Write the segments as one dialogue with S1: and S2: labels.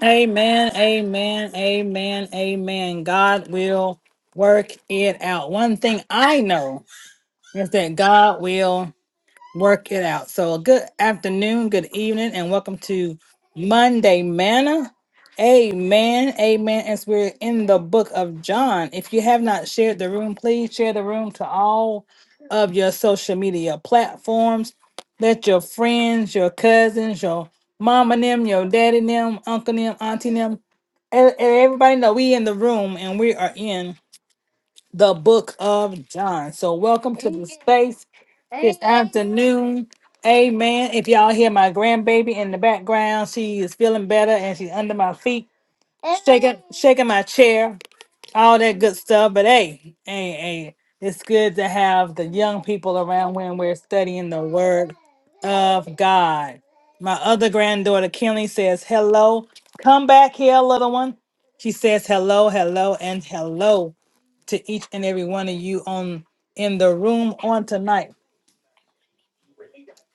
S1: Amen, amen, amen, amen. God will work it out. One thing I know is that God will work it out. So, good afternoon, good evening, and welcome to Monday Manna. Amen, amen. As we're in the book of John, if you have not shared the room, please share the room to all of your social media platforms. Let your friends, your cousins, your mom and them, your daddy and them, uncle and them, auntie and them and, and everybody know we in the room and we are in the book of John. So welcome to the space this afternoon. Amen. If y'all hear my grandbaby in the background, she is feeling better and she's under my feet, shaking shaking my chair all that good stuff. But hey, hey, hey, it's good to have the young people around when we're studying the word of God. My other granddaughter, Kelly, says, Hello, come back here, little one. She says, Hello, hello, and hello to each and every one of you on in the room on tonight.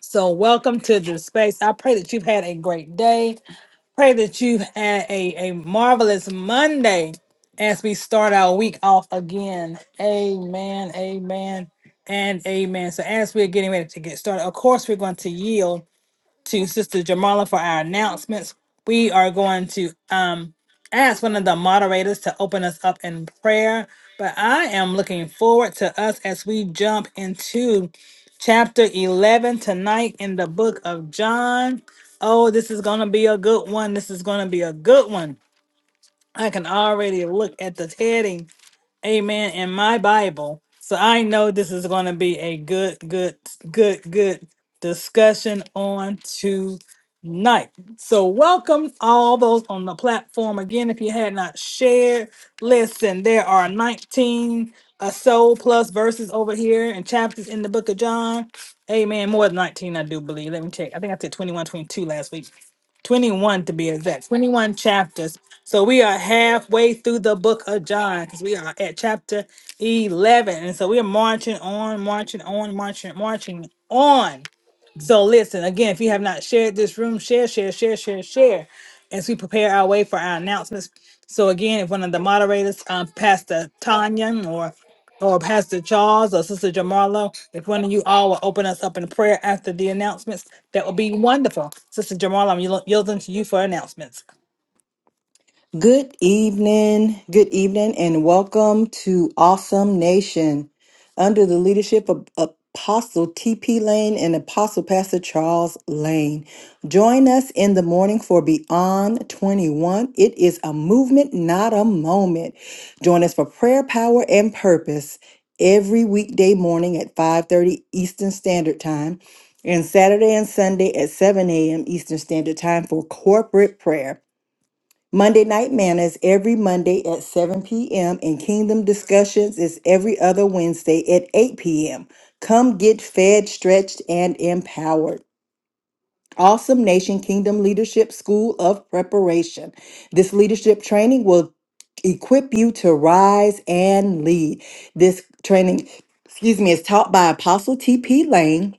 S1: So, welcome to the space. I pray that you've had a great day. Pray that you had a, a marvelous Monday as we start our week off again. Amen, amen, and amen. So, as we're getting ready to get started, of course, we're going to yield to Sister Jamala for our announcements. We are going to um, ask one of the moderators to open us up in prayer. But I am looking forward to us as we jump into chapter 11 tonight in the book of John. Oh, this is going to be a good one. This is going to be a good one. I can already look at the heading Amen. In my Bible. So I know this is going to be a good, good, good, good discussion on tonight. So welcome all those on the platform. Again, if you had not shared, listen, there are 19 a soul plus verses over here and chapters in the book of John. Amen. More than 19, I do believe. Let me check. I think I said 21, 22 last week. 21 to be exact, 21 chapters. So we are halfway through the book of John because we are at chapter 11. And so we are marching on, marching on, marching, marching on. So listen, again, if you have not shared this room, share, share, share, share, share as we prepare our way for our announcements. So again, if one of the moderators, um, Pastor Tanya or or Pastor Charles or Sister Jamarlo, if one of you all will open us up in prayer after the announcements, that would be wonderful. Sister Jamarlo, I'm yield- yielding to you for announcements.
S2: Good evening, good evening, and welcome to Awesome Nation. Under the leadership of Apostle T.P. Lane and Apostle Pastor Charles Lane. Join us in the morning for Beyond 21. It is a movement, not a moment. Join us for prayer, power, and purpose every weekday morning at 5:30 Eastern Standard Time and Saturday and Sunday at 7 a.m. Eastern Standard Time for corporate prayer. Monday Night Manners every Monday at 7 p.m. and Kingdom Discussions is every other Wednesday at 8 p.m. Come get fed, stretched, and empowered. Awesome Nation Kingdom Leadership School of Preparation. This leadership training will equip you to rise and lead. This training, excuse me, is taught by Apostle T.P. Lane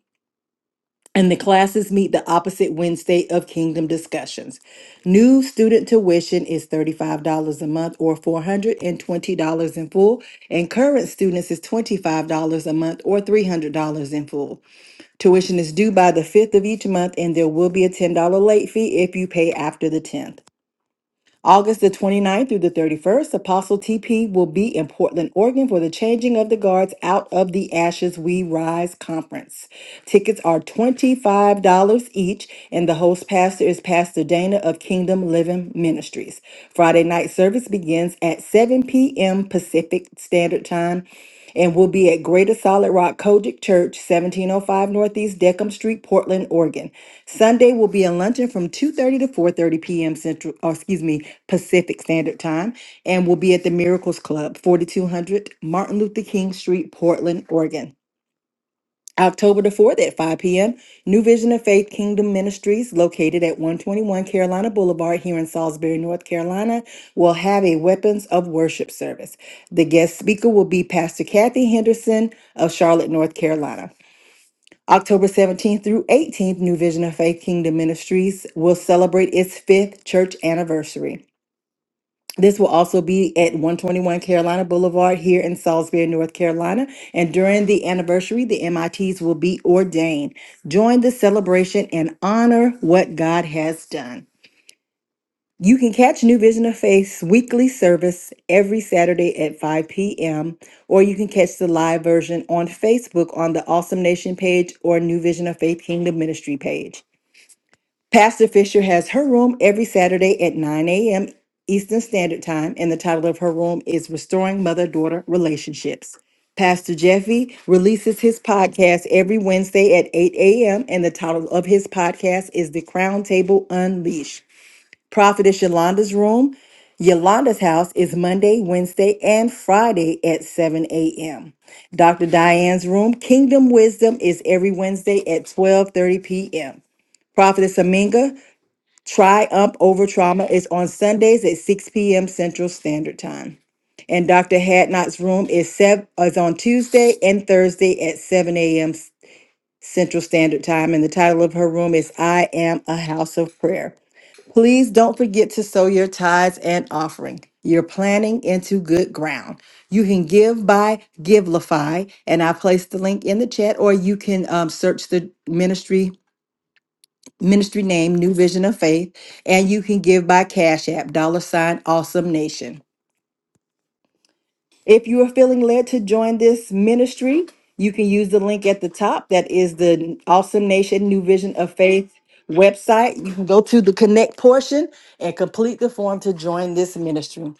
S2: and the classes meet the opposite Wednesday of Kingdom Discussions. New student tuition is $35 a month or $420 in full, and current students is $25 a month or $300 in full. Tuition is due by the 5th of each month, and there will be a $10 late fee if you pay after the 10th. August the twenty ninth through the 31st, Apostle TP will be in Portland, Oregon for the Changing of the Guards Out of the Ashes We Rise conference. Tickets are $25 each, and the host pastor is Pastor Dana of Kingdom Living Ministries. Friday night service begins at 7 p.m. Pacific Standard Time and will be at Greater Solid Rock Kojic Church, 1705 Northeast Deckham Street, Portland, Oregon. Sunday will be a luncheon from 2:30 to 4:30 p.m. Central, or excuse me, Pacific Standard Time, and will be at the Miracles Club, 4200 Martin Luther King Street, Portland, Oregon. October the 4th at 5 p.m., New Vision of Faith Kingdom Ministries, located at 121 Carolina Boulevard here in Salisbury, North Carolina, will have a Weapons of Worship service. The guest speaker will be Pastor Kathy Henderson of Charlotte, North Carolina. October 17th through 18th, New Vision of Faith Kingdom Ministries will celebrate its fifth church anniversary. This will also be at 121 Carolina Boulevard here in Salisbury, North Carolina. And during the anniversary, the MITs will be ordained. Join the celebration and honor what God has done. You can catch New Vision of Faith's weekly service every Saturday at 5 p.m., or you can catch the live version on Facebook on the Awesome Nation page or New Vision of Faith Kingdom Ministry page. Pastor Fisher has her room every Saturday at 9 a.m. Eastern Standard Time, and the title of her room is Restoring Mother Daughter Relationships. Pastor Jeffy releases his podcast every Wednesday at 8 a.m., and the title of his podcast is The Crown Table Unleashed. Prophetess Yolanda's room, Yolanda's house, is Monday, Wednesday, and Friday at 7 a.m. Dr. Diane's room, Kingdom Wisdom, is every Wednesday at 12:30 p.m. Prophetess Aminga Triumph Over Trauma is on Sundays at 6 p.m. Central Standard Time. And Dr. Hadnot's room is, sev- is on Tuesday and Thursday at 7 a.m. Central Standard Time. And the title of her room is I Am a House of Prayer. Please don't forget to sow your tithes and offering. You're planting into good ground. You can give by Givelify, and I placed the link in the chat, or you can um, search the ministry ministry name New Vision of Faith, and you can give by Cash App, dollar sign Awesome Nation. If you are feeling led to join this ministry, you can use the link at the top. That is the Awesome Nation New Vision of Faith website. You can go to the connect portion and complete the form to join this ministry.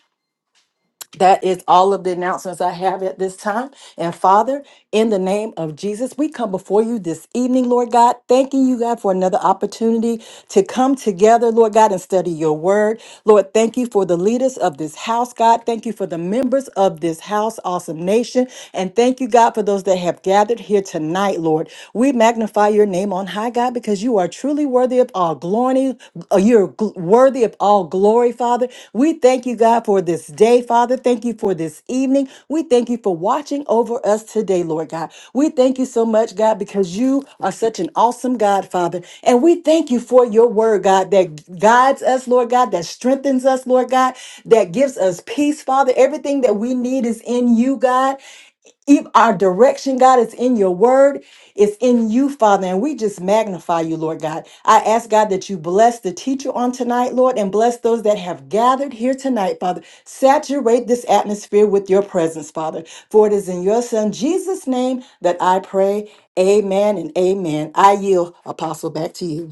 S2: That is all of the announcements I have at this time. And Father, in the name of Jesus, we come before you this evening, Lord God, thanking you, God, for another opportunity to come together, Lord God, and study your word. Lord, thank you for the leaders of this house, God. Thank you for the members of this house, awesome nation. And thank you, God, for those that have gathered here tonight, Lord. We magnify your name on high, God, because you are truly worthy worthy of all glory. uh, You're gl- worthy of all glory, Father. We thank you, God, for this day, Father. Thank you for this evening. We thank you for watching over us today, Lord God. We thank you so much, God, because you are such an awesome God, Father. And we thank you for your word, God, that guides us, Lord God, that strengthens us, Lord God, that gives us peace, Father. Everything that we need is in you, God. If our direction, God, is in your word, it's in you, Father, and we just magnify you, Lord God. I ask, God, that you bless the teacher on tonight, Lord, and bless those that have gathered here tonight, Father. Saturate this atmosphere with your presence, Father. For it is in your Son, Jesus' name, that I pray. Amen and amen. I yield, Apostle, back to you.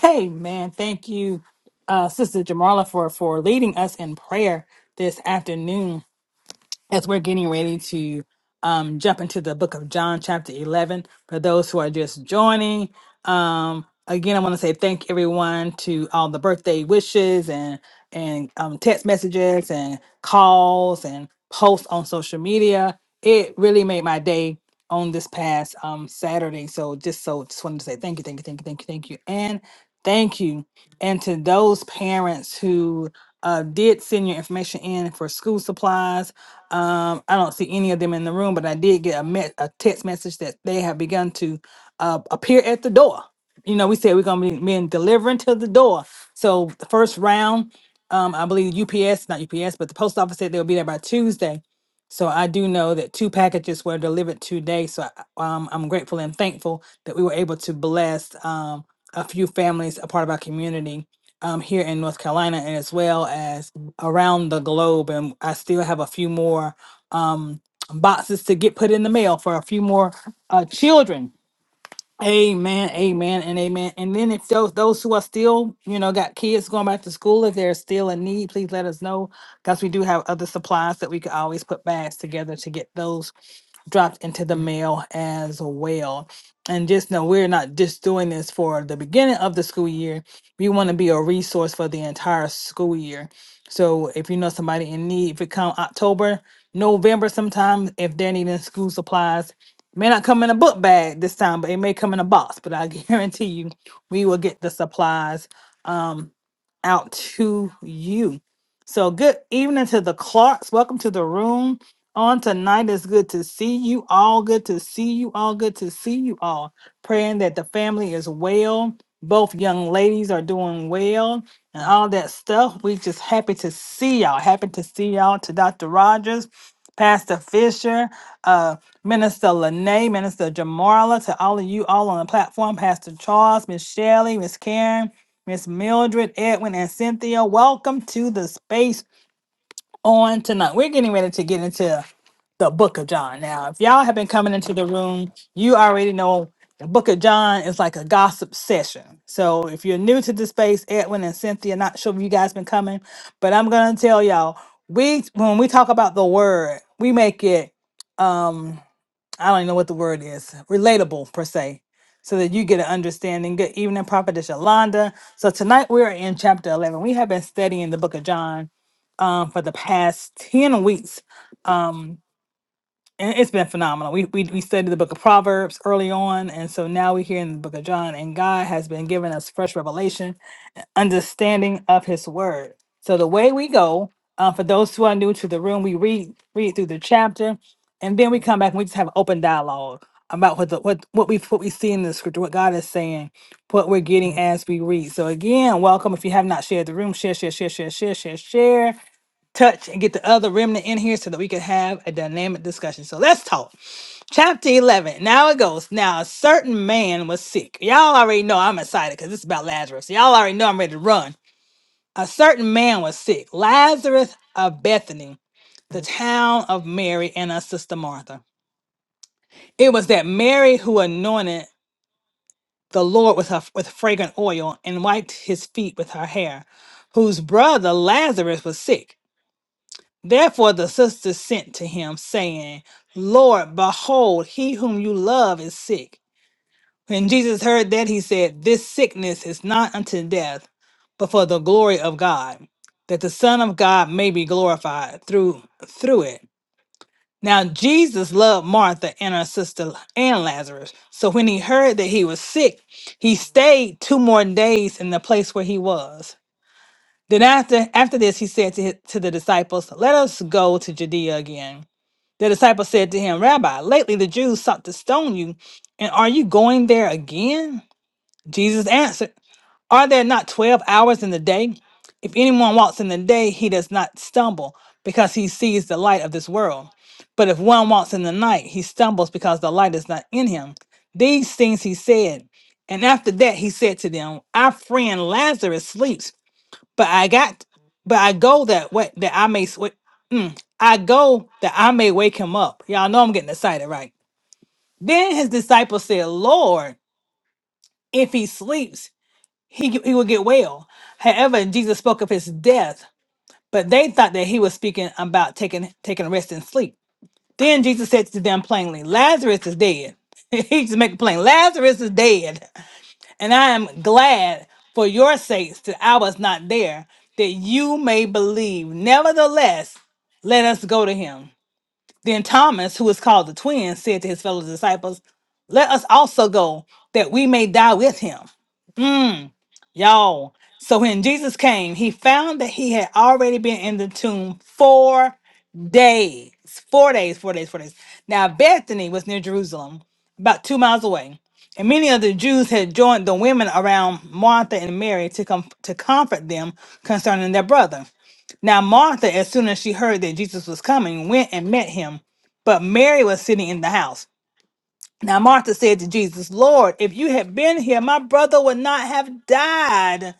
S1: Hey man, thank you, uh, Sister Jamarla for for leading us in prayer this afternoon. as we're getting ready to um, jump into the book of John, chapter 11. For those who are just joining, um, again, I want to say thank everyone to all the birthday wishes and and um, text messages and calls and posts on social media. It really made my day on this past um, Saturday. So just so just wanted to say thank you, thank you, thank you, thank you, thank you, and thank you. And to those parents who uh, did send your information in for school supplies um, I don't see any of them in the room, but I did get a, me- a text message that they have begun to uh, appear at the door. You know, we said we're going to be men delivering to the door. So the first round, um, I believe UPS, not UPS, but the post office said they'll be there by Tuesday. So I do know that two packages were delivered today. So I, um, I'm grateful and thankful that we were able to bless um, a few families, a part of our community um, here in North Carolina, and as well as around the globe, and I still have a few more um, boxes to get put in the mail for a few more uh, children Amen, amen, and amen. And then if those those who are still, you know, got kids going back to school, if there's still a need, please let us know because we do have other supplies that we could always put bags together to get those dropped into the mail as well. And just know we're not just doing this for the beginning of the school year. We want to be a resource for the entire school year. So if you know somebody in need, if it come October, November sometime, if they're needing school supplies, May not come in a book bag this time, but it may come in a box. But I guarantee you, we will get the supplies um, out to you. So, good evening to the Clarks. Welcome to the room. On tonight, it's good to see you all. Good to see you all. Good to see you all. Praying that the family is well. Both young ladies are doing well and all that stuff. We just happy to see y'all. Happy to see y'all to Dr. Rogers, Pastor Fisher uh, Minister Lene, Minister Jamarla, to all of you all on the platform, Pastor Charles, Miss Shelley, Miss Karen, Miss Mildred, Edwin, and Cynthia. Welcome to the space on tonight. We're getting ready to get into the book of John. Now, if y'all have been coming into the room, you already know the book of John is like a gossip session. So if you're new to the space, Edwin and Cynthia, not sure if you guys been coming, but I'm gonna tell y'all, we when we talk about the word, we make it um. I don't even know what the word is, relatable per se, so that you get an understanding. Good evening, Prophetess Yolanda. So tonight we are in chapter 11. We have been studying the book of John um, for the past 10 weeks. Um, and it's been phenomenal. We, we, we studied the book of Proverbs early on, and so now we're here in the book of John, and God has been giving us fresh revelation understanding of his word. So the way we go, uh, for those who are new to the room, we read read through the chapter, and then we come back and we just have open dialogue about what the what what we what we see in the scripture, what God is saying, what we're getting as we read. So again, welcome. If you have not shared the room, share, share, share, share, share, share, share. Touch and get the other remnant in here so that we can have a dynamic discussion. So let's talk. Chapter 11. Now it goes. Now, a certain man was sick. Y'all already know I'm excited because this is about Lazarus. Y'all already know I'm ready to run. A certain man was sick, Lazarus of Bethany, the town of Mary and her sister Martha. It was that Mary who anointed the Lord with, her, with fragrant oil and wiped his feet with her hair, whose brother Lazarus was sick. Therefore the sisters sent to him, saying, Lord, behold, he whom you love is sick. When Jesus heard that, he said, This sickness is not unto death, but for the glory of God, that the Son of God may be glorified through through it. Now Jesus loved Martha and her sister and Lazarus. So when he heard that he was sick, he stayed two more days in the place where he was. Then after after this, he said to, his, to the disciples, Let us go to Judea again. The disciples said to him, Rabbi, lately the Jews sought to stone you, and are you going there again? Jesus answered, Are there not 12 hours in the day? If anyone walks in the day, he does not stumble because he sees the light of this world. But if one walks in the night, he stumbles because the light is not in him. These things he said. And after that he said to them, Our friend Lazarus sleeps, but I got but I go that way that I may swi- mm, I go that I may wake him up. Y'all know I'm getting excited, right? Then his disciples said, Lord, if he sleeps, he, he would get well. However, Jesus spoke of his death, but they thought that he was speaking about taking taking rest and sleep. Then Jesus said to them plainly, Lazarus is dead. he just make it plain, Lazarus is dead. And I am glad for your sakes that I was not there, that you may believe. Nevertheless, let us go to him. Then Thomas, who is called the twin, said to his fellow disciples, Let us also go, that we may die with him. Hmm. Y'all, so when Jesus came, he found that he had already been in the tomb four days. Four days, four days, four days. Now, Bethany was near Jerusalem, about two miles away. And many of the Jews had joined the women around Martha and Mary to, com- to comfort them concerning their brother. Now, Martha, as soon as she heard that Jesus was coming, went and met him, but Mary was sitting in the house. Now, Martha said to Jesus, Lord, if you had been here, my brother would not have died.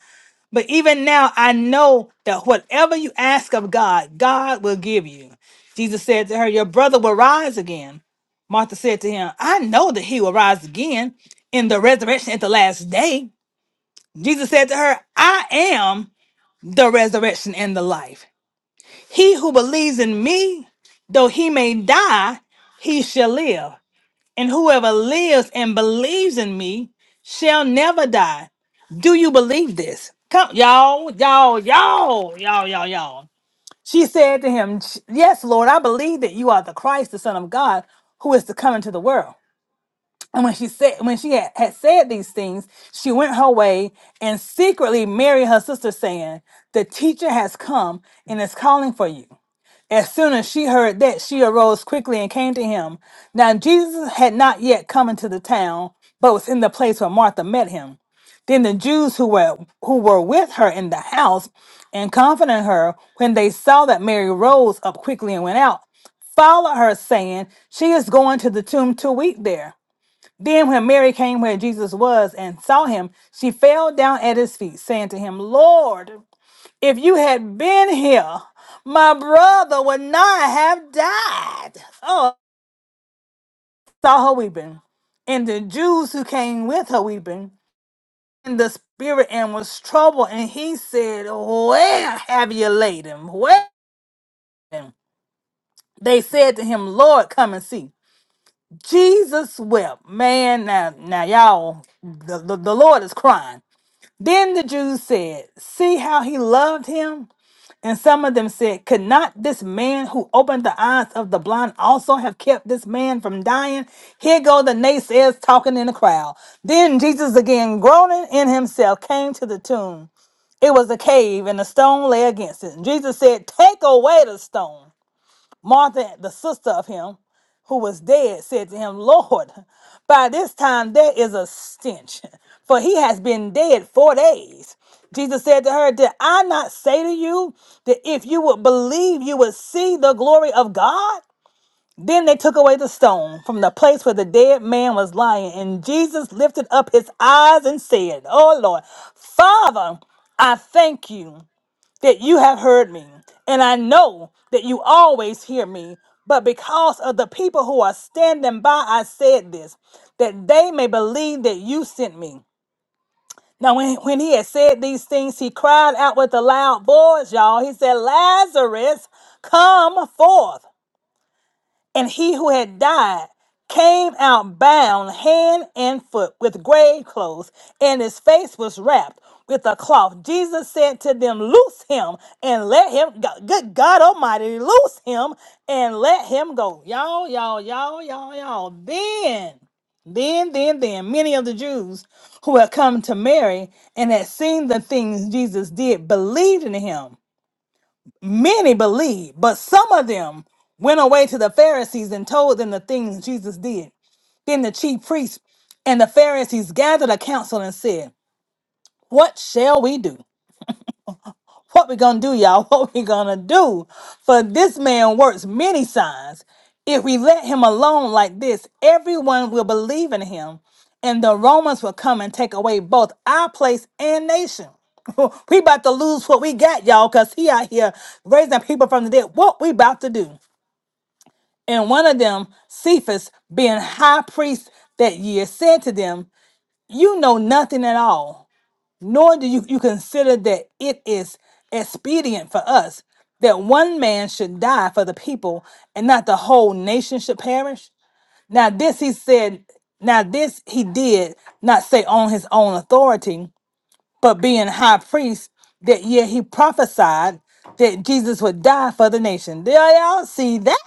S1: But even now, I know that whatever you ask of God, God will give you. Jesus said to her, Your brother will rise again. Martha said to him, I know that he will rise again in the resurrection at the last day. Jesus said to her, I am the resurrection and the life. He who believes in me, though he may die, he shall live. And whoever lives and believes in me shall never die. Do you believe this? Come, y'all, y'all, y'all, y'all, y'all, y'all. She said to him, Yes, Lord, I believe that you are the Christ, the Son of God, who is to come into the world. And when she said when she had, had said these things, she went her way and secretly married her sister, saying, The teacher has come and is calling for you. As soon as she heard that, she arose quickly and came to him. Now Jesus had not yet come into the town, but was in the place where Martha met him. Then the Jews who were who were with her in the house and comforting her, when they saw that Mary rose up quickly and went out, followed her, saying, She is going to the tomb to weep there. Then when Mary came where Jesus was and saw him, she fell down at his feet, saying to him, Lord. If you had been here, my brother would not have died. Oh, I saw her weeping, and the Jews who came with her weeping, and the spirit and was troubled. And he said, Where have you laid him? Where? They said to him, Lord, come and see. Jesus wept. Man, now, now y'all, the, the, the Lord is crying. Then the Jews said, See how he loved him? And some of them said, Could not this man who opened the eyes of the blind also have kept this man from dying? Here go the naysayers talking in the crowd. Then Jesus, again groaning in himself, came to the tomb. It was a cave, and a stone lay against it. And Jesus said, Take away the stone. Martha, the sister of him who was dead, said to him, Lord, by this time there is a stench, for he has been dead four days. Jesus said to her, Did I not say to you that if you would believe, you would see the glory of God? Then they took away the stone from the place where the dead man was lying, and Jesus lifted up his eyes and said, Oh Lord, Father, I thank you that you have heard me, and I know that you always hear me. But because of the people who are standing by, I said this, that they may believe that you sent me. Now, when, when he had said these things, he cried out with a loud voice, y'all. He said, Lazarus, come forth and he who had died came out bound hand and foot with grave clothes, and his face was wrapped with a cloth. Jesus said to them, Loose him and let him go. Good God Almighty, loose him and let him go. Y'all, y'all, y'all, y'all, y'all. Then then, then, then, many of the Jews who had come to Mary and had seen the things Jesus did believed in him. Many believed, but some of them went away to the Pharisees and told them the things Jesus did. Then the chief priests and the Pharisees gathered a council and said, What shall we do? What we gonna do, y'all? What we gonna do? For this man works many signs. If we let him alone like this, everyone will believe in him, and the Romans will come and take away both our place and nation. we about to lose what we got, y'all, because he out here raising people from the dead. What we about to do? And one of them, Cephas, being high priest that year, said to them, You know nothing at all nor do you, you consider that it is expedient for us that one man should die for the people and not the whole nation should perish. Now, this he said, now this he did not say on his own authority, but being high priest, that yet he prophesied that Jesus would die for the nation. Do y'all see that?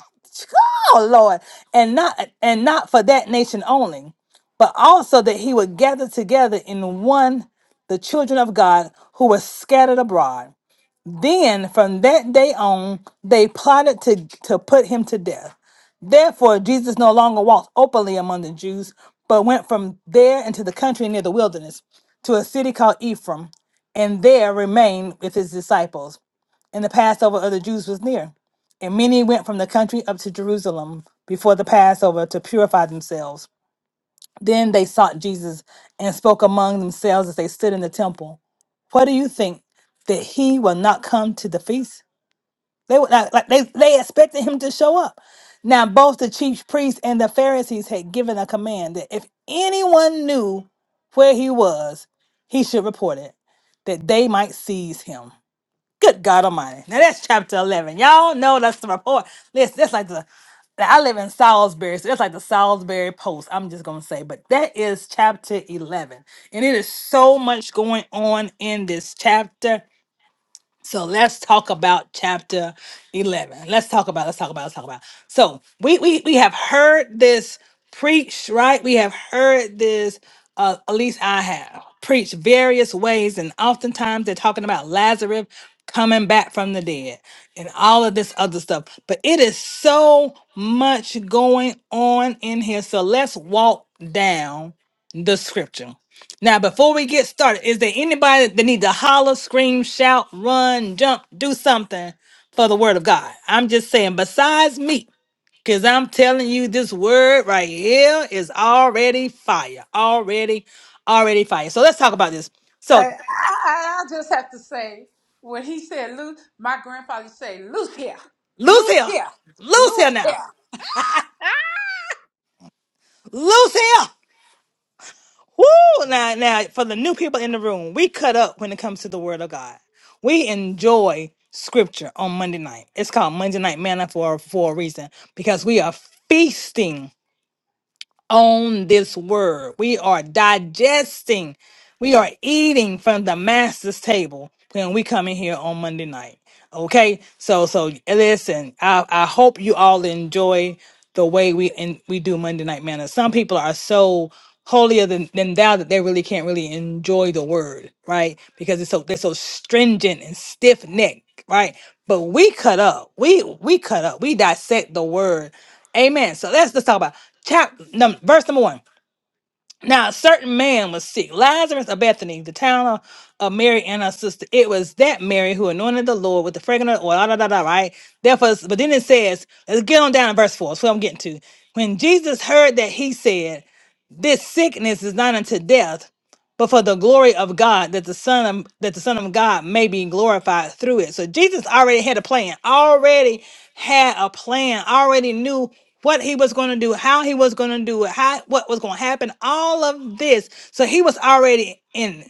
S1: Oh Lord. And not and not for that nation only, but also that he would gather together in one the children of God who were scattered abroad. Then from that day on, they plotted to, to put him to death. Therefore, Jesus no longer walked openly among the Jews, but went from there into the country near the wilderness to a city called Ephraim, and there remained with his disciples. And the Passover of the Jews was near. And many went from the country up to Jerusalem before the Passover to purify themselves. Then they sought Jesus and spoke among themselves as they stood in the temple. What do you think? That he will not come to the feast? They were not, like they they expected him to show up. Now both the chief priests and the Pharisees had given a command that if anyone knew where he was, he should report it, that they might seize him. Good God Almighty! Now that's chapter eleven. Y'all know that's the report. Listen, that's like the like, I live in Salisbury, so that's like the Salisbury Post. I'm just gonna say, but that is chapter eleven, and it is so much going on in this chapter. So let's talk about chapter 11. Let's talk about, let's talk about, let's talk about. So we we, we have heard this preached, right? We have heard this, uh, at least I have, preached various ways. And oftentimes they're talking about Lazarus coming back from the dead and all of this other stuff. But it is so much going on in here. So let's walk down the scripture. Now, before we get started, is there anybody that need to holler, scream, shout, run, jump, do something for the word of God? I'm just saying, besides me, because I'm telling you, this word right here is already fire. Already, already fire. So let's talk about this.
S3: I,
S1: So,
S3: I, I just have to say, when he said loose, my grandfather used to say, loose here, loose
S1: Lucia,
S3: here,
S1: Lucia
S3: loose
S1: now,
S3: here.
S1: Lucia. Woo! Now, now, for the new people in the room, we cut up when it comes to the Word of God. We enjoy Scripture on Monday night. It's called Monday Night Manna for for a reason because we are feasting on this Word. We are digesting we are eating from the master's table when we come in here on Monday night. Okay, so so listen. I I hope you all enjoy the way we and we do Monday night manna. Some people are so holier than, than thou that they really can't really enjoy the word, right? Because it's so they're so stringent and stiff necked, right? But we cut up. We we cut up. We dissect the word. Amen. So let's let's talk about chapter number verse number one. Now, a certain man was sick, Lazarus of Bethany, the town of, of Mary and her sister. It was that Mary who anointed the Lord with the fragrant oil, da, da, da, da, right? Therefore, s- but then it says, let's get on down to verse 4. That's what I'm getting to. When Jesus heard that, he said, This sickness is not unto death, but for the glory of God, that the Son of, that the Son of God may be glorified through it. So Jesus already had a plan, already had a plan, already knew what he was going to do, how he was going to do it, how what was going to happen, all of this. So he was already in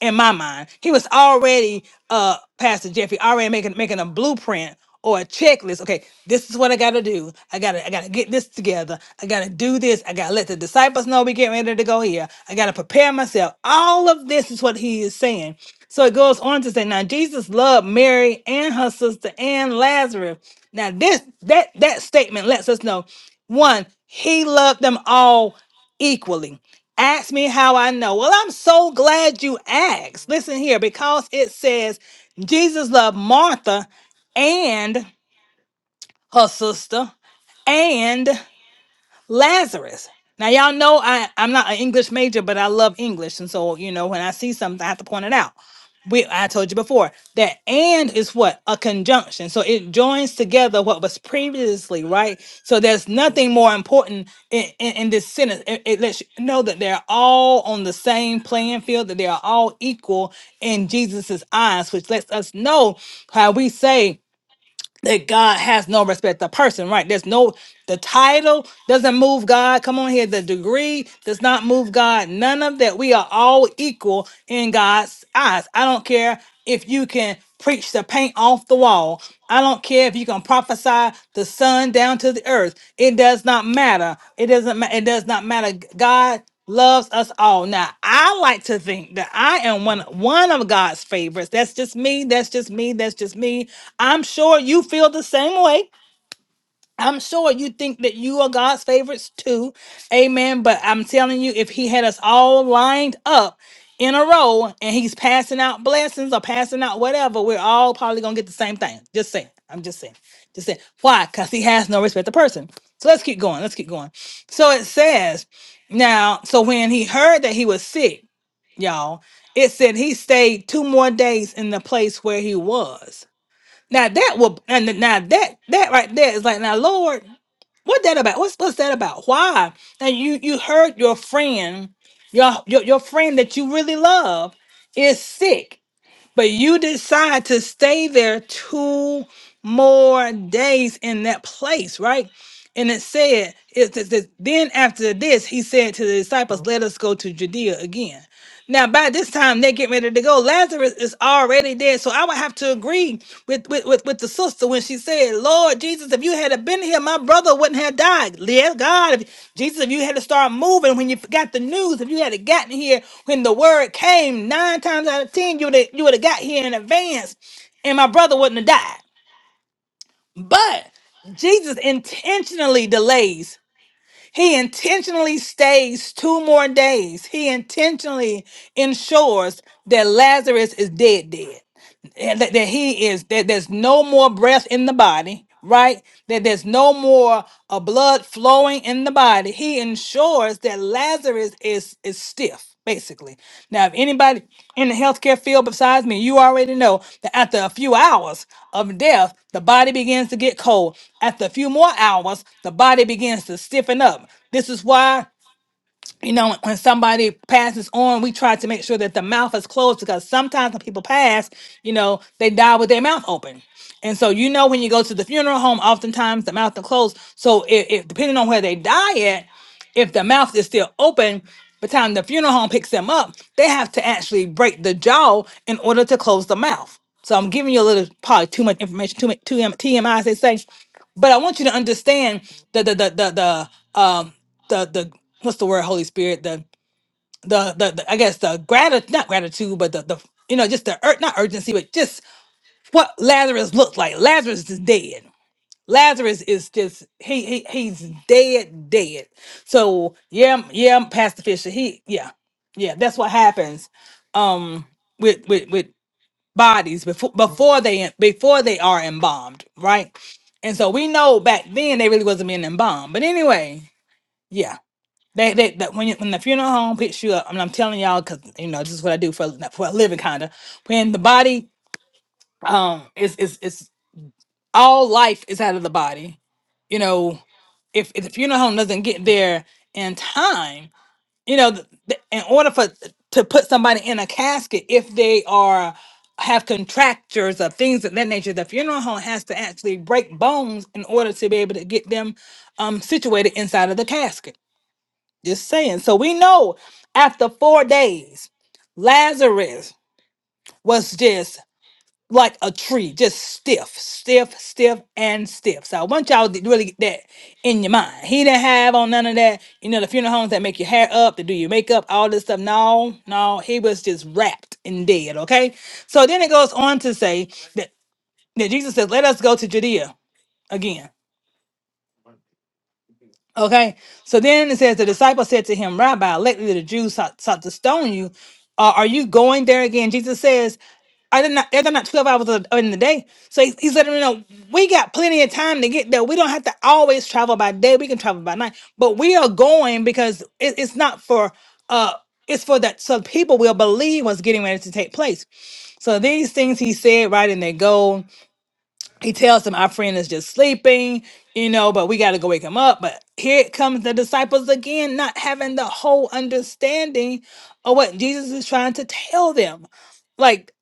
S1: in my mind. He was already uh Pastor Jeffrey already making making a blueprint or a checklist. Okay, this is what I gotta do. I gotta I gotta get this together. I gotta do this. I gotta let the disciples know we get ready to go here. I gotta prepare myself. All of this is what he is saying. So it goes on to say, now Jesus loved Mary and her sister and Lazarus. Now this that that statement lets us know one, he loved them all equally. Ask me how I know. Well, I'm so glad you asked. Listen here, because it says Jesus loved Martha and her sister and Lazarus. Now y'all know I I'm not an English major, but I love English, and so you know when I see something, I have to point it out. We I told you before that and is what a conjunction, so it joins together what was previously right. So there's nothing more important in, in, in this sentence. It, it lets you know that they're all on the same playing field, that they are all equal in Jesus's eyes, which lets us know how we say that God has no respect to person, right? There's no the title doesn't move God. Come on here, the degree does not move God. None of that. We are all equal in God's eyes. I don't care if you can preach the paint off the wall. I don't care if you can prophesy the sun down to the earth. It does not matter. It doesn't. ma- It does not matter. God loves us all. Now, I like to think that I am one one of God's favorites. That's just me. That's just me. That's just me. I'm sure you feel the same way. I'm sure you think that you are God's favorites too. Amen. But I'm telling you, if He had us all lined up in a row and He's passing out blessings or passing out whatever, we're all probably going to get the same thing. Just saying. I'm just saying. Just saying. Why? Because He has no respect to person. So let's keep going. Let's keep going. So it says, now, so when He heard that He was sick, y'all, it said He stayed two more days in the place where He was. Now that will and now that that right there is like now Lord, what that about? What's what's that about? Why? And you you heard your friend, your your, your friend that you really love is sick, but you decide to stay there too more days in that place, right? And it said, it says, this, then after this, he said to the disciples, Let us go to Judea again. Now, by this time, they get ready to go. Lazarus is already dead. So I would have to agree with, with, with, with the sister when she said, Lord Jesus, if you had been here, my brother wouldn't have died. Yes, God, if, Jesus, if you had to start moving when you got the news, if you had gotten here when the word came, nine times out of ten, you would have, you would have got here in advance and my brother wouldn't have died. But Jesus intentionally delays. He intentionally stays two more days. He intentionally ensures that Lazarus is dead dead and that, that he is that there's no more breath in the body right that there's no more uh, blood flowing in the body he ensures that lazarus is is stiff basically now if anybody in the healthcare field besides me you already know that after a few hours of death the body begins to get cold after a few more hours the body begins to stiffen up this is why you know, when when somebody passes on, we try to make sure that the mouth is closed because sometimes when people pass, you know, they die with their mouth open. And so, you know, when you go to the funeral home, oftentimes the mouth is closed. So, if, if depending on where they die at, if the mouth is still open, by the time the funeral home picks them up, they have to actually break the jaw in order to close the mouth. So, I'm giving you a little, probably too much information, too much too TMI, as they say. But I want you to understand the the the the, the um the the what's the word holy spirit the the the, the i guess the gratitude not gratitude but the, the you know just the ur- not urgency but just what lazarus looked like lazarus is dead lazarus is just he, he he's dead dead so yeah I'm- yeah I'm pastor fisher he yeah yeah that's what happens um with with with bodies before before they before they are embalmed right and so we know back then they really wasn't being embalmed but anyway yeah they, they, that when you, when the funeral home picks you up, and I'm telling y'all because you know this is what I do for a- for a living, kind of. When the body, um, is is is all life is out of the body. You know, if, if the funeral home doesn't get there in time, you know, th- th- in order for to put somebody in a casket, if they are have contractures or things of that nature, the funeral home has to actually break bones in order to be able to get them um, situated inside of the casket just saying. So we know after four days, Lazarus was just like a tree, just stiff, stiff, stiff, and stiff. So I want y'all to really get that in your mind. He didn't have on none of that, you know, the funeral homes that make your hair up, that do your makeup, all this stuff. No, no, he was just wrapped and dead. Okay. So then it goes on to say that, that Jesus says, Let us go to Judea again. Okay, so then it says the disciple said to him, Rabbi, lately the Jews sought, sought to stone you. Uh, are you going there again? Jesus says, Are they not, are there not 12 hours of- in the day? So he, he's letting them know, We got plenty of time to get there. We don't have to always travel by day. We can travel by night. But we are going because it, it's not for, uh, it's for that so people will believe what's getting ready to take place. So these things he said, right, and they go he tells him our friend is just sleeping you know but we got to go wake him up but here comes the disciples again not having the whole understanding of what jesus is trying to tell them like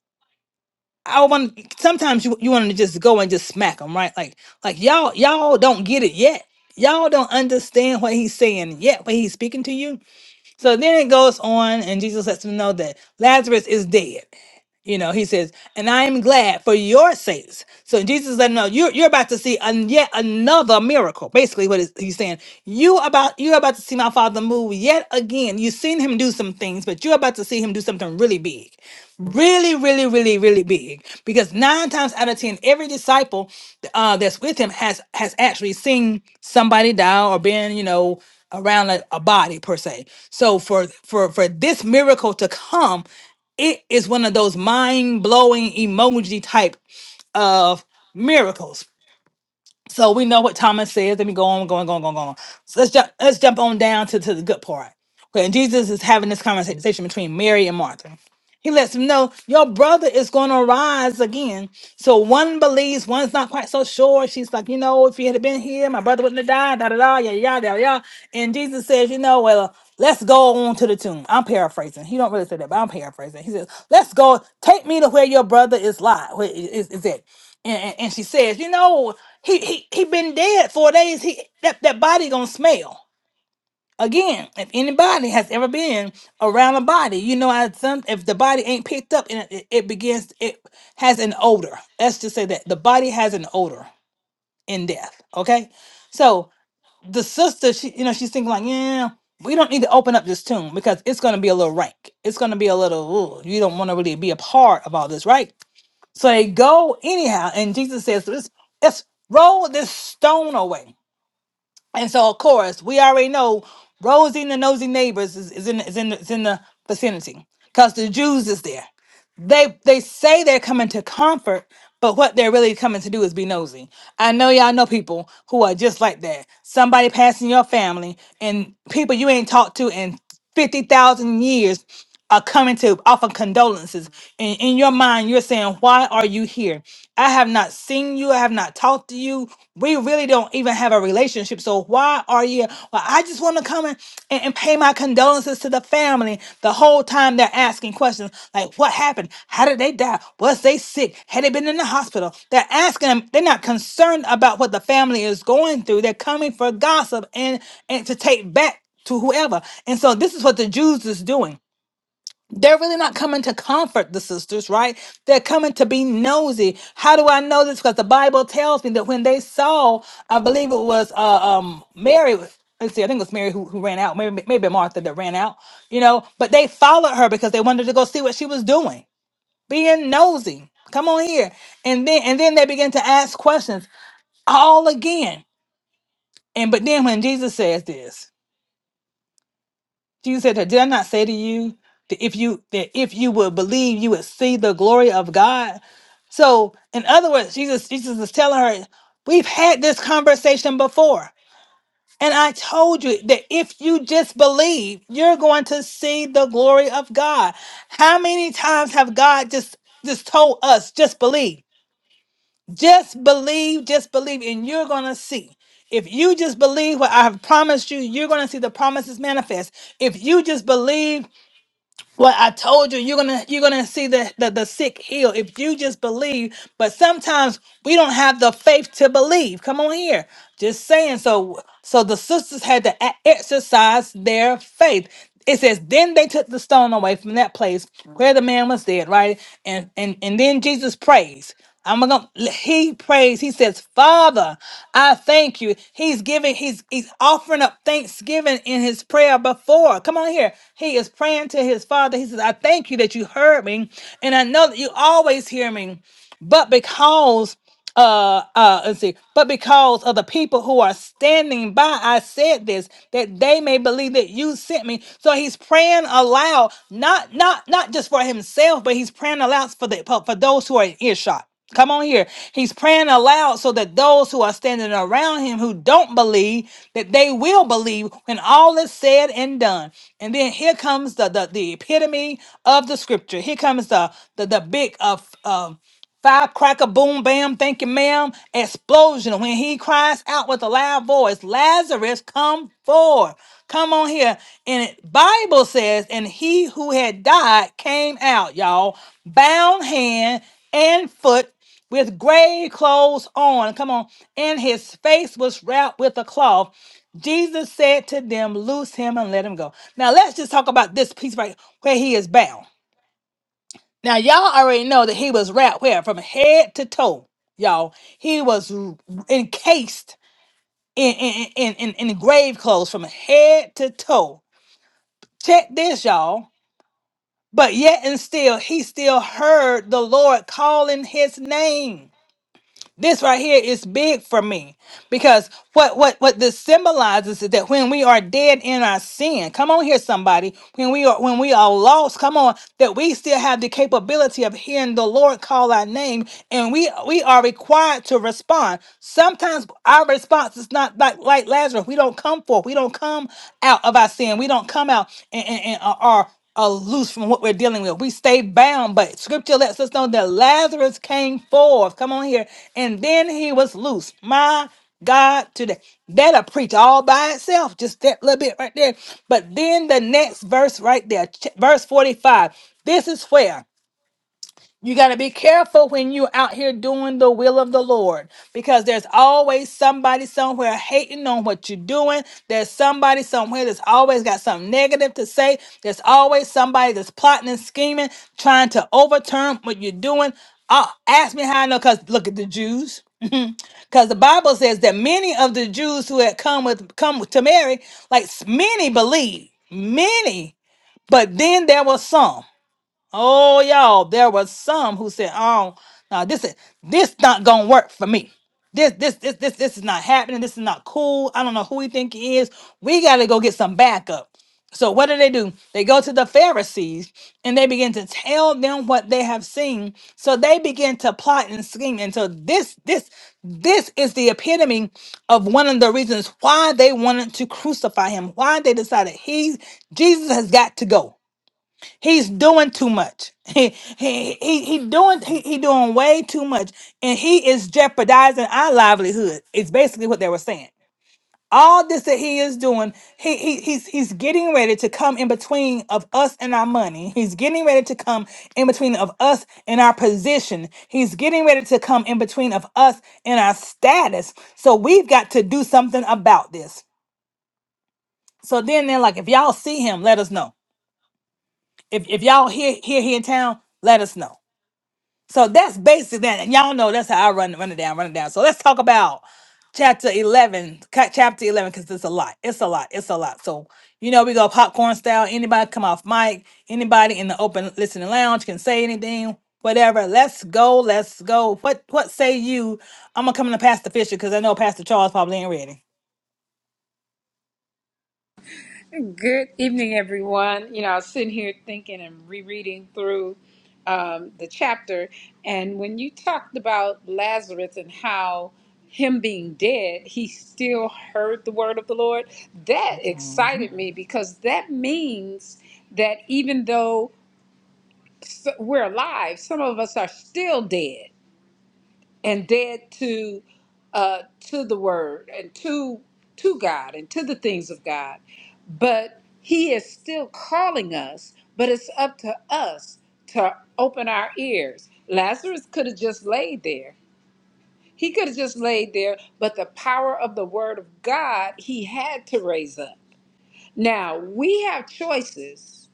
S1: i want sometimes you, you want to just go and just smack them right like like y'all y'all don't get it yet y'all don't understand what he's saying yet What he's speaking to you so then it goes on and jesus lets them know that lazarus is dead you know, he says, and I am glad for your sakes. So Jesus is letting know you're, you're about to see an, yet another miracle. Basically, what is, he's saying, you about you're about to see my father move yet again. You've seen him do some things, but you're about to see him do something really big. Really, really, really, really big. Because nine times out of ten, every disciple uh, that's with him has has actually seen somebody die or been, you know, around a, a body per se. So for for for this miracle to come it is one of those mind blowing emoji type of miracles. So we know what Thomas says. Let me go on, go on, go on, go going, go on. So let's jump. Let's jump on down to, to the good part. Okay, and Jesus is having this conversation between Mary and Martha. He lets them know your brother is going to rise again. So one believes, one's not quite so sure. She's like, you know, if he had been here, my brother wouldn't have died. Da da da, yeah, yeah, yeah, yeah. And Jesus says, you know, well, let's go on to the tomb. I'm paraphrasing. He don't really say that, but I'm paraphrasing. He says, let's go. Take me to where your brother is live. Where is, is it? and, and and she says, you know, he he he been dead four days. He that that body gonna smell again. If anybody has ever been around a body, you know, I some if the body ain't picked up and it, it begins, it has an odor. Let's just say that the body has an odor in death. Okay, so the sister, she you know, she's thinking like, yeah. We don't need to open up this tomb because it's going to be a little rank. It's going to be a little, ooh, you don't want to really be a part of all this, right? So they go anyhow, and Jesus says, "Let's, let's roll this stone away." And so, of course, we already know Rosie and the nosy neighbors is, is in is in is in the vicinity because the Jews is there. They they say they're coming to comfort, but what they're really coming to do is be nosy. I know y'all know people who are just like that. Somebody passing your family and people you ain't talked to in fifty thousand years are coming to offer condolences. And in your mind, you're saying, Why are you here? I have not seen you. I have not talked to you. We really don't even have a relationship. So why are you? Well, I just want to come in and, and pay my condolences to the family. The whole time they're asking questions like, what happened? How did they die? Was they sick? Had they been in the hospital? They're asking them. They're not concerned about what the family is going through. They're coming for gossip and and to take back to whoever. And so this is what the Jews is doing they're really not coming to comfort the sisters, right? They're coming to be nosy. How do I know this? Because the Bible tells me that when they saw, I believe it was uh, um, Mary. Let's see, I think it was Mary who, who ran out. Maybe maybe Martha that ran out. You know, but they followed her because they wanted to go see what she was doing, being nosy. Come on here, and then and then they begin to ask questions all again. And but then when Jesus says this. Jesus said, "Did I not say to you that if you that if you would believe, you would see the glory of God?" So, in other words, Jesus Jesus is telling her, "We've had this conversation before, and I told you that if you just believe, you're going to see the glory of God." How many times have God just just told us, "Just believe, just believe, just believe, and you're going to see." If you just believe what I have promised you, you're going to see the promises manifest. If you just believe well, I told you, you're gonna you're gonna see the, the the sick heal if you just believe. But sometimes we don't have the faith to believe. Come on here, just saying. So so the sisters had to e- exercise their faith. It says, then they took the stone away from that place where the man was dead, right? And and and then Jesus prays. I'm gonna he prays, he says, Father, I thank you. He's giving, he's he's offering up thanksgiving in his prayer before. Come on here. He is praying to his father. He says, I thank you that you heard me, and I know that you always hear me. But because uh uh let's see but because of the people who are standing by i said this that they may believe that you sent me so he's praying aloud not not not just for himself but he's praying aloud for the for for those who are in earshot come on here he's praying aloud so that those who are standing around him who don't believe that they will believe when all is said and done and then here comes the the, the epitome of the scripture here comes the the, the big of Firecracker, boom, bam, thank you, ma'am. Explosion when he cries out with a loud voice, Lazarus, come forth. Come on here. And it, Bible says, and he who had died came out, y'all, bound hand and foot with grave clothes on. Come on. And his face was wrapped with a cloth. Jesus said to them, Loose him and let him go. Now let's just talk about this piece right where he is bound. Now, y'all already know that he was wrapped where? From head to toe, y'all. He was r- encased in, in, in, in, in grave clothes from head to toe. Check this, y'all. But yet and still, he still heard the Lord calling his name. This right here is big for me because what what what this symbolizes is that when we are dead in our sin, come on here, somebody. When we are when we are lost, come on, that we still have the capability of hearing the Lord call our name, and we we are required to respond. Sometimes our response is not like like Lazarus. We don't come forth. We don't come out of our sin. We don't come out and and, and are are loose from what we're dealing with. We stay bound, but scripture lets us know that Lazarus came forth. Come on here. And then he was loose. My God, today. That'll preach all by itself, just that little bit right there. But then the next verse right there, ch- verse 45. This is where you got to be careful when you're out here doing the will of the Lord because there's always somebody somewhere hating on what you're doing. There's somebody somewhere that's always got something negative to say. There's always somebody that's plotting and scheming, trying to overturn what you're doing. Uh, ask me how I know because look at the Jews. Because the Bible says that many of the Jews who had come with come to Mary, like many believed, many, but then there was some. Oh, y'all, there was some who said, "Oh, no, this is this not gonna work for me. This, this, this, this, this is not happening. This is not cool. I don't know who he think he is. We gotta go get some backup." So what do they do? They go to the Pharisees and they begin to tell them what they have seen. So they begin to plot and scheme. And so this, this, this is the epitome of one of the reasons why they wanted to crucify him. Why they decided he's Jesus has got to go. He's doing too much. He he he, he doing he, he doing way too much, and he is jeopardizing our livelihood. It's basically what they were saying. All this that he is doing, he, he he's he's getting ready to come in between of us and our money. He's getting ready to come in between of us and our position. He's getting ready to come in between of us and our status. So we've got to do something about this. So then they're like, if y'all see him, let us know. If if y'all here here here in town, let us know. So that's basic that and y'all know that's how I run run it down, run it down. So let's talk about chapter eleven, ca- chapter eleven, because it's a lot. It's a lot. It's a lot. So you know we go popcorn style. Anybody come off mic? Anybody in the open listening lounge can say anything, whatever. Let's go. Let's go. What what say you? I'm gonna come in to Pastor Fisher because I know Pastor Charles probably ain't ready.
S3: Good evening, everyone. You know, I was sitting here thinking and rereading through um, the chapter. And when you talked about Lazarus and how him being dead, he still heard the word of the Lord, that
S1: Mhm.
S3: excited me because that means that even though s- we're alive, some of us are still dead and dead to uh, to the word and to to God and to the things of God. But He is still calling us. But it's up to us to open our ears. Lazarus could have just laid there. He could have just laid there. But the power of the word of God, he had to raise up. Now we have choices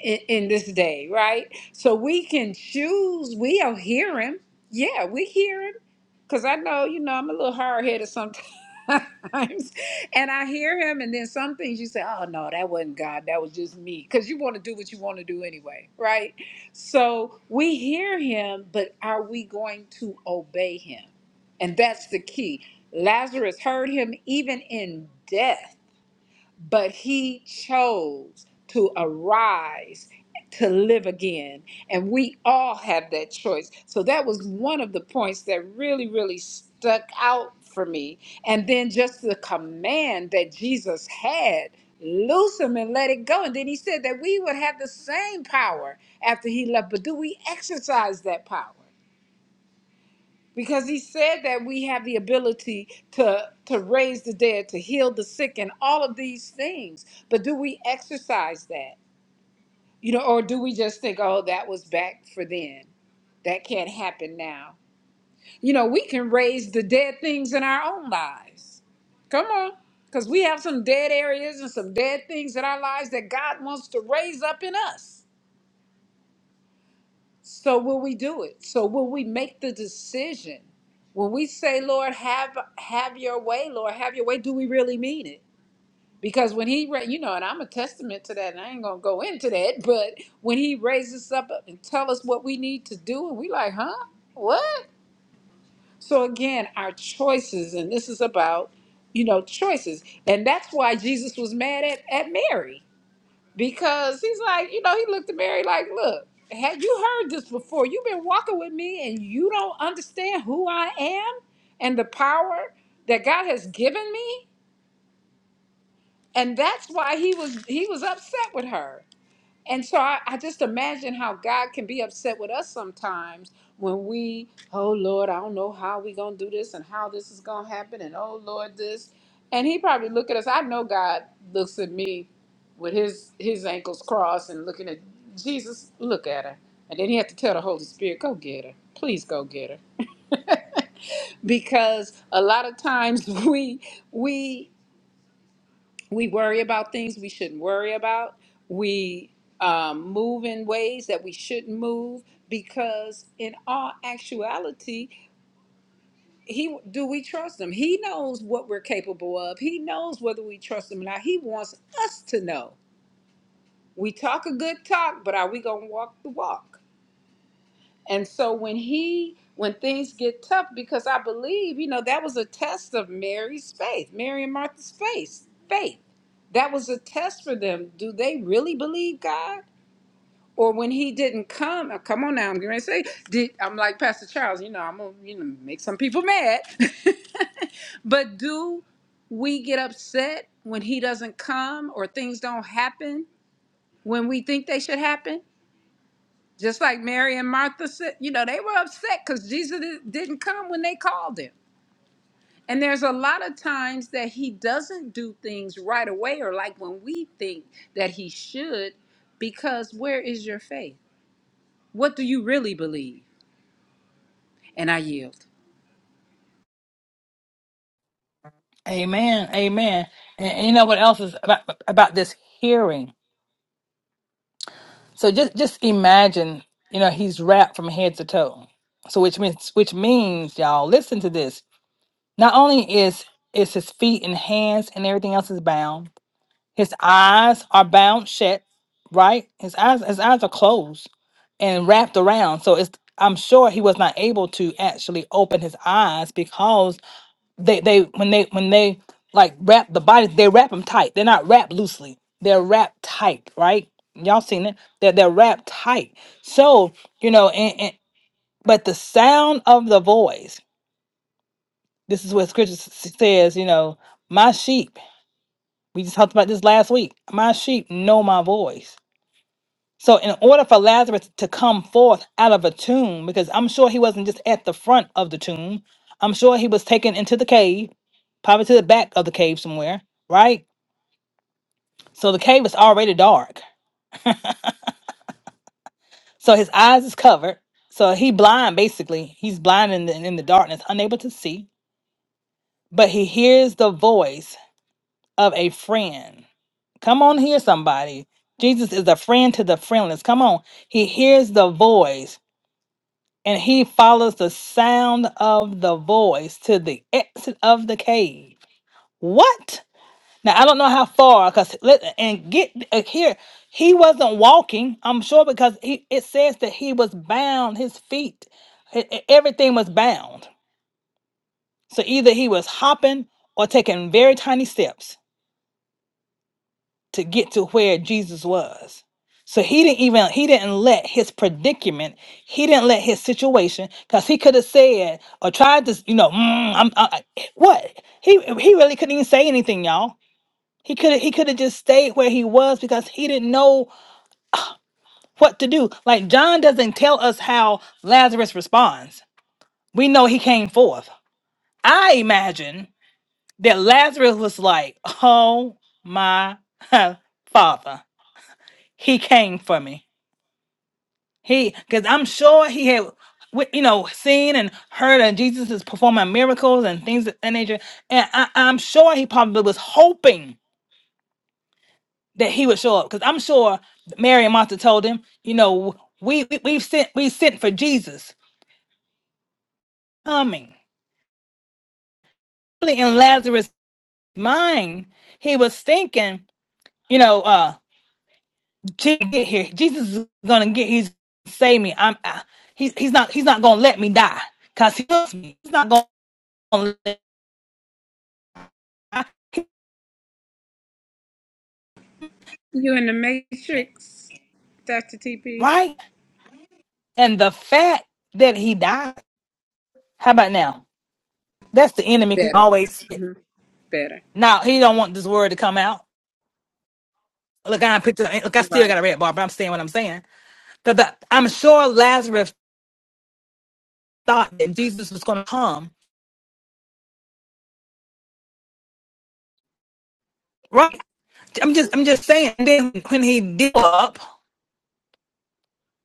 S3: in, in this day, right? So we can choose. We'll hear him. Yeah, we hear him. Cause I know, you know, I'm a little hard headed sometimes, and I hear him, and then some things you say, "Oh no, that wasn't God. That was just me." Cause you want to do what you want to do anyway, right? So we hear him, but are we going to obey him? And that's the key. Lazarus heard him even in death but he chose to arise to live again and we all have that choice so that was one of the points that really really stuck out for me and then just the command that jesus had loose him and let it go and then he said that we would have the same power after he left but do we exercise that power because he said that we have the ability to to raise the dead to heal the sick and all of these things but do we exercise that you know or do we just think oh that was back for then that can't happen now you know we can raise the dead things in our own lives come on because we have some dead areas and some dead things in our lives that god wants to raise up in us So will we do it? So will we make the decision? When we say, Lord, have have your way, Lord, have your way, do we really mean it? Because when he, ra- you know, and I'm a testament to that, and I ain't gonna go into that, but when he raises us up and tell us what we need to do, and we like, huh, what? So again, our choices, and this is about, you know, choices, and that's why Jesus was mad at at Mary because he's like, you know, he looked at Mary like, look, had you heard this before? You've been walking with me and you don't understand who I am and the power that God has given me. And that's why he was he was upset with her. And so I, I just imagine how God can be upset with us sometimes when we, oh Lord, I don't know how we gonna do this and how this is gonna happen and oh Lord this. And he probably look at us. I know God looks at me with his his ankles crossed and looking at Jesus, look at her. And then he had to tell the Holy Spirit, go get her. Please go get her. because a lot of times we we we worry about things we shouldn't worry about. We um, move in ways that we shouldn't move because, in all actuality, he do we trust him? He knows what we're capable of. He knows whether we trust him or not. He wants us to know. We talk a good talk, but are we gonna walk the walk? And so when he when things get tough, because I believe, you know, that was a test of Mary's faith, Mary and Martha's faith, faith. That was a test for them. Do they really believe God? Or when he didn't come, oh, come on now, I'm gonna say, did, I'm like Pastor Charles, you know, I'm gonna, you know, make some people mad. but do we get upset when he doesn't come or things don't happen when we think they should happen? Just like Mary and Martha said, you know, they were upset because Jesus di- didn't come when they called him. And there's a lot of times that he doesn't do things right away or like when we think that he should, because where is your faith? What do you really believe? And I yield.
S1: Amen. Amen. And, and you know what else is about, about this hearing? So just just imagine, you know, he's wrapped from head to toe. So which means which means y'all listen to this. Not only is is his feet and hands and everything else is bound. His eyes are bound shut, right? His eyes his eyes are closed and wrapped around. So it's I'm sure he was not able to actually open his eyes because they they when they when they like wrap the body they wrap them tight. They're not wrapped loosely. They're wrapped tight, right? Y'all seen it? They're they're wrapped tight. So you know, and, and but the sound of the voice. This is what scripture s- says, you know, my sheep, we just talked about this last week, my sheep know my voice. So, in order for Lazarus to come forth out of a tomb, because I'm sure he wasn't just at the front of the tomb, I'm sure he was taken into the cave, probably to the back of the cave somewhere, right? So, the cave is already dark. So, his eyes is covered. So, he blind basically. He's blind in the, in the darkness, unable to see, but he hears the voice of a friend. Come on here, somebody. Jesus is a friend to the friendless. Come on. He hears the voice and he follows the sound of the voice to the exit of the cave. What? Now I don't know how far, cause and get uh, here. He wasn't walking. I'm sure because he it says that he was bound. His feet, e- e- everything was bound. So either he was hopping or taking very tiny steps. to get to where Jesus was. So he didn't even he didn't let his predicament, he didn't let his situation, because he could have said or tried to, you know, "Mm, I'm, I, I-" what he he really couldn't even say anything, y'all. He could have he could have just stayed where he was because he didn't know what to do. Like John doesn't tell us how Lazarus responds. We know he came forth. I imagine that Lazarus was like, "Oh my father, he came for me." He, because I'm sure he had, wit- you know, seen and heard of Jesus is performing miracles and things of that nature. And I, I'm sure he probably was hoping that he would show up, because I'm sure Mary and Martha told him, you know, we, we we've sent we sent for Jesus coming. Really, In Lazarus' mind, he was thinking, you know, uh, Jesus get here. Jesus is gonna get. He's save me. I'm. I, he's he's not he's not gonna let me die, cause he loves me. He's not gonna let me die
S3: You in the matrix, Dr. TP?
S1: right? And the fact that he died. How about now? That's the enemy can
S3: Better,
S1: always sit.
S3: better.
S1: Now he don't want this word to come out. Look, I picked. up- Look, I still
S3: Right.
S1: got a red bar, but I'm saying what I'm saying. But the, I'm sure Lazarus thought that Jesus was going to come, right? I'm just, I'm just saying. And Then when he did up,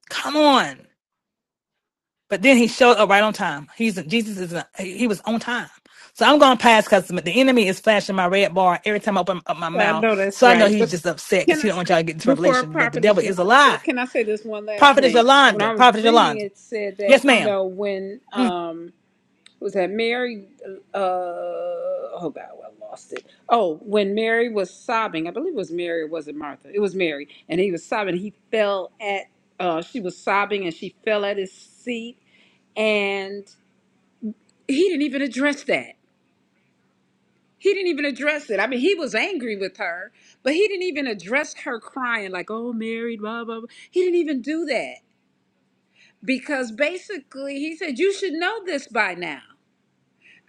S1: come on. But then he showed up right on time. He's Jesus is a, he was on time. So I'm gonna pass because the enemy is flashing my red bar every time I open up my
S3: I
S1: mouth.
S3: know that's
S1: So I know
S3: right.
S1: he's just upset because
S3: Can I
S1: he don't want
S3: say
S1: y'all to get into
S3: before a
S1: revelation. But the
S3: prophetess
S1: devil is
S3: Yolanda
S1: a
S3: go,
S1: lie.
S3: can I say this one last
S1: Prophet is
S3: thing? When
S1: Yolanda.
S3: I was
S1: Prophet is
S3: reading
S1: Yolanda.
S3: it said that,
S1: Yes,
S3: you
S1: ma'am.
S3: know, when
S1: Mm.
S3: um was that Mary uh oh God, well, I lost it. Oh, when Mary was sobbing, I believe it was Mary or was it Martha? It was Mary, and he was sobbing, he fell at uh she was sobbing and she fell at his seat and he didn't even address that. He didn't even address it. I mean, he was angry with her, but he didn't even address her crying, like, oh, married, blah, blah, blah. He didn't even do that because basically he said, you should know this by now.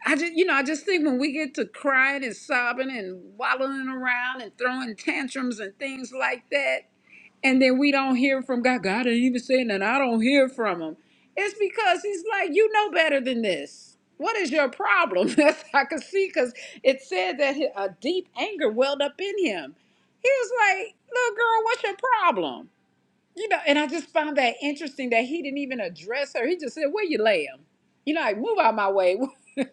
S3: I just, you know, I just think when we get to crying and sobbing and wallowing around and throwing tantrums and things like that, and then we don't hear from God. God ain't even saying that I don't hear from him. It's because he's like, you know better than this. What is your problem? That's I could see because it said that he- a deep anger welled up in him. He was like, little girl, what's your problem? You know, and I just found that interesting that he didn't even address her. He just said, where you lay him? You know, like, move out my way.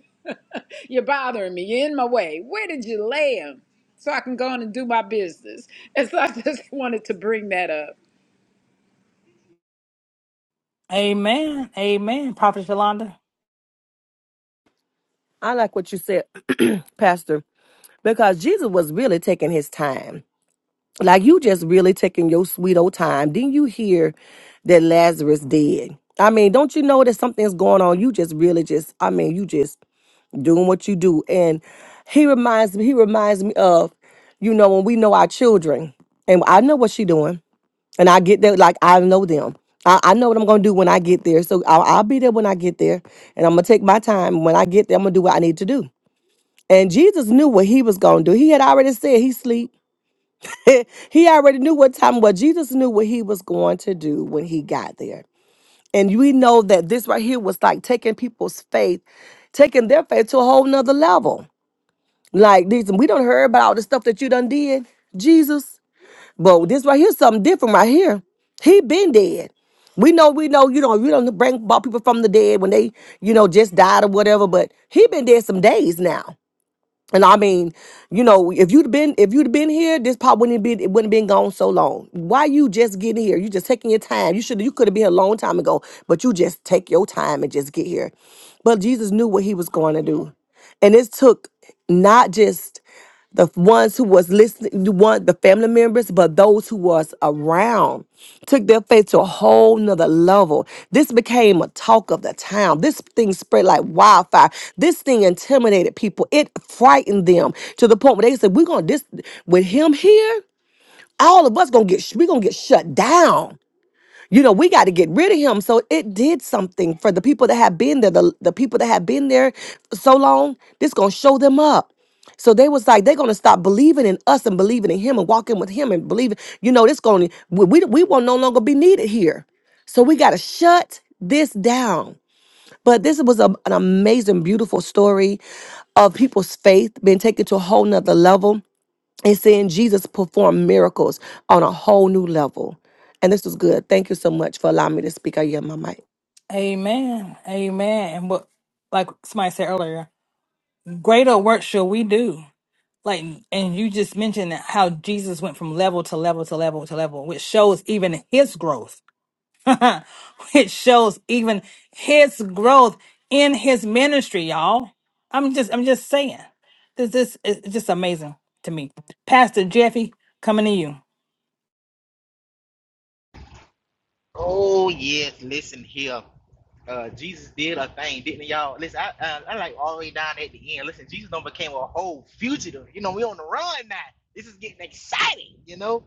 S3: You're bothering me. You're in my way. Where did you lay him? So I can go on and do my business. And so I just wanted to bring that up.
S1: Amen. Amen. Prophet is Yolanda.
S4: I like what you said, Pastor, because Jesus was really taking his time. Like you just really taking your sweet old time. Didn't you hear that Lazarus dead? I mean, don't you know that something's going on? You just really just, I mean, you just doing what you do. And he reminds me, he reminds me of, you know, when we know our children and I know what she doing and I get there, like I know them. I, I know what I'm going to do when I get there. So I'll, I'll be there when I get there and I'm going to take my time. When I get there, I'm going to do what I need to do. And Jesus knew what he was going to do. He had already said he sleep. he already knew what time. Well, Jesus knew what he was going to do when he got there. And we know that this right here was like taking people's faith, taking their faith to a whole nother level. Like these, we don't hear about all the stuff that you done did, Jesus. But this right here, something different right here. He been dead. We know, we know, you know, you don't bring about people from the dead when they, you know, just died or whatever. But he been dead some days now. And I mean, you know, if you'd been if you'd been here, this pop wouldn't be it wouldn't been gone so long. Why you just getting here? You just taking your time. You should you could have been here a long time ago, but you just take your time and just get here. But Jesus knew what he was going to do. And it took not just the ones who was listening, the one the family members, but those who was around took their faith to a whole nother level. This became a talk of the town. This thing spread like wildfire. This thing intimidated people. It frightened them to the point where they said, "We're gonna this with him here. All of us gonna get sh- we gonna get shut down." you know, we got to get rid of him. So it did something for the people that have been there, the, the people that have been there so long, this gonna show them up. So they was like, they're gonna stop believing in us and believing in him and walking with him and believing, you know, this gonna we we, we will no longer be needed here. So we gotta shut this down. But this was a, an amazing, beautiful story of people's faith being taken to a whole nother level and seeing Jesus perform miracles on a whole new level. And this was good. Thank you so much for allowing me to speak. I yield my mic.
S1: Amen. Amen. And what like somebody said earlier, greater work shall we do. Like and you just mentioned how Jesus went from level to level to level to level, which shows even his growth which shows even his growth in his ministry, y'all. I'm just I'm just saying. This this is just amazing to me. Pastor Jeffy, coming to you.
S5: Oh yes, listen here. Uh, Jesus did a thing, didn't he, y'all? Listen, I, I, I like all the way down at the end. Listen, Jesus done became a whole fugitive. You know, we on the run now. This is getting exciting. You know,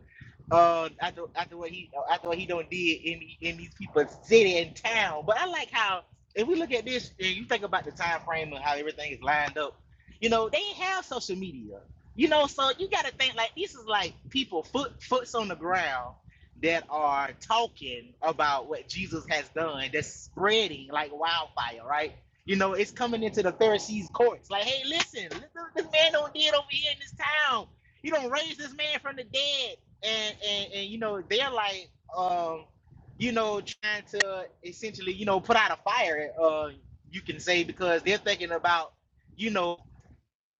S5: uh, after after what he after what he done did in the- in these people's city and town. But I like how if we look at this and you think about the time frame and how everything is lined up. You know, they ain't have social media. You know, so you got to think like this is like people foot foots on the ground that are talking about what Jesus has done that's spreading like wildfire, right? You know, it's coming into the Pharisees' courts. Like, hey, listen, this man don't did over here in this town. You don't raise this man from the dead. And and, and you know, they're like, um, you know, trying to essentially, you know, put out a fire, uh, you can say, because they're thinking about, you know,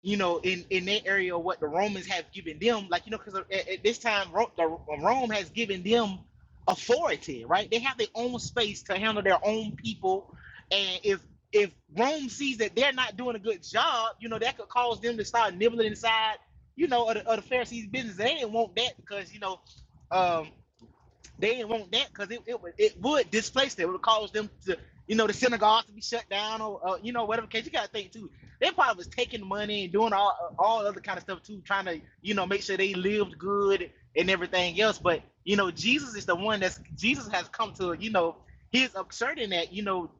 S5: you know, in in their area, what the Romans have given them, like you know, because at, at this time, Rome, the, Rome has given them authority, right? They have their own space to handle their own people, and if if Rome sees that they're not doing a good job, you know, that could cause them to start nibbling inside, you know, of the, of the Pharisees' business. They didn't want that because you know, um, they didn't want that because it, it would it would displace them. It would cause them to, you know, the synagogues to be shut down or uh, you know whatever case. You gotta think too. They probably was taking money and doing all uh, all other kind of stuff too, trying to you know make sure they lived good and everything else. But you know, Jesus is the one that's Jesus has come to you know he's asserting that you know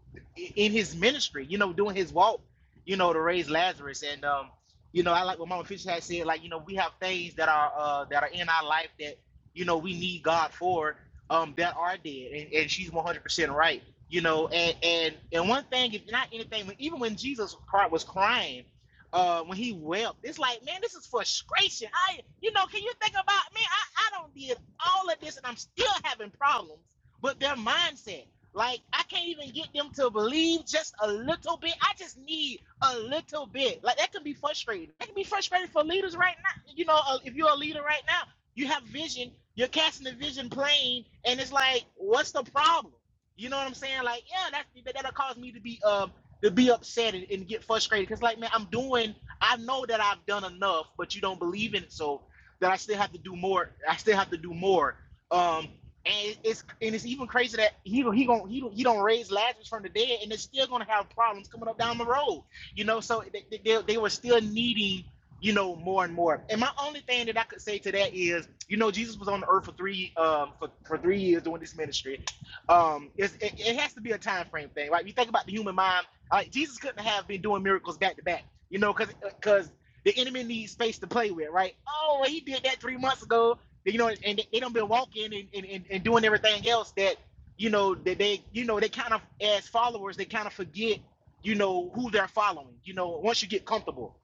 S5: in his ministry, you know, doing his walk, you know, to raise Lazarus and um you know, I like what Mama Fisher had said, like, you know, we have things that are uh that are in our life that, you know, we need God for um, that are dead, and, and she's one hundred percent right. You know, and and and one thing, if not anything, even when Jesus was crying, uh, when he wept, it's like, man, this is frustration. I, you know, can you think about man, I, I don't did all of this, and I'm still having problems with their mindset. Like I can't even get them to believe just a little bit. I just need a little bit. Like that can be frustrating. That can be frustrating for leaders right now. You know, uh, if you're a leader right now you have vision. You're casting the vision plane, and it's like, what's the problem? You know what I'm saying? Like, yeah, that's that- that'll cause me to be um to be upset and, and get frustrated. Cause like, man, I'm doing. I know that I've done enough, but you don't believe in it, so that I still have to do more. I still have to do more. Um, and it's and it's even crazy that he he gon' he don't, he don't raise Lazarus from the dead, and they're still gonna have problems coming up down the road. You know, so they they, they were still needing you know, more and more. And my only thing that I could say to that is, you know, Jesus was on the earth for three um for, for three years doing this ministry. Um, it's, it, it has to be a time frame thing, right? You think about the human mind. Like Jesus couldn't have been doing miracles back to back, you know, because because the enemy needs space to play with, right? Oh, well, he did that three months ago, you know, and they, don't been walking and, and, and, and doing everything else that you know that they you know they kind of as followers they kind of forget you know who they're following you know once you get comfortable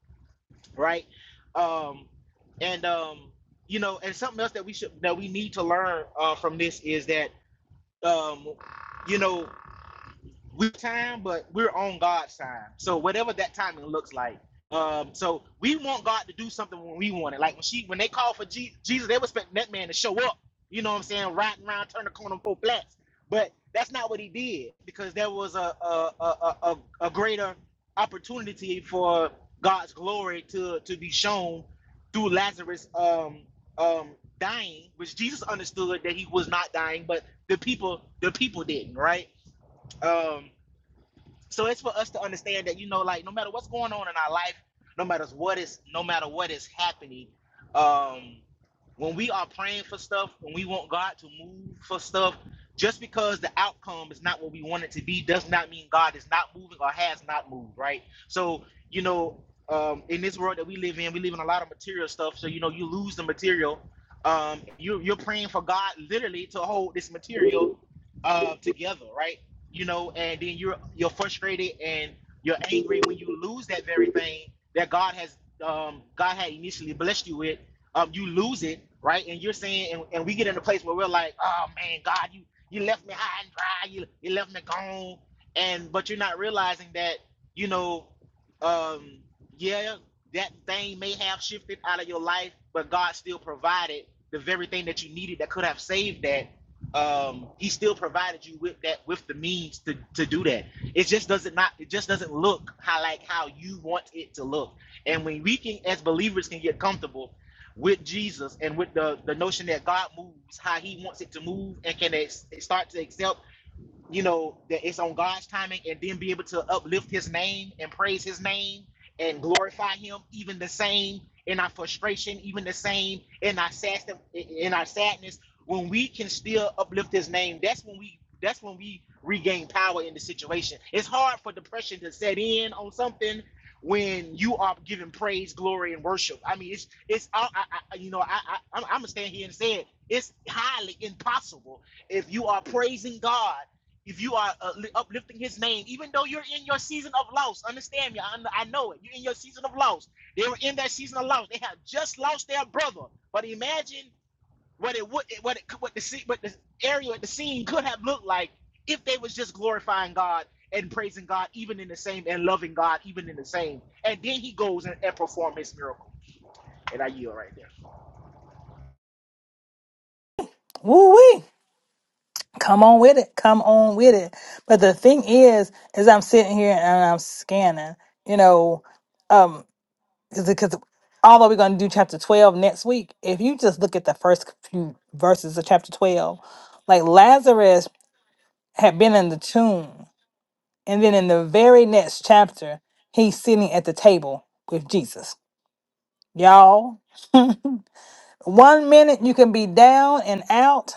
S5: right? Um, and um, you know, and something else that we should that we need to learn uh, from this is that um, you know we time, but we're on God's time. So whatever that timing looks like. Um, so we want God to do something when we want it. Like when she when they called for Je- Jesus, they were expecting that man to show up. You know what I'm saying? Riding around, turn the corner, four flats. But that's not what he did because there was a a, a, a, a a greater opportunity for God's glory to to be shown through Lazarus um um dying, which Jesus understood that he was not dying, but the people the people didn't, right? Um so it's for us to understand that you know, like no matter what's going on in our life, no matter what is, no matter what is happening, um, when we are praying for stuff, when we want God to move for stuff, just because the outcome is not what we want it to be, does not mean God is not moving or has not moved, right? So you know, um, in this world that we live in, we live in a lot of material stuff. So you know, you lose the material. Um, you, you're praying for God literally to hold this material uh, together, right? you know, and then you're you're frustrated and you're angry when you lose that very thing that God has um God had initially blessed you with. Um, you lose it, right? And you're saying, and, and we get in a place where we're like, oh man, God, you you left me high and dry, you you left me gone, and but you're not realizing that, you know, um, yeah, that thing may have shifted out of your life, but God still provided the very thing that you needed that could have saved that um, he still provided you with that with the means to, to do that. It just doesn't not it just doesn't look how like how you want it to look. And when we can as believers can get comfortable with Jesus and with the, the notion that God moves how he wants it to move and can start to accept you know, that it's on God's timing and then be able to uplift his name and praise his name and glorify him even the same in our frustration, even the same in our sad in our sadness. When we can still uplift his name, that's when we that's when we regain power in the situation. It's hard for depression to set in on something when you are giving praise, glory, and worship. I mean, it's it's I, I, you know I, I I'm, I'm gonna stand here and say it. It's highly impossible if you are praising God if you are uh, uplifting his name, even though you're in your season of loss, understand me. I, I know it. You're in your season of loss. They were in that season of loss. They have just lost their brother. But imagine what it would, what it, what the scene, what the area, what the scene could have looked like if they was just glorifying God and praising God, even in the same, and loving God, even in the same. And then he goes and, and perform his miracle. And I yield right there.
S1: Woo wee. Come on with it. Come on with it. But the thing is, is I'm sitting here and I'm scanning, you know, um, because although we're going to do chapter 12 next week, if you just look at the first few verses of chapter 12, like Lazarus had been in the tomb. And then in the very next chapter, he's sitting at the table with Jesus. Y'all, one minute you can be down and out,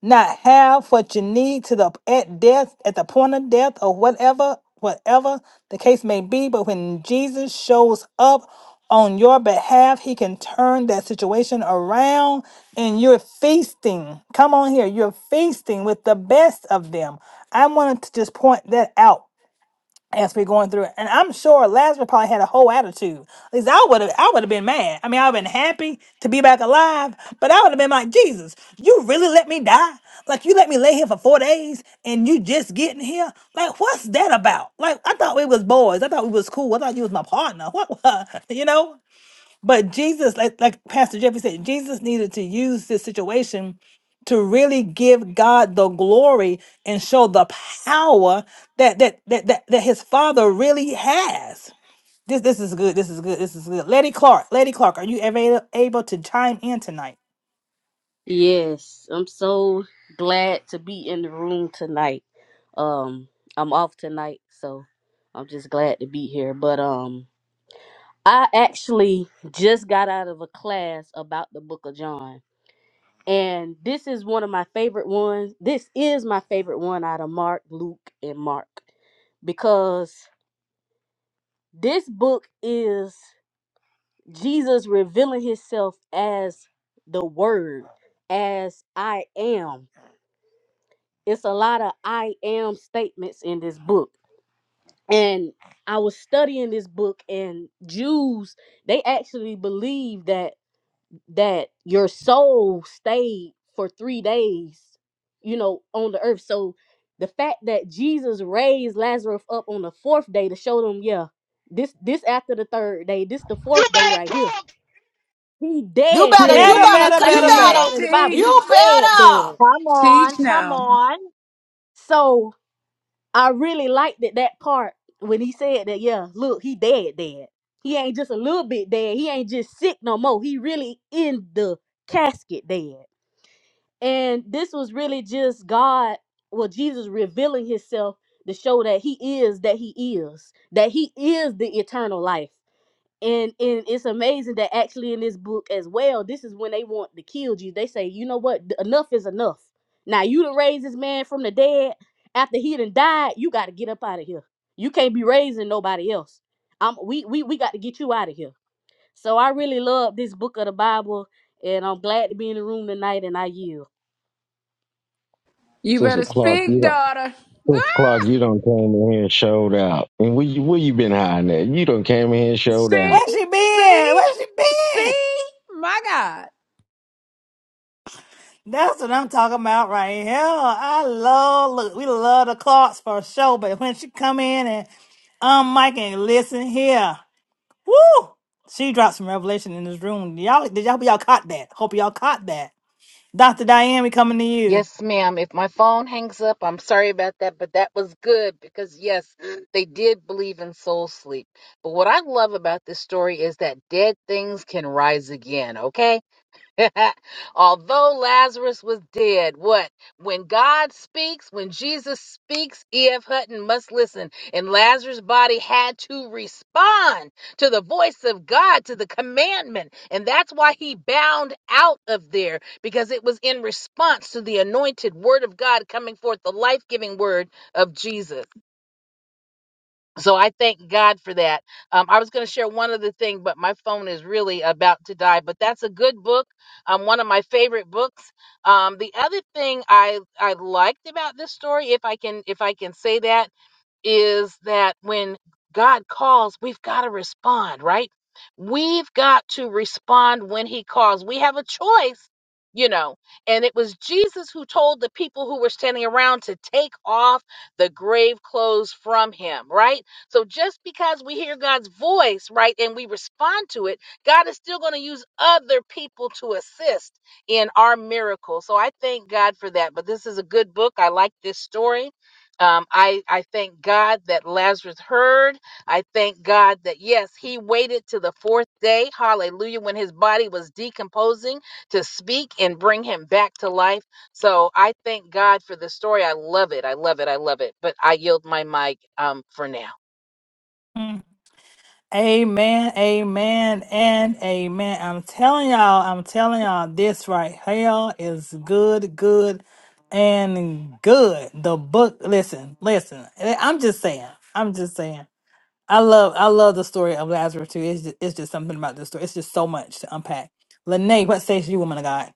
S1: not have what you need to the at death, at the point of death, or whatever, whatever the case may be. But when Jesus shows up on your behalf, he can turn that situation around and you're feasting. Come on here, you're feasting with the best of them. I wanted to just point that out as we're going through it. And I'm sure Lazarus probably had a whole attitude. At least I would have I would have been mad. I mean, I would have been happy to be back alive, but I would have been like, Jesus, you really let me die? Like you let me lay here for four days and you just getting here? Like, what's that about? Like I thought we was boys. I thought we was cool. I thought you was my partner. What what? you know? But Jesus, like, like Pastor Jeffrey said, Jesus needed to use this situation to really give God the glory and show the power that that that that, that his father really has. This this is good. This is good. This is good. Letty Clark, Letty Clark, are you ever able to chime in tonight?
S6: Yes, I'm so glad to be in the room tonight. Um, I'm off tonight, so I'm just glad to be here. But um, I actually just got out of a class about the Book of John, and this is one of my favorite ones. This is my favorite one out of Mark, Luke, and Mark because this book is Jesus revealing himself as the Word, as I am. it's a lot of I am statements in this book. And I was studying this book and Jews, they actually believe that that your soul stayed for 3 days, you know, on the earth. So the fact that Jesus raised Lazarus up on the 4th day to show them, yeah, this this after the 3rd day, this the
S5: You
S6: 4th day right
S5: better
S6: here. He
S4: You
S6: dead
S4: better,
S6: dead.
S4: you
S1: Better,
S3: Teach,
S6: Just
S1: better,
S4: better,
S6: like
S4: you
S1: better,
S6: it
S3: teach,
S5: talk.
S1: better.
S4: better,
S6: said in the Bible,
S3: teach,
S6: he
S4: you
S6: dead
S4: better.
S6: dead.
S7: Come on,
S3: teach
S7: come
S3: now.
S7: on.
S6: So I really liked it that part when he said that. Yeah, look, he dead, dead. He ain't just a little bit dead. He ain't just sick no more. He really in the casket dead. And this was really just God, well, Jesus revealing Himself to show that He is that He is, that He is the eternal life and and it's amazing that actually in this book as well this is when they want to kill you they say you know what enough is enough now you done raise this man from the dead after he done died you got to get up out of here you can't be raising nobody else Um, we we, we got to get you out of here so i really love this book of the bible and i'm glad to be in the room tonight and i yield
S3: You
S8: Sister
S3: better
S8: Clark, you
S3: speak,
S8: don't.
S3: daughter.
S8: Sister Clark, you don't came in here and showed out. And where you, where you been hiding at? You don't came in here and showed out.
S3: See,
S1: Where she been?
S3: see,
S1: Where she been?
S3: see, my God.
S1: That's what I'm talking about right here. I love look, we love the Clarks for sure, but when she come in and um Mike and listen here. Woo! She dropped some revelation in this room. Y'all, did y'all, y'all caught that? Hope y'all caught that. Dr. Diane, we coming to you.
S7: Yes, ma'am. If my phone hangs up, I'm sorry about that, but that was good because, yes, they did believe in soul sleep. But what I love about this story is that dead things can rise again, okay? Although Lazarus was dead, what? When God speaks, when Jesus speaks, E.F. Hutton must listen. And Lazarus' body had to respond to the voice of God, to the commandment. And that's why he bound out of there, because it was in response to the anointed word of God coming forth, the life giving word of Jesus so I thank God for that. Um, I was going to share one other thing, but my phone is really about to die. But that's a good book, um, one of my favorite books. Um, the other thing I I liked about this story, if I can if I can say that, is that when God calls, we've got to respond, right? We've got to respond when he calls. We have a choice, you know. And it was Jesus who told the people who were standing around to take off the grave clothes from him, right? So just because we hear God's voice, right, and we respond to it, God is still going to use other people to assist in our miracle. So I thank God for that. But this is a good book. I like this story um, I, I thank God that Lazarus heard. I thank God that, yes, he waited to the fourth day, hallelujah, when his body was decomposing to speak and bring him back to life. So I thank God for the story. I love it. I love it. I love it. But I yield my mic um, for now.
S1: Mm. Amen, amen, and amen. I'm telling y'all, I'm telling y'all, this right here is good, good, and good. The book, listen, listen. eh, I'm just saying, I'm just saying. I love, I love the story of Lazarus too. It's just, it's just something about this story. It's just so much to unpack. Lene, what says you, woman of God?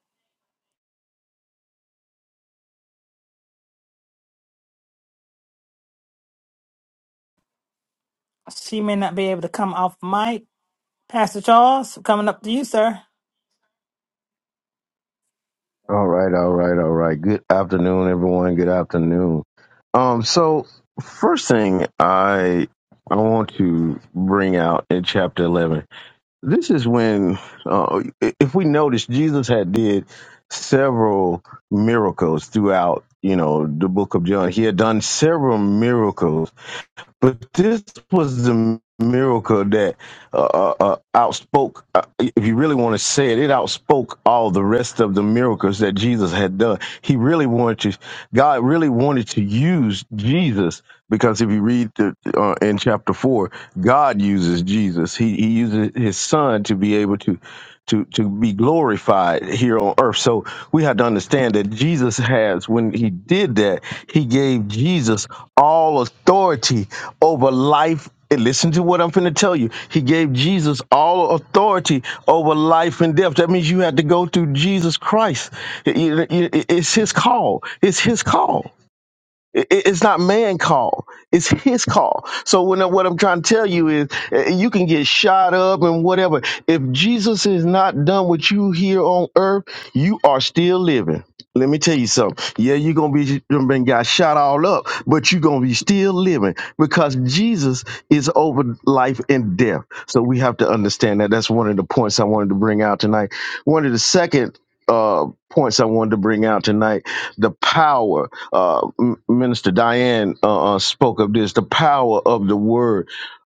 S1: She may not be able to come off mic, Pastor Charles, coming up to you, sir.
S8: All right, all right, all right. Good afternoon, everyone. Good afternoon. Um, so first thing I I want to bring out in chapter eleven. This is when, uh, if we notice, Jesus had did several miracles throughout. You know, the book of John. He had done several miracles But this was the miracle that uh, uh, uh, outspoke, uh, if you really want to say it, it outspoke all the rest of the miracles that Jesus had done. He really wanted to, God really wanted to use Jesus because if you read the, uh, in chapter 4, God uses Jesus. He, he uses his son to be able to, to, to be glorified here on earth. So we have to understand that Jesus has, when he did that, he gave Jesus all authority over life. And listen to what I'm finna tell you. He gave Jesus all authority over life and death. That means you had to go through Jesus Christ. It- it- it- It's his call. It's his call. It- it- It's not man call. It's his call. So when I- what I'm trying to tell you is, eh, eh, you can get shot up and whatever. If Jesus is not done with you here on earth, you are still living. Let me tell you something. Yeah, you're gonna be you been got shot all up, but you're gonna be still living because Jesus is over life and death. So we have to understand that. That's one of the points I wanted to bring out tonight. One of the second uh, points I wanted to bring out tonight the power. Uh, M- Minister Diane uh, uh, spoke of this. The power of the word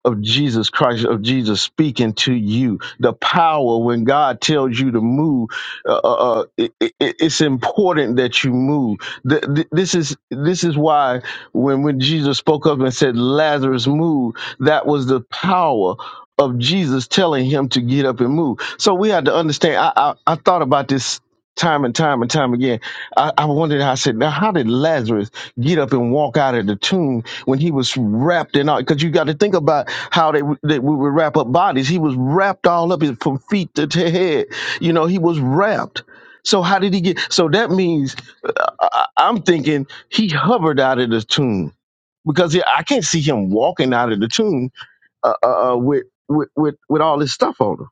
S8: of Jesus Christ, of Jesus speaking to you. The power when God tells you to move, uh, uh, it, it, it's important that you move. Th- th- this is this is why when when Jesus spoke up and said Lazarus move, that was the power. Of Jesus telling him to get up and move. So we had to understand. I, I, I thought about this time and time and time again I, I wondered, I said, now how did Lazarus get up and walk out of the tomb when he was wrapped in all? Because you got to think about how they, would- they we would wrap up bodies. He was wrapped all up in- from feet to, to head. You know, he was wrapped. So how did he get? So that means uh, I, I'm thinking he hovered out of the tomb because yeah, I can't see him walking out of the tomb uh, uh, uh, with, with with with all this stuff on him.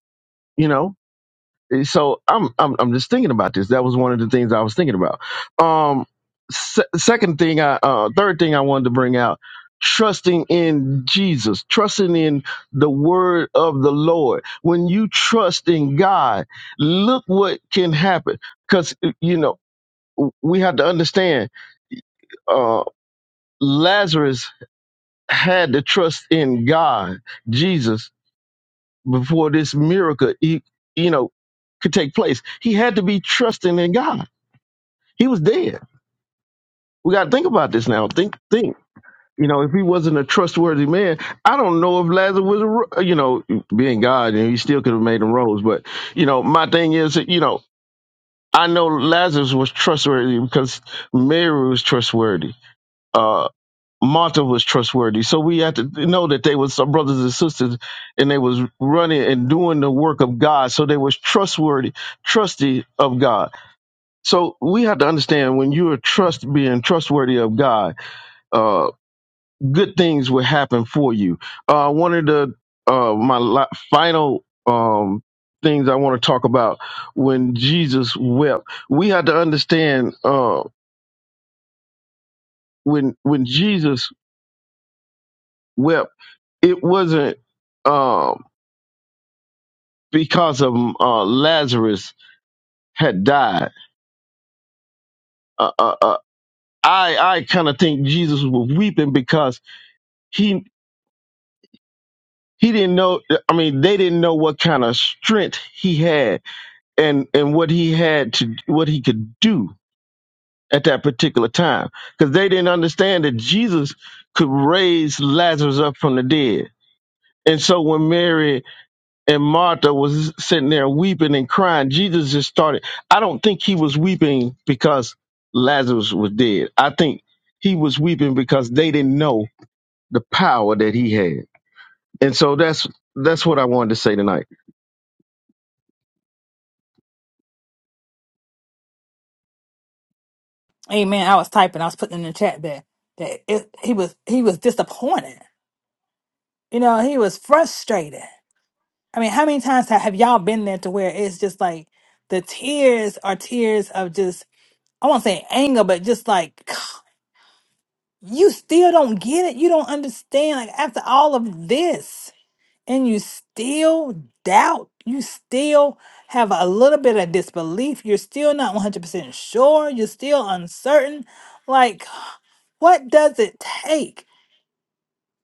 S8: You know, Eh, so I'm, I'm I'm just thinking about this. That was one of the things I was thinking about. Um, se- second thing, I uh, third thing I wanted to bring out: trusting in Jesus, trusting in the Word of the Lord. When you trust in God, look what can happen. Because you know we have to understand. Uh, Lazarus had to trust in God, Jesus, before this miracle. He, you know. Could take place. He had to be trusting in God He was dead. We got to think about this now. Think, think. You know, if he wasn't a trustworthy man, I don't know if Lazarus was, a, ro- you know, being God, and he still could have made him rose. But you know, my thing is, that, you know, I know Lazarus was trustworthy because Mary was trustworthy. Uh, Martha was trustworthy. So we have to know that they were some brothers and sisters, and they was running and doing the work of God. So they was trustworthy, trusty of God. So we have to understand when you are trust being trustworthy of God uh, good things will happen for you. Uh, one of the uh, my la- final um, things I want to talk about when Jesus wept, we had to understand uh, when when Jesus wept, it wasn't uh, because of uh, Lazarus had died. Uh, uh, uh, I I kind of think Jesus was weeping because he he didn't know. I mean, they didn't know what kind of strength he had and and what he had to what he could do at that particular time because they didn't understand that jesus could raise lazarus up from the dead and so when mary and martha was sitting there weeping and crying jesus just started i don't think he was weeping because lazarus was dead i think he was weeping because they didn't know the power that he had and so that's that's what i wanted to say tonight
S1: Amen. I was typing. I was putting in the chat that that it, he was he was disappointed. You know, he was frustrated. I mean, how many times have, have y'all been there to where it's just like the tears are tears of just I won't say anger, but just like you still don't get it. You don't understand. Like after all of this. and you still doubt, you still have a little bit of disbelief, you're still not 100% sure, you're still uncertain. Like, what does it take?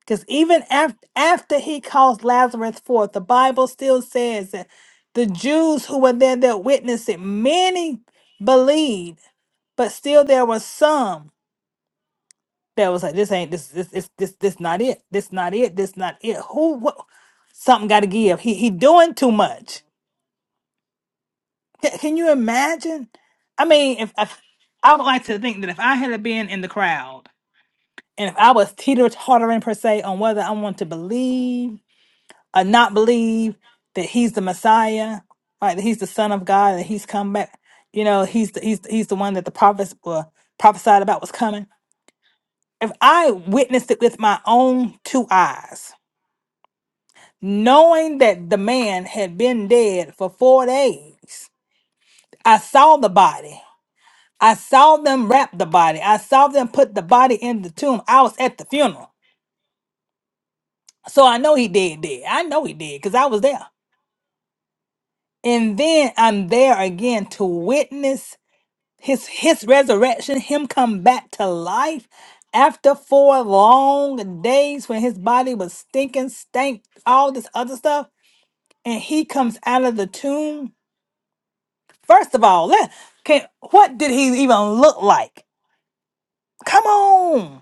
S1: Because even after, after he calls Lazarus forth, the Bible still says that the Jews who were there that witnessed it, many believed, but still there were some that was like, this ain't this this this this this not it. This not it. This not it. Who what something gotta give. He he doing too much Can, can you imagine? I mean, if, if I would like to think that if I had been in the crowd and if I was teeter tottering per se on whether I want to believe or not believe that he's the Messiah, right? That he's the Son of God, that he's come back. You know, he's the, he's he's the one that the prophets were prophesied about was coming. If I witnessed it with my own two eyes, knowing that the man had been dead for four days, I saw the body. I saw them wrap the body. I saw them put the body in the tomb. I was at the funeral. So I know he did did. I know he did because I was there. And then I'm there again to witness his his resurrection, him come back to life after four long days when his body was stinking, stank, all this other stuff. And he comes out of the tomb. First of all, let can what did he even look like? Come on.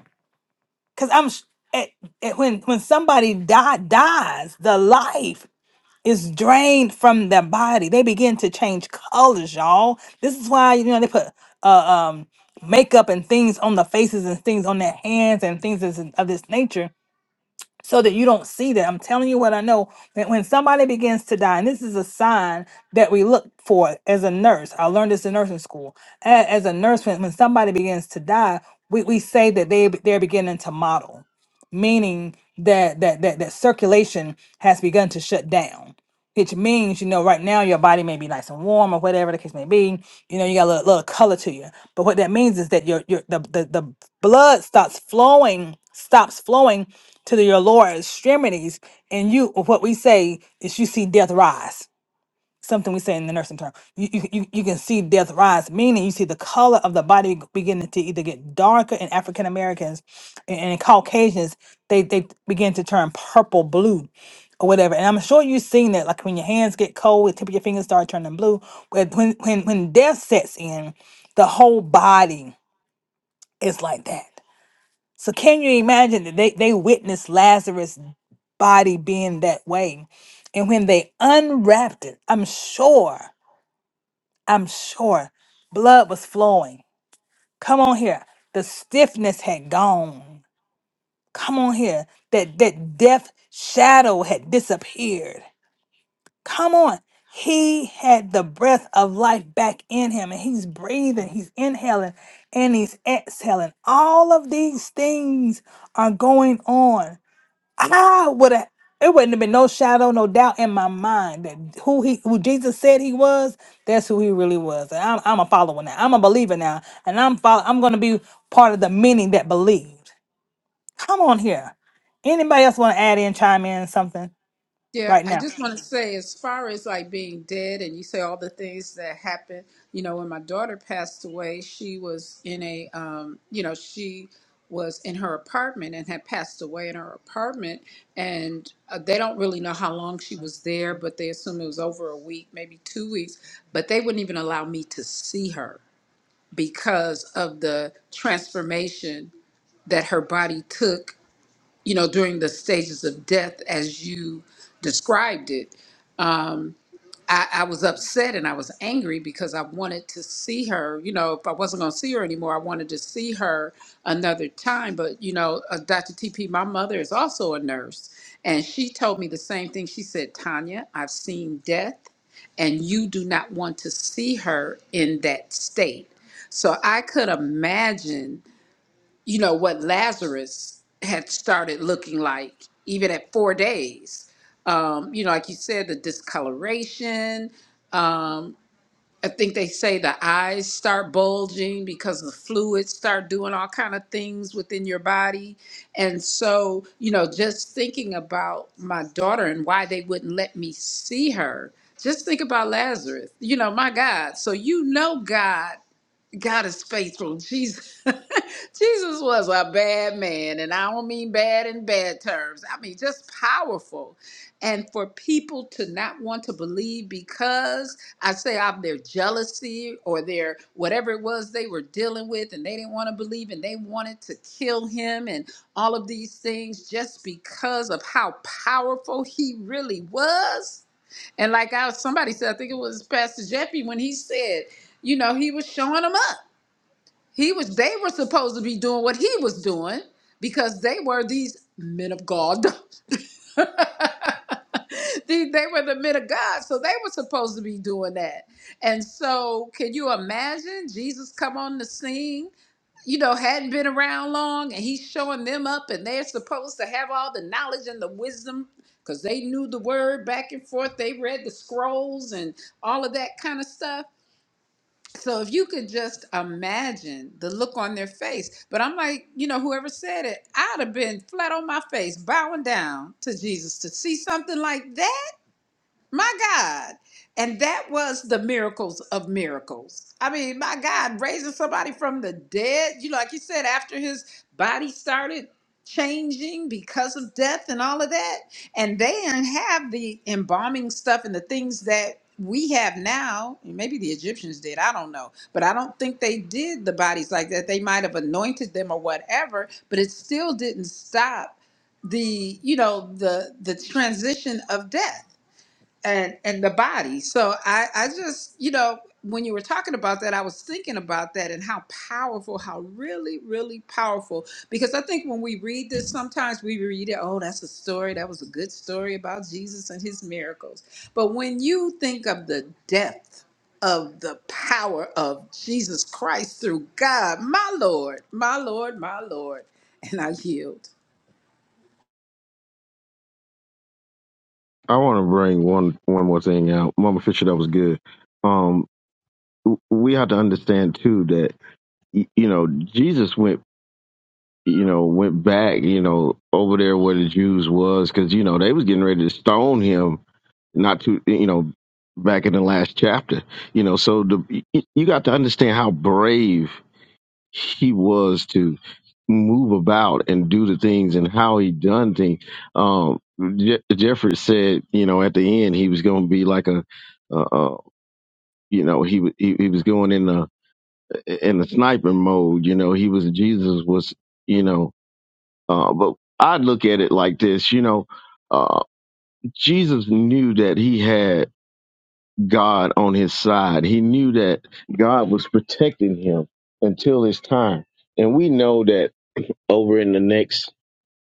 S1: Cause I'm sh- at, at when when somebody die dies, the life is drained from their body. They begin to change colors, y'all. This is why you know they put uh, um makeup and things on the faces and things on their hands and things of this of this nature so that you don't see that. I'm telling you what I know. That when somebody begins to die, and this is a sign that we look for as a nurse, I learned this in nursing school. A- As a nurse, when, when somebody begins to die, we, we say that they they're beginning to model, meaning that that that that circulation has begun to shut down which means you know right now your body may be nice and warm or whatever the case may be you know you got a little, little color to you but what that means is that your your the, the the blood starts flowing stops flowing to the, your lower extremities and you what we say is you see death rise something we say in the nursing term. You, you, you you can see death rise, meaning you see the color of the body beginning to either get darker in African Americans and, and in Caucasians, they, they begin to turn purple blue or whatever. And I'm sure you've seen that, like when your hands get cold, the tip of your fingers start turning blue. When, when, when when death sets in, the whole body is like that. So can you imagine that they, they witnessed Lazarus' body being that way? And when they unwrapped it, I'm sure I'm sure blood was flowing. Come on here. The stiffness had gone. Come on here. That that death shadow had disappeared. Come on. He had the breath of life back in him and he's breathing, he's inhaling and he's exhaling. All of these things are going on I would have. It wouldn't have been no shadow, no doubt in my mind that who he, who Jesus said he was, that's who he really was. And I'm, I'm a follower now. I'm a believer now, and I'm follow, I'm going to be part of the many that believed. Come on here. Anybody else want to add in, chime in something
S3: Yeah,
S1: right
S3: I
S1: now?
S3: just want to say, as far as like being dead, and you say all the things that happened, you know, when my daughter passed away, she was in a, um, you know, she was in her apartment and had passed away in her apartment. And uh, they don't really know how long she was there, but they assume it was over a week, maybe two weeks. But they wouldn't even allow me to see her because of the transformation that her body took you know, during the stages of death as you described it. Um, I, I was upset and I was angry because I wanted to see her. You know, if I wasn't going to see her anymore, I wanted to see her another time. But, you know, uh, Dr. TP, my mother is also a nurse, and she told me the same thing. She said, Tanya, I've seen death, and you do not want to see her in that state. So I could imagine you know, what Lazarus had started looking like, even at four days. Um, you know, like you said, the discoloration. Um, I think they say the eyes start bulging because the fluids start doing all kind of things within your body. And so, you know, just thinking about my daughter and why they wouldn't let me see her. Just think about Lazarus. You know, my God. So you know God God is faithful. Jesus, Jesus was a bad man, and I don't mean bad in bad terms. I mean just powerful. And for people to not want to believe because I say of their jealousy or their whatever it was they were dealing with, and they didn't want to believe, and they wanted to kill him, and all of these things just because of how powerful he really was. And like I somebody said, I think it was Pastor Jeffy when he said you know, he was showing them up. He was they were supposed to be doing what he was doing because they were these men of God. they, they were the men of God, so they were supposed to be doing that. And so, can you imagine Jesus come on the scene? You know, hadn't been around long, and he's showing them up, and they're supposed to have all the knowledge and the wisdom because they knew the word back and forth. They read the scrolls and all of that kind of stuff so if you could just imagine the look on their face, but I'm like, you know, whoever said it, I'd have been flat on my face, bowing down to Jesus to see something like that. My God. And that was the miracles of miracles. I mean, my God, raising somebody from the dead, you like you said, after his body started changing because of death and all of that. And they didn't have the embalming stuff and the things that we have now. Maybe the Egyptians did, I don't know. But I don't think they did the bodies like that. They might have anointed them or whatever, but it still didn't stop the, you know, the the transition of death and and the body. So I I just you know when you were talking about that, I was thinking about that and how powerful, how really really powerful. Because I think when we read this, sometimes we read it, oh, that's a story. That was a good story about Jesus and his miracles. But when you think of the depth of the power of Jesus Christ through God, my Lord, my Lord, my Lord, and I yield.
S8: i want to bring one one more thing out mama fisher that was good um we have to understand too that y- you know Jesus went you know went back you know over there where the Jews was because you know they was getting ready to stone him not to you know back in the last chapter you know so the y- y- you got to understand how brave he was to move about and do the things and how he done things um Je- Jeffrey said you know at the end he was going to be like a uh, uh you know he, wa- he he was going in the in the sniping mode. You know, he was Jesus was, you know, uh, but I look at it like this, you know, uh, Jesus knew that he had God on his side. He knew that God was protecting him until his time. And we know that over in the next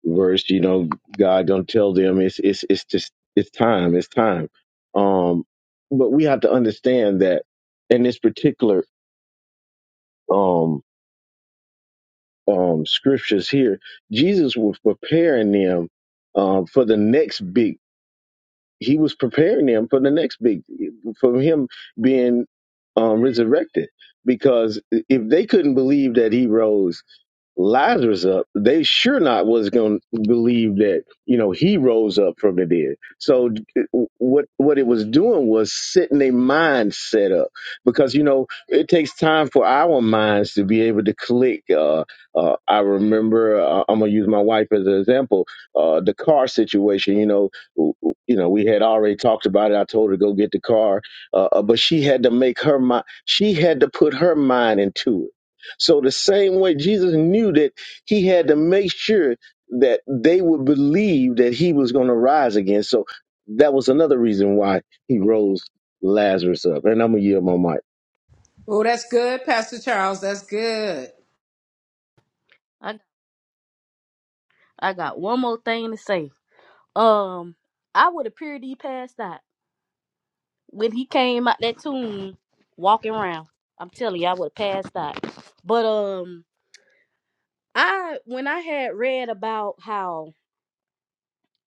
S8: verse, you know, God gonna tell them it's it's it's just it's time, it's time. Um, but we have to understand that in this particular um um, scriptures here, Jesus was preparing them um, for the next big. He was preparing them for the next big, for him being um, resurrected. Because if they couldn't believe that he rose, Lazarus up, they sure not was going to believe that you know he rose up from the dead. So what what it was doing was setting their mindset up because you know it takes time for our minds to be able to click. Uh, uh, I remember uh, I'm gonna use my wife as an example. Uh, the car situation, you know, w- w- you know we had already talked about it. I told her to go get the car, uh, uh, but she had to make her mind. She had to put her mind into it so the same way Jesus knew that he had to make sure that they would believe that he was going to rise again. So that was another reason why he rose Lazarus up. And I'm gonna yield my mic.
S3: Oh, that's good, Pastor Charles. That's good.
S6: i, I got one more thing to say um i would appear to be passed out when he came out that tomb walking around. I'm telling you, I would have passed out. But um I when I had read about how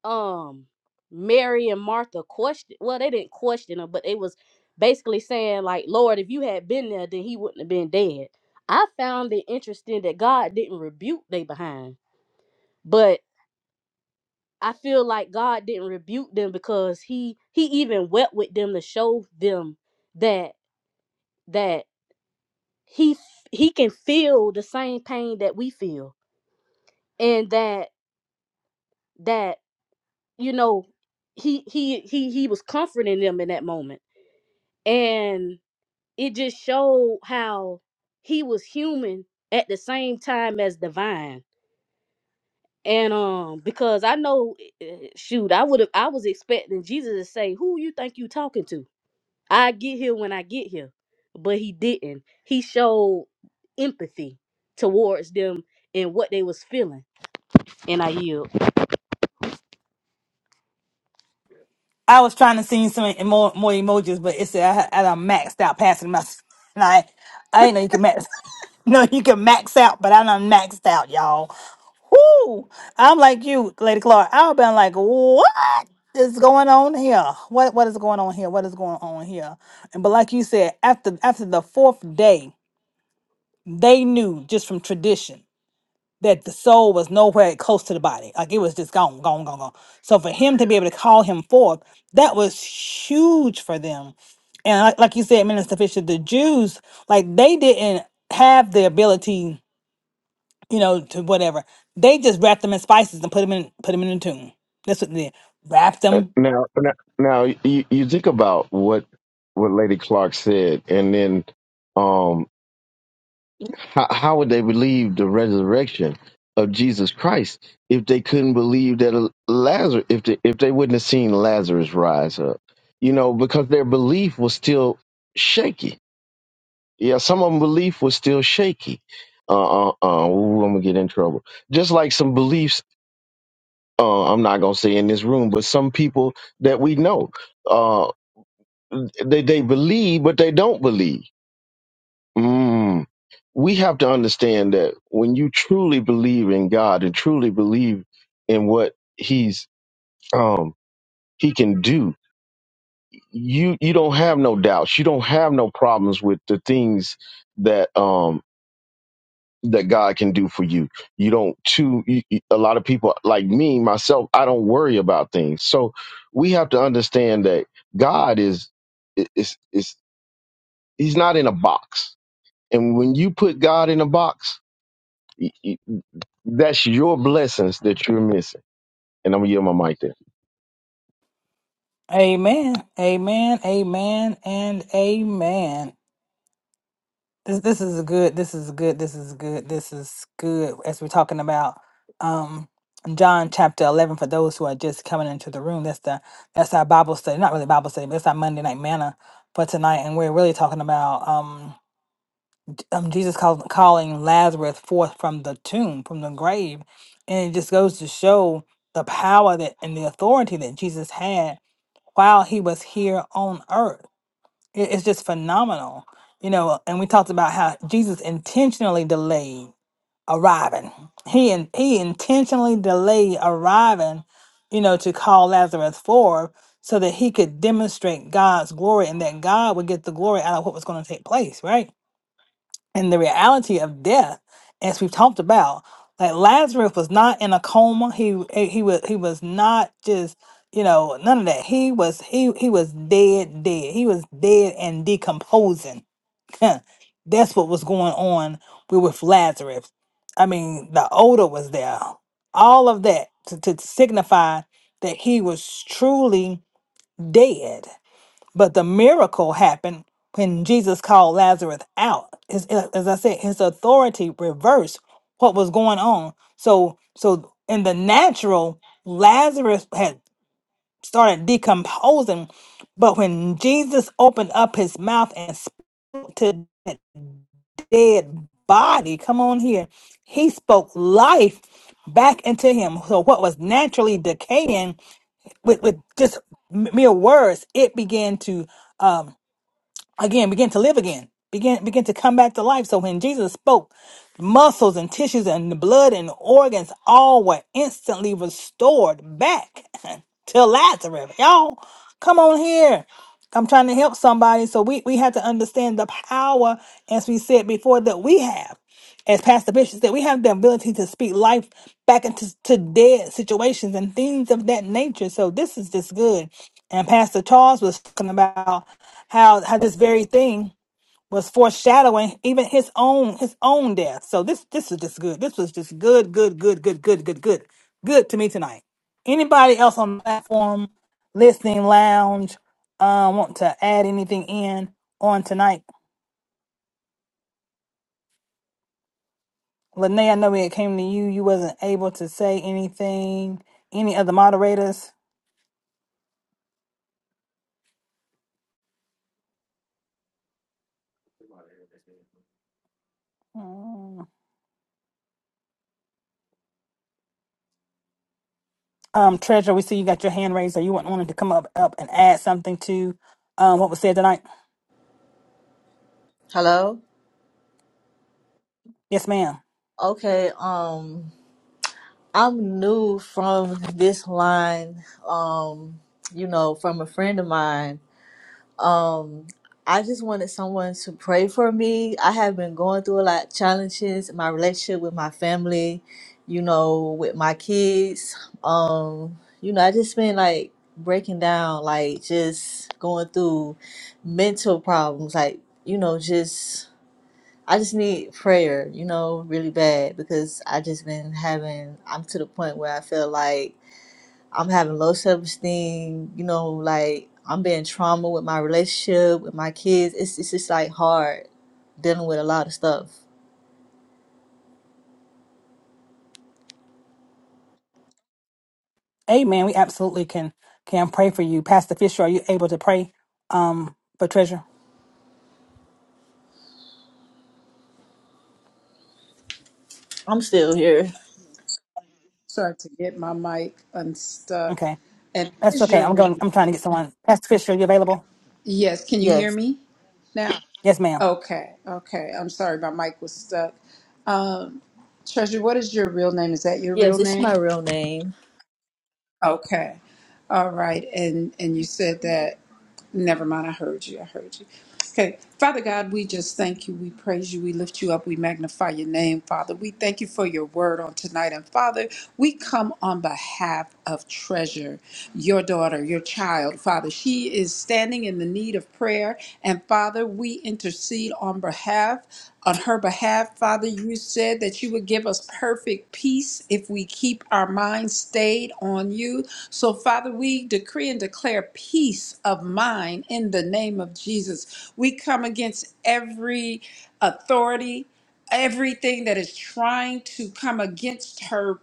S6: um Mary and Martha questioned well, they didn't question him, but it was basically saying like, Lord, if you had been there, then he wouldn't have been dead. I found it interesting that God didn't rebuke they behind. But I feel like God didn't rebuke them because he he even wept with them to show them that that he f- he can feel the same pain that we feel and that that you know he he he he was comforting them in that moment and it just showed how he was human at the same time as divine and um because i know eh, shoot i would have i was expecting jesus to say who you think you talking to i get here when i get here but he didn't he showed empathy towards them and what they was feeling And I NIU
S1: I was trying to send you some more more emojis, but it's I, I done maxed out passing my. And I I ain't know you can max. No, you can max out, but I done maxed out, y'all. Whoo! I'm like you, Lady Clark. I've been like, what is going on here? What what is going on here? What is going on here? And but like you said, after after the fourth day, they knew just from tradition that the soul was nowhere close to the body. Like it was just gone, gone, gone, gone. So for him to be able to call him forth, that was huge for them. And like, like you said, Minister Fisher, the Jews, like they didn't have the ability, you know, to whatever. They just wrapped them in spices and put them in put them in a tomb. That's what they did. Wrapped
S8: Uh,
S1: them.
S8: Now, now, now you, you think about what what Lady Clark said, and then How, how would they believe the resurrection of Jesus Christ if they couldn't believe that Lazarus, if they, if they wouldn't have seen Lazarus rise up? You know, because their belief was still shaky. Yeah, some of them belief was still shaky. Uh, uh, uh, ooh, I'm gonna get in trouble. Just like some beliefs, uh, I'm not gonna say in this room, but some people that we know, uh, they they believe, but they don't believe. Mm. we have to understand that when you truly believe in God and truly believe in what He's um He can do, you you don't have no doubts. You don't have no problems with the things that um that God can do for you. You don't too you, you- a lot of people like me myself, I don't worry about things. So we have to understand that God is is is he's not in a box. And when you put God in a box, Y- y- That's your blessings that you're missing. And I'm gonna yield my mic there.
S1: Amen. Amen. Amen. And amen. This this is good. This is good. This is good. This is good. As we're talking about um John chapter eleven for those who are just coming into the room. That's the that's our Bible study. Not really Bible study, but it's our Monday night manna for tonight. And we're really talking about um, um Jesus call, calling Lazarus forth from the tomb, from the grave, and it just goes to show the power that and the authority that Jesus had while he was here on earth it- It's just phenomenal, you know. And we talked about how Jesus intentionally delayed arriving. He and he intentionally delayed arriving, you know, to call Lazarus forth so that he could demonstrate God's glory and that God would get the glory out of what was going to take place, right? and the reality of death, as we've talked about, like Lazarus was not in a coma. He eh, he was he was not just you know none of that. He was he he was dead dead. He was dead and decomposing. That's what was going on with with Lazarus. I mean, the odor was there. All of that to, to signify that he was truly dead. But the miracle happened when Jesus called Lazarus out. His, as I said, his authority reversed what was going on. So, so in the natural, Lazarus had started decomposing, but when Jesus opened up his mouth and spoke to that dead body, come on here, he spoke life back into him. So what was naturally decaying with, with just mere words, it began to um, again begin to live again begin begin to come back to life so when jesus spoke muscles and tissues and the blood and organs all were instantly restored back to lazarus y'all come on here i'm trying to help somebody so we we have to understand the power as we said before that we have as Pastor Bishop said, we have the ability to speak life back into to dead situations and things of that nature. So this is just good. And Pastor Charles was talking about how how this very thing was foreshadowing even his own his own death. So this this is just good. This was just good, good, good, good, good, good, good, good to me tonight. Anybody else on the platform, listening lounge, uh, want to add anything in on tonight? Lene, I know when it came to you, you wasn't able to say anything. Any other moderators? Mm. Um, Treasure, we see you got your hand raised, or you want- wanted to come up, up and add something to um what was said tonight.
S9: Hello?
S1: Yes, ma'am.
S9: Okay, um I'm new from this line, um, you know, from a friend of mine. Um I just wanted someone to pray for me. I have been going through a lot of challenges in my relationship with my family, you know, with my kids. Um, you know, I just been like breaking down, like just going through mental problems, like, you know, just I just need prayer, you know, really bad because I just been having. I'm to the point where I feel like I'm having low self esteem. You know, like I'm being trauma with my relationship with my kids. It's it's just like hard dealing with a lot of stuff.
S1: Amen. We absolutely can can pray for you, Pastor Fisher. Are you able to pray um for Treasure?
S9: I'm still here.
S3: Sorry to get my mic unstuck.
S1: Okay,
S3: And
S1: that's
S3: is
S1: okay.
S3: your
S1: I'm
S3: real
S1: going. I'm trying to get someone. Pastor Fisher, are you available?
S3: Yes, can you hear
S9: Yes,
S3: me now?
S1: Yes, ma'am.
S3: Okay, okay. I'm sorry, my mic was stuck. Um, Treasure, what is your real name? Is that your real
S9: yes, it's my
S3: name?
S9: real name.
S3: Okay. All right. And and you said that. Never mind, I heard you. I heard you. Okay. Father God, we just thank you. We praise you. We lift you up. We magnify your name, Father. We thank you for your word on tonight. And Father, we come on behalf of Treasure, your daughter, your child, Father. She is standing in the need of prayer. And Father, we intercede on behalf, on her behalf Father, you said that you would give us perfect peace if we keep our minds stayed on you. So, Father, we decree and declare peace of mind in the name of Jesus. We come against every authority, everything that is trying to come against her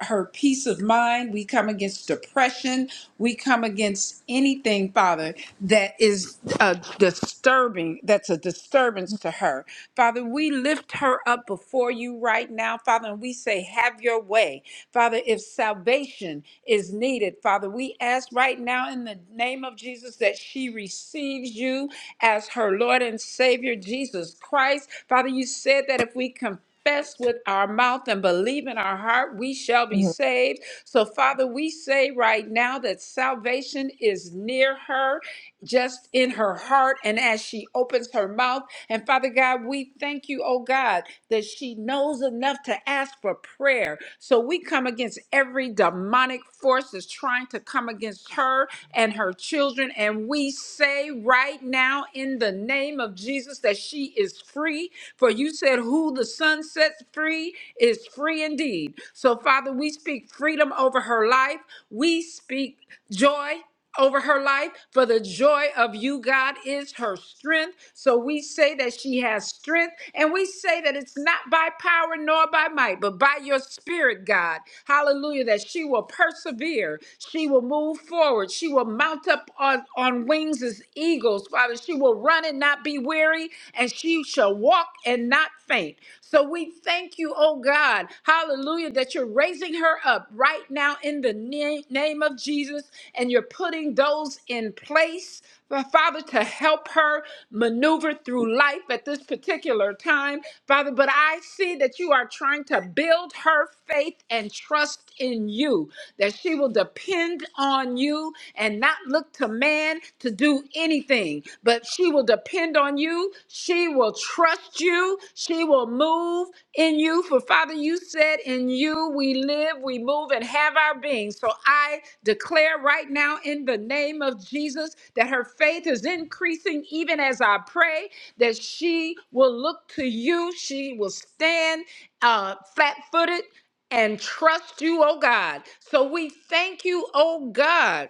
S3: her peace of mind. We come against depression. We come against anything, Father, that is uh, disturbing, that's a disturbance to her. Father, we lift her up before you right now, Father, and we say, Have your way. Father, if salvation is needed, Father, we ask right now in the name of Jesus that she receives you as her Lord and Savior, Jesus Christ. Father, you said that if we confess, confess with our mouth and believe in our heart, we shall be
S9: Mhm.
S3: saved. So, Father, we say right now that salvation is near her just in her heart and as she opens her mouth. And Father God, we thank you, oh God, that she knows enough to ask for prayer. So we come against every demonic force that's trying to come against her and her children. And we say right now in the name of Jesus that she is free. For you said, Who the sun sets free is free indeed. So, Father, we speak freedom over her life. We speak joy over her life, for the joy of you, God, is her strength. So we say that she has strength, and we say that it's not by power nor by might, but by your spirit, God. Hallelujah, that she will persevere, she will move forward, she will mount up on, on wings as eagles, Father. She will run and not be weary, and she shall walk and not faint. So we thank you, oh God. Hallelujah hallelujah, that you're raising her up right now in the na- name of Jesus and you're putting those in place, Fa- Father, to help her maneuver through life at this particular time, Father. But I see that you are trying to build her faith and trust in you, that she will depend on you and not look to man to do anything, but she will depend on you she will trust you. She will move in you. For Father, you said, In you we live, we move, and have our being. So I declare right now in the name of Jesus that her faith is increasing even as I pray, that she will look to you. She will stand uh, flat footed and trust you, oh God. So we thank you, oh God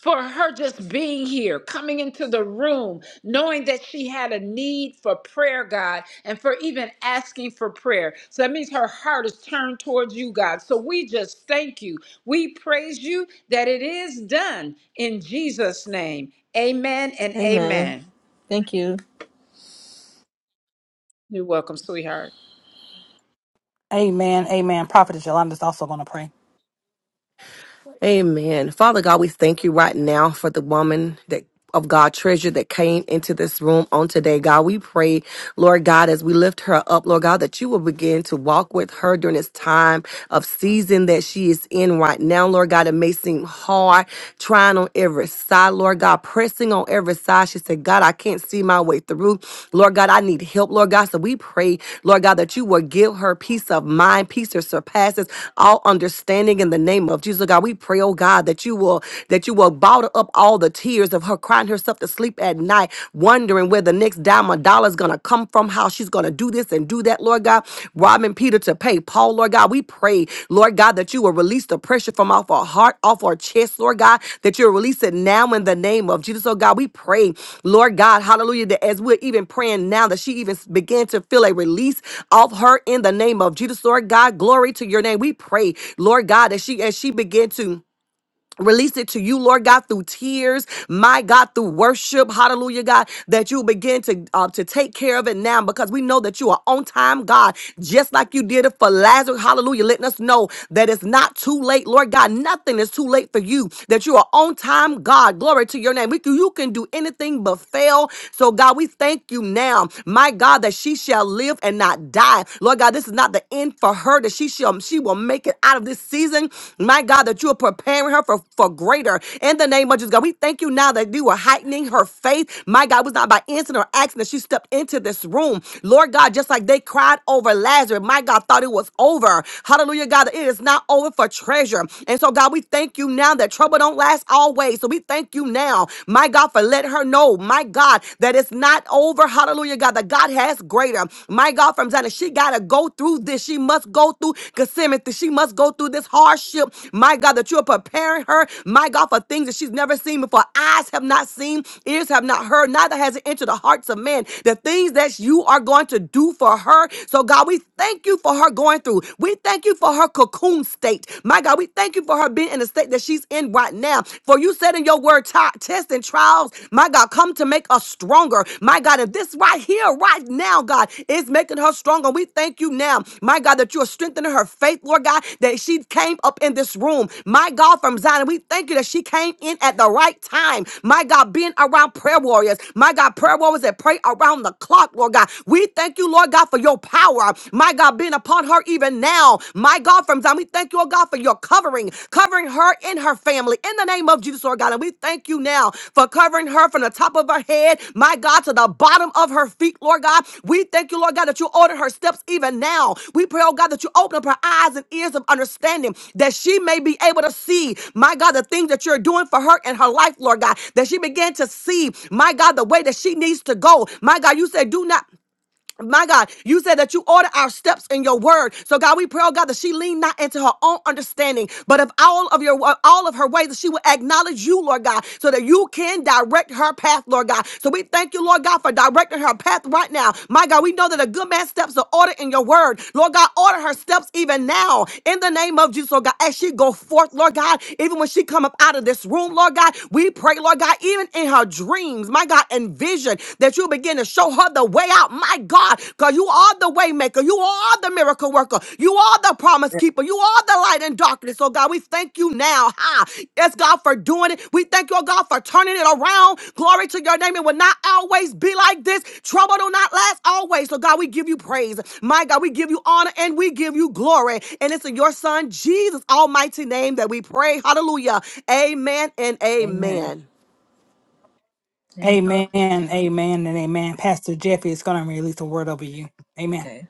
S3: for her just being here, coming into the room, knowing that she had a need for prayer, God, and for even asking for prayer. So that means her heart is turned towards you, God. So we just thank you. We praise you that it is done in Jesus' name. Amen and
S9: Amen.
S3: amen.
S9: Thank you.
S3: You're welcome, sweetheart.
S1: Amen. Amen. Prophet Yolanda's also going to pray.
S4: Amen. Father God, we thank you right now for the woman that of God treasure that came into this room on today. God, we pray, Lord God, as we lift her up, Lord God, that you will begin to walk with her during this time of season that she is in right now. Lord God, it may seem hard trying on every side, Lord God, pressing on every side. She said, God, I can't see my way through. Lord God, I need help, Lord God. So we pray, Lord God, that you will give her peace of mind, peace that surpasses all understanding in the name of Jesus, God. We pray pray, oh God, that you will that you will bottle up all the tears of her crying herself to sleep at night, wondering where the next dime or dollar is gonna come from, how she's gonna do this and do that, Lord God. Robbing Peter to pay Paul, Lord God. We pray, Lord God, that you will release the pressure from off our heart, off our chest, Lord God, that you'll release it now in the name of Jesus. Oh God, we pray, Lord God, hallelujah, that as we're even praying now, that she even began to feel a release off her in the name of Jesus, Lord God. Glory to your name. We pray, Lord God, that she as she began to Release it to you, Lord God, through tears, my God, through worship, hallelujah, God, that you begin to uh, to take care of it now because we know that you are on time, God, just like you did it for Lazarus, hallelujah, letting us know that it's not too late, Lord God, nothing is too late for you, that you are on time, God, glory to your name. We can, you can do anything but fail, so God, we thank you now, my God, that she shall live and not die, Lord God, this is not the end for for her that she shall she will make it out of this season. My God, that you are preparing her for, for greater. In the name of Jesus, God, we thank you now that you are heightening her faith. My God, it was not by incident or accident that she stepped into this room. Lord God, just like they cried over Lazarus, my God thought it was over. Hallelujah, God, that it is not over for treasure. And so, God, we thank you now that trouble don't last always. So we thank you now, my God, for letting her know, my God, that it's not over over, hallelujah, God, that God has greater. My God, from Zion, she got to go through this. She must go through Gethsemane. She must go through this hardship. My God, that you're preparing her, my God, for things that she's never seen before. Eyes have not seen, ears have not heard, neither has it entered the hearts of men. The things that you are going to do for her. So, God, we thank you for her going through. We thank you for her cocoon state. My God, we thank you for her being in the state that she's in right now. For you you said in your word, "Ti- tests and trials, my God, come to make us stronger. My God, and this right here, right now, God, is making her stronger. We thank you now, my God, that you are strengthening her faith, Lord God, that she came up in this room, my God, from Zion. We thank you that she came in at the right time, my God, being around prayer warriors, my God, prayer warriors that pray around the clock, Lord God. We thank you, Lord God, for your power, my God, being upon her even now, my God my God, from Zion. We thank you, oh God, for your covering, covering her and her family in the name of Jesus, Lord God. And we thank you now for covering her from the top of her head, my God, to the bottom of her feet, Lord God. We thank you, Lord God, that you order her steps even now. We pray, oh God, that you open up her eyes and ears of understanding that she may be able to see, my God, the things that you're doing for her and her life, Lord God, that she began to see, my God, the way that she needs to go. My God, you said, do not. My God, you said that you order our steps in your word. So God, we pray, oh God, that she lean not into her own understanding, but of all of your all of her ways, that she will acknowledge you, Lord God, so that you can direct her path, Lord God. So we thank you, Lord God, for directing her path right now. My God, we know that a good man's steps are ordered in your word. Lord God, order her steps even now in the name of Jesus, Lord God. As she go forth, Lord God, even when she come up out of this room, Lord God, we pray, Lord God, even in her dreams, my God, and visions vision, that you begin to show her the way out. My God, because you are the way maker. You are the miracle worker. You are the promise
S9: Yeah.
S4: keeper. You are the light in darkness. Oh God, we thank you now. Ha. Yes, God, for doing it. We thank you, oh God, for turning it around. Glory to your name. It will not always be like this. Trouble will not last always. So, God, we give you praise. My God, we give you honor and we give you glory. And it's in your son, Jesus' almighty name that we pray. Hallelujah. Amen and
S9: Amen.
S4: amen.
S9: Amen.
S1: Amen, amen, and amen. Pastor Jeffy is going to release a word over you. Amen.
S9: Okay.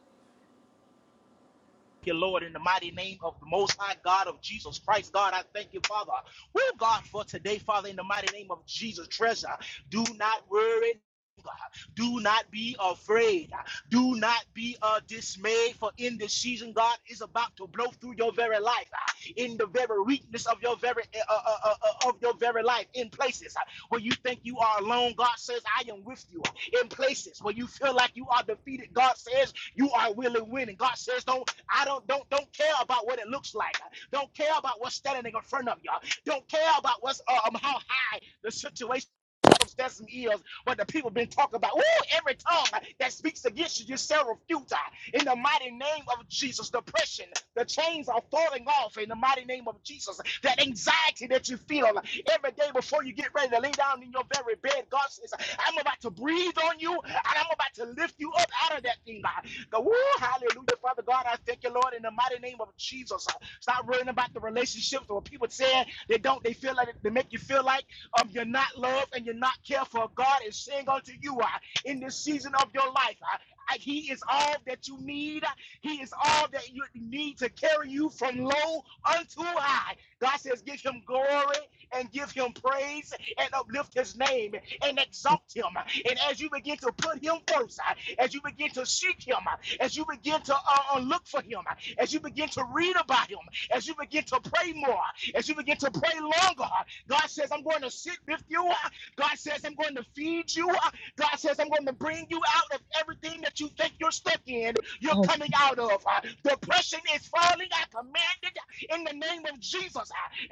S5: you, Lord, in the mighty name of the Most High God of Jesus Christ. God, I thank you, Father. Oh, God, for today, Father, in the mighty name of Jesus, treasure. Do not worry. God. Do not be afraid. Do not be uh, dismayed, for in this season, God is about to blow through your very life, uh, in the very weakness of your very uh, uh, uh, uh, uh, of your very life, in places uh, where you think you are alone. God says, "I am with you." In places where you feel like you are defeated, God says, "You are willing, winning." God says, "Don't I don't don't don't care about what it looks like. Don't care about what's standing in front of you. Don't care about what's uh, um how high the situation circumstances is what the people been talking about. Ooh, every tongue that speaks against you, you shall refute. uh, In the mighty name of Jesus, depression, the chains are falling off in the mighty name of Jesus. That anxiety that you feel uh, every day before you get ready to lay down in your very bed, God says, I'm about to breathe on you and I'm about to lift you up out of that thing. Go, woo, hallelujah, Father God. I thank you, Lord, in the mighty name of Jesus. Uh, Stop worrying about the relationships or what people saying they don't. They feel like they make you feel like um you're not loved and you're not cared for. God is saying unto you uh, in this season of your life. Uh, he is all that you need. He is all that you need to carry you from low unto high. God says, give him glory and give him praise and uplift his name and exalt him. And as you begin to put him first, uh, as you begin to seek him, uh, as you begin to uh, uh, look for him, uh, as you begin to read about him, as you begin to pray more, uh, as you begin to pray longer, uh, God says, I'm going to sit with you. uh, God says, I'm going to feed you. uh, God says, I'm going to bring you out of everything that you think you're stuck in, you're
S9: Oh,
S5: coming out of. Uh, Depression is falling. I command it in the name of Jesus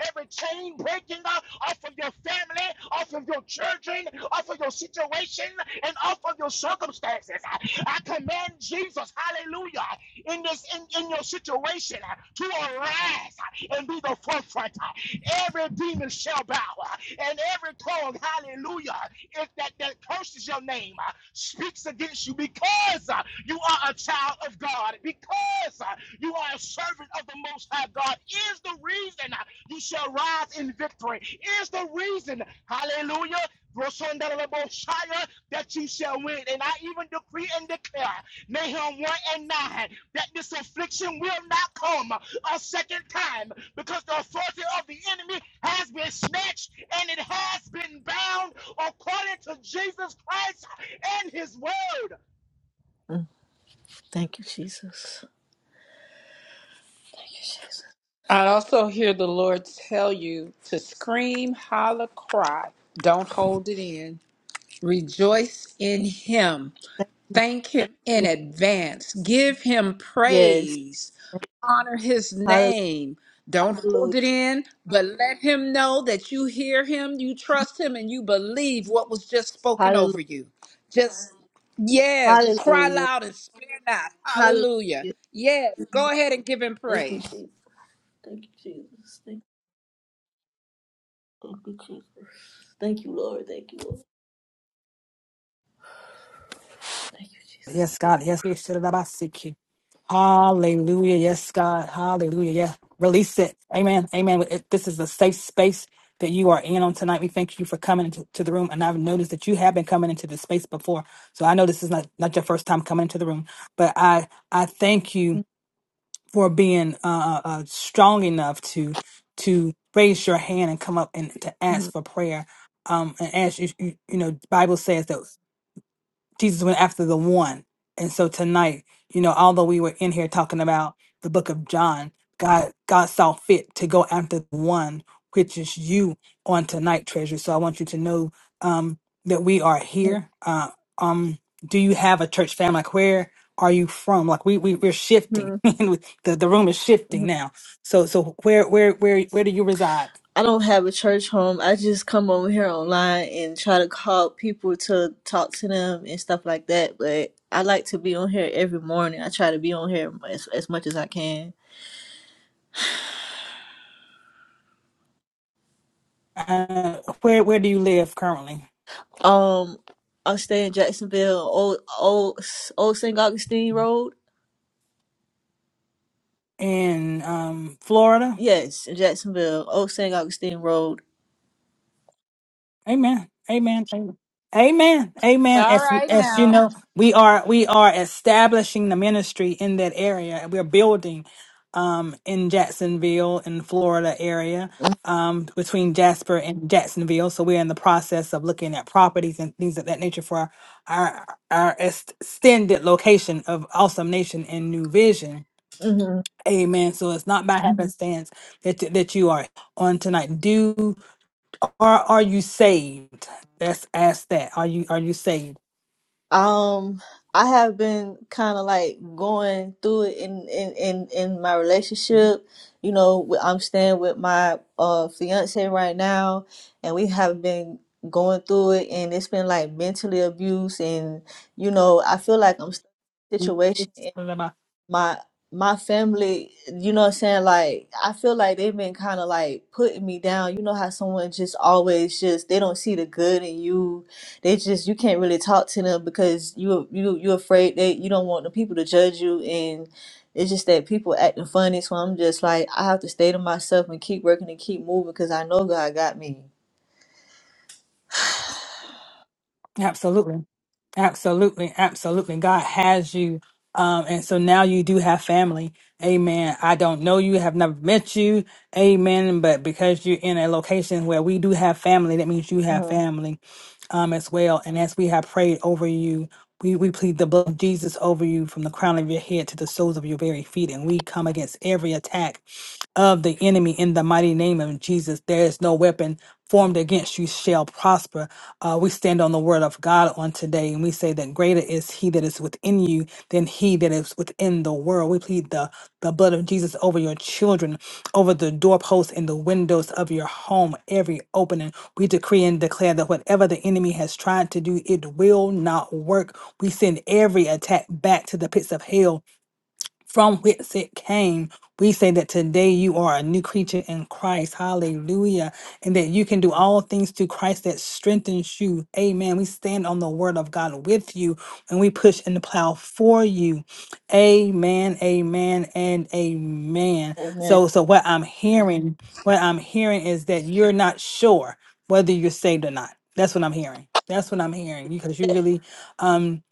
S5: every chain breaking off, off of your family, off of your children, off of your situation, and off of your circumstances. I command Jesus, hallelujah, in this in, in your situation to arise and be the forefront. Every demon shall bow, and every tongue, hallelujah, if that, that curses your name, speaks against you because uh, you are a child of God, because uh, you are a servant of the Most High God, is the reason you shall rise in victory. Is the reason, hallelujah, Rosandarabosaya, that you shall win. And I even decree and declare, Nahum 1 and 9, that this affliction will not come a second time because the authority of the enemy has been snatched and it has been bound according to Jesus Christ and his word.
S9: mm, thank you, Jesus.
S3: I also hear the Lord tell you to scream, holler, cry. Don't hold it in. Rejoice in Him
S9: Thank you.
S3: Thank him in advance. Give him
S9: Yes.
S3: praise. Honor his
S9: Hallelujah.
S3: name. Don't hold it in, but let him know that you hear him, you trust him, and you believe what was just spoken
S9: Hallelujah.
S3: over you. Just, yes, cry
S9: Hallelujah.
S3: loud and spare not.
S9: Hallelujah.
S3: Hallelujah. Yes, go ahead and give him
S9: Thank you,
S3: praise.
S9: Jesus. Thank you, Jesus. Thank you, Jesus. Thank you, Lord. Thank you, Lord. Thank you, Jesus.
S1: Yes, God. Yes, yes. shut it up, I seek you. Hallelujah. Yes, God. Hallelujah. Yeah. Release it. Amen. Amen. It- This is a safe space that you are in on tonight. We thank you for coming into to the room. And I've noticed that you have been coming into this space before. So I know this is not, not your first time coming into the room, but I, I thank you for being uh, uh, uh, strong enough to to raise your hand and come up and to ask
S9: Mhm.
S1: for prayer. Um, and as you, you, you know, Bible says that. Jesus went after the one. And so tonight, you know, although we were in here talking about the book of John, God God saw fit to go after the one, which is you on tonight, treasure. So I want you to know um that we are
S9: Mhm.
S1: here. Uh um do you have a church family? Like where are you from? Like we, we we're shifting.
S9: Mhm.
S1: the the room is shifting
S9: Mhm.
S1: now. So so where where where where do you reside?
S9: I don't have a church home. I just come over here online and try to call people to talk to them and stuff like that. But I like to be on here every morning. I try to be on here as, as much as I can.
S1: Uh where where do you live currently?
S9: Um, I stay in Jacksonville, old old old St. Augustine Road.
S1: In um Florida?
S9: Yes, in Jacksonville, Old St. Augustine Road.
S1: Amen. Amen. Amen. Amen. Amen.
S3: All
S1: As
S3: right,
S1: as you
S3: now.
S1: know, we are we are establishing the ministry in that area. We're building um in Jacksonville in Florida area. Um, between Jasper and Jacksonville, so we're in the process of looking at properties and things of that nature for our our extended location of Awesome Nation and New Vision.
S9: hmm
S1: Amen. So it's not by Mhm. happenstance that that you are on tonight. Do are are you saved? Let's ask that. Are you are you saved?
S9: Um, I have been kind of like going through it in in in in my relationship. You know, wh- I'm staying with my uh fiance right now, and we have been going through it, and it's been like mentally abuse, and you know, I feel like I'm stuck in a
S1: Mm,
S9: situation. my my family, you know what I'm saying? Like I feel like they've been kind of like putting me down. You know how someone just always just they don't see the good in you. They just you can't really talk to them because you you you're afraid they you don't want the people to judge you and it's just that people acting funny. So I'm just like I have to stay to myself and keep working and keep moving because I know God got me.
S1: Absolutely. Absolutely. Absolutely. God has you. Um, and so now you do have family. Amen. I don't know you, have never met you. Amen. But because you're in a location where we do have family, that means you have
S9: Mm-hmm.
S1: family um as well. And as we have prayed over you, we, we plead the blood of Jesus over you from the crown of your head to the soles of your very feet. And we come against every attack. of the enemy in the mighty name of Jesus. There is no weapon formed against you shall prosper. Uh, we stand on the word of God on today and we say that greater is he that is within you than he that is within the world. We plead the, the blood of Jesus over your children, over the doorposts and the windows of your home, every opening. We decree and declare that whatever the enemy has tried to do, it will not work. We send every attack back to the pits of hell from whence it came. We say that today you are a new creature in Christ. Hallelujah. And that you can do all things through Christ that strengthens you. Amen. We stand on the word of God with you and we push and plow for you. Amen. Amen. And amen. So so what I'm hearing, what I'm hearing is that you're not sure whether you're saved or not. That's what I'm hearing. That's what I'm hearing. Because you really um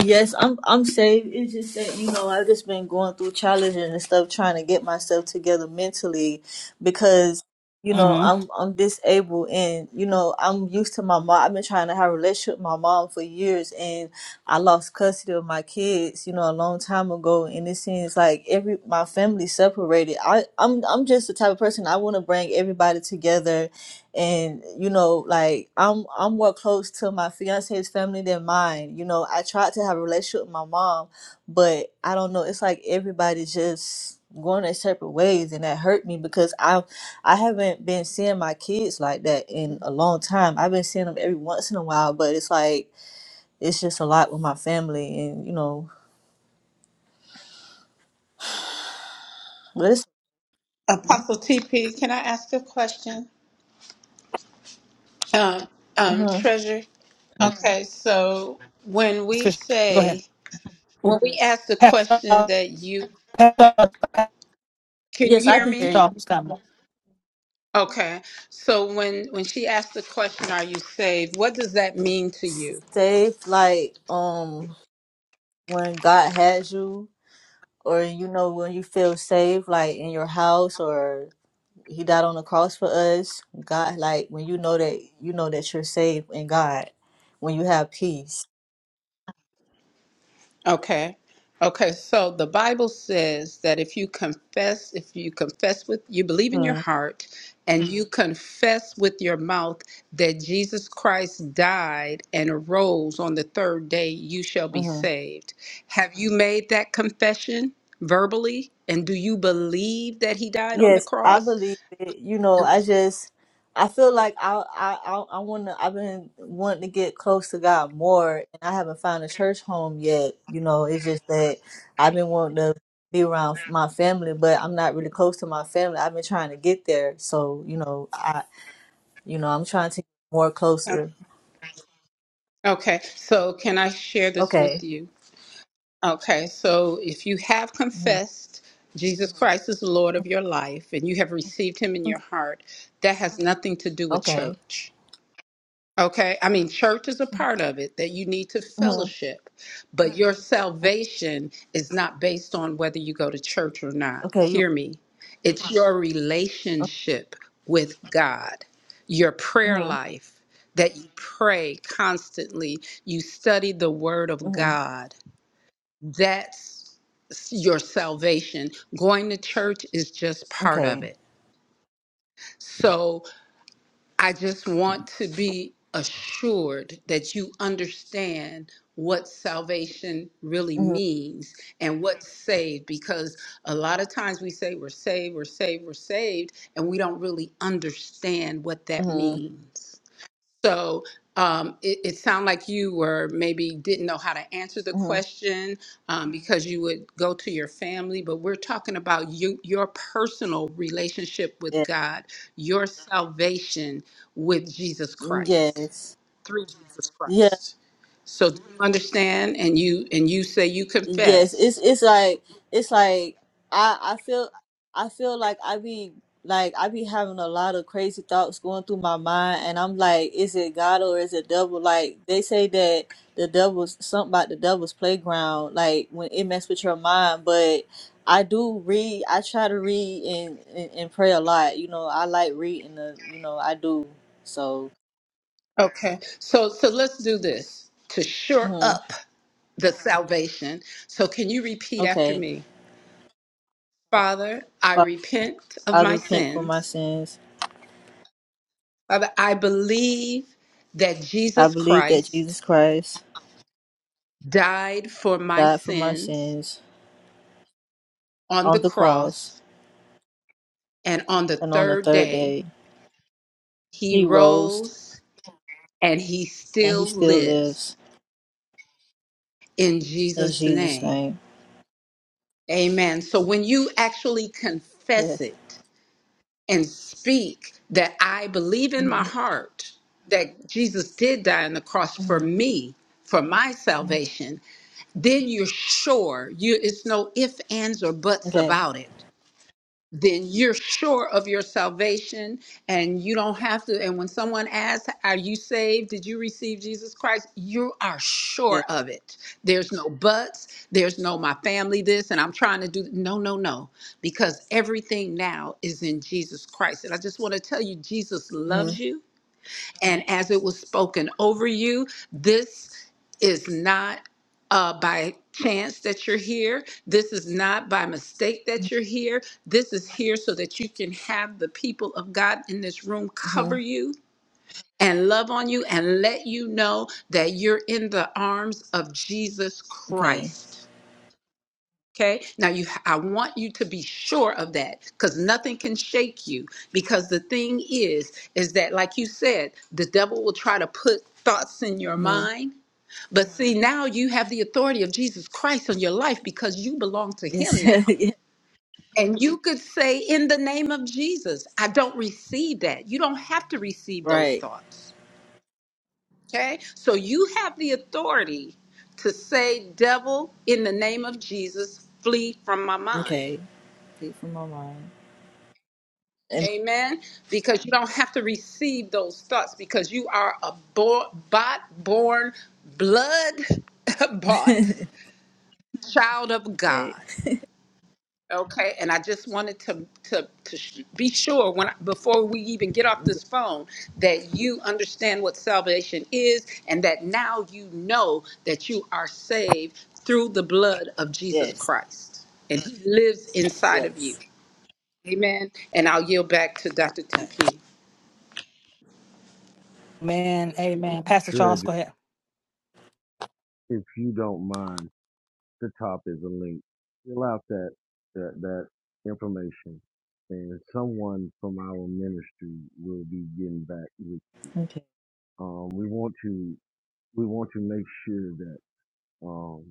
S9: Yes, I'm I'm saved. It's just that you know I've just been going through challenges and stuff, trying to get myself together mentally, because you know
S1: mhm.
S9: I'm I'm disabled and you know I'm used to my mom. I've been trying to have a relationship with my mom for years, and I lost custody of my kids, you know, a long time ago. And it seems like every my family separated. I I'm I'm just the type of person I want to bring everybody together and you know like i'm i'm more close to my fiance's family than mine you know i tried to have a relationship with my mom but i don't know it's like everybody just going their separate ways and that hurt me because i i haven't been seeing my kids like that in a long time i've been seeing them every once in a while but it's like it's just a lot with my family and you know but it's
S3: Apostle TP, can I ask a question? Um, um,
S9: mhm.
S3: Treasure.
S8: I'm
S3: Okay, so when we
S1: Go ahead.
S3: say When we asked the question that you
S1: Pastor,
S3: can you
S9: yes i
S3: hear
S9: can
S1: Pastor
S9: hear
S3: me?
S9: you
S1: Charles, come on.
S3: Okay. So when when she asked the question, "Are you saved?" What does that mean to you?
S9: safe like um when god has you or you know when you feel safe like in your house or he died on the cross for us god like when you know that you know that you're safe in god when you have peace
S3: Okay. Okay. So the Bible says that if you confess, if you confess with you believe in your
S9: hmm
S3: heart and you confess with your mouth that Jesus Christ died and arose on the third day, you shall be
S9: hmm
S3: saved. Have you made that confession verbally? And do you believe that he died on the
S9: yes i
S3: cross?
S9: believe it you know i just i feel like i i i, I want to i've been wanting to get close to god more and i haven't found a church home yet you know it's just that i've been wanting to be around my family, but I'm not really close to my family. I've been trying to get there, so you know, I. You know, I'm trying to get more closer.
S3: Okay, so can I share this with
S9: Okay.
S3: you? Okay, so if you have
S9: hmm
S3: confessed Jesus Christ is the Lord of your life and you have received him in your
S9: Okay.
S3: heart, that has nothing to do with
S9: Okay.
S3: church. Okay, I mean, church is a part of it that you need to
S9: hmm
S3: fellowship, but your salvation is not based on whether you go to church or not.
S9: Okay. You.
S3: Hear me. It's your
S9: right.
S3: relationship with God, your prayer
S9: Mm-hmm.
S3: life that you pray constantly, you study the Word of
S9: hmm
S3: God. That's your salvation. Going to church is just part of
S9: Okay.
S3: it. So I just want to be assured that you understand what salvation really
S9: hmm
S3: means and what's saved because a lot of times we say we're saved, we're saved, we're saved, and we don't really understand what that
S9: hmm
S3: means. So um, it, it sounded like you were maybe didn't know how to answer the
S9: hmm
S3: question um, because you would go to your family, but we're talking about you, your personal relationship with
S9: Yeah.
S3: God, your salvation with Jesus Christ
S9: Yes.
S3: through Jesus
S9: Yes.
S3: Christ. So do you understand? And you and you say you
S9: Yes, it's
S3: confess.
S9: it's like it's like I I feel I feel like I be like I be having a lot of crazy thoughts going through my mind, and I'm like, is it God or is it devil? Like they say that the devil's something about the devil's playground, like when it mess with your mind. But I do read. I try to read and and, and pray a lot. You know, I like reading. The you know I do. So
S3: Okay. So so let's do this to shore
S9: mhm.
S3: up the salvation. So can you repeat after
S9: okay,
S3: me? Father, I
S9: Father,
S3: repent of
S9: I
S3: my
S9: repent for my
S3: sins.
S9: sins.
S3: Father, I believe that
S9: I
S3: Jesus
S9: believe that Jesus
S3: Christ
S9: Christ.
S3: died for my
S9: died for my
S3: sins
S9: sins
S3: on the
S9: on the cross,
S3: cross, and on the
S9: and on the
S3: third
S9: third
S3: day,
S9: day
S3: he
S9: he rose,
S3: rose and he
S9: and he
S3: still
S9: still lives
S3: lives in
S9: in
S3: Jesus'
S9: Jesus'
S3: name.
S9: name.
S3: Amen. So when you actually
S9: Yes.
S3: confess it and speak that I believe in my
S9: hmm
S3: heart that Jesus did die on the cross for
S9: hmm
S3: me, for my salvation, then you're sure you it's no ifs ands or buts
S9: Okay.
S3: about it then you're sure of your salvation and you don't have to and when someone asks are you saved did you receive jesus christ you are sure
S9: Yes.
S3: of it there's no buts there's no my family this and i'm trying to do no no no because everything now is in jesus christ and i just want to tell you jesus
S9: hmm
S3: loves you and as it was spoken over you, this is not uh, by chance that you're here. This is not by mistake that you're here. This is here so that you can have the people of God in this room
S9: hmm
S3: cover you and love on you and let you know that you're in the arms of Jesus
S9: Okay.
S3: Christ. Okay. Now you, I want you to be sure of that because nothing can shake you. Because the thing is, is that like you said, the devil will try to put thoughts in your
S9: hmm
S3: mind. But see, now you have the authority of Jesus Christ on your life because you belong to
S9: Yes.
S3: Him now.
S9: Yeah.
S3: And you could say, in the name of Jesus, I don't receive that. You don't have to receive those
S9: Right.
S3: thoughts. Okay. So you have the authority to say, devil, in the name of Jesus, flee from my mind.
S9: Okay. Deep from my mind. And-
S3: Amen. Because you don't have to receive those thoughts because you are a bo- bot born, blood bought child of
S9: okay.
S3: God. Okay. And I just wanted to, to, to sh- be sure when I, before we even get off this phone that you understand what salvation is and that now you know that you are saved through the blood of Jesus
S9: Yes.
S3: Christ and he lives inside of you.
S9: Yes.
S3: Amen. And I'll yield back to Dr.
S9: Right.
S3: TP.
S1: Amen. Amen. Pastor
S8: sure
S1: Charles,
S8: if
S1: go ahead.
S8: if you don't mind, the top is a link. Fill out that that that information, and someone from our ministry will be getting back with you.
S9: Okay.
S8: Um, we want to we want to make sure that um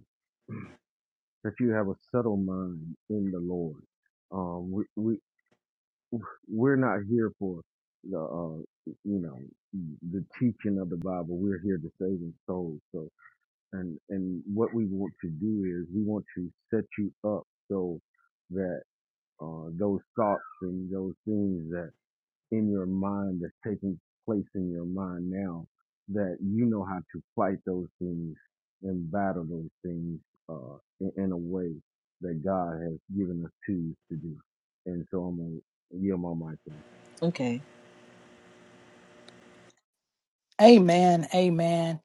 S8: that you have a settled mind in the Lord. Um, we, we We're not here for the, uh, you know, the teaching of the Bible. We're here to save the soul. So, and and what we want to do is we want to set you up so that uh, those thoughts and those things that in your mind that's taking place in your mind now that you know how to fight those things and battle those things uh, in, in a way that God has given us tools to do. And so I'm gonna yield my mic.
S9: Okay.
S1: Amen. Amen.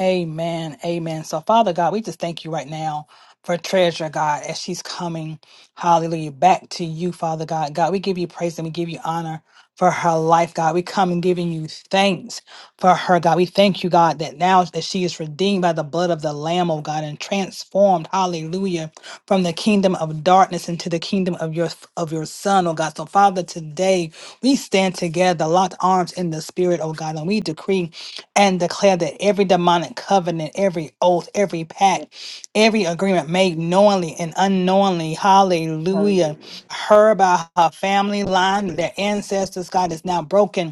S1: Amen. Amen. So, Father God, we just thank you right now for treasure, God, as she's coming. Hallelujah. Back to you, Father God. God, we give you praise and we give you honor for her life, God. We come and giving you thanks for her, God. We thank you, God, that now that she is redeemed by the blood of the Lamb, oh God, and transformed. Hallelujah from the kingdom of darkness into the kingdom of your of your son, oh God. So Father, today we stand together, locked arms in the spirit, oh God, and we decree and declare that every demonic covenant, every oath, every
S9: Yeah.
S1: pact, every agreement made knowingly and unknowingly, hallelujah,
S9: Hallelujah.
S1: her by her family line, their ancestors, God is now broken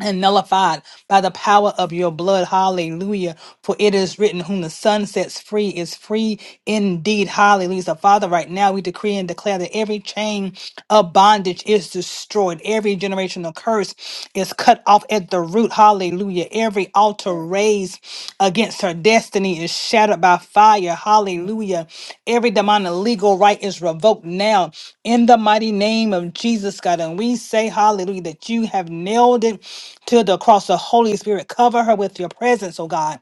S1: and nullified by the power of your blood. Hallelujah. For it is written, Whom the Son sets free is free indeed. Hallelujah. So, Father, right now we decree and declare that every chain of bondage is destroyed, every generational curse is cut off at the root. Hallelujah. Every altar
S9: Yeah.
S1: raised against her destiny is shattered by fire. Hallelujah. Every demonic legal right is revoked now in the mighty name of Jesus, God. And we say, Hallelujah, that you have nailed it to the cross. The Holy Spirit, cover her with your presence, oh God.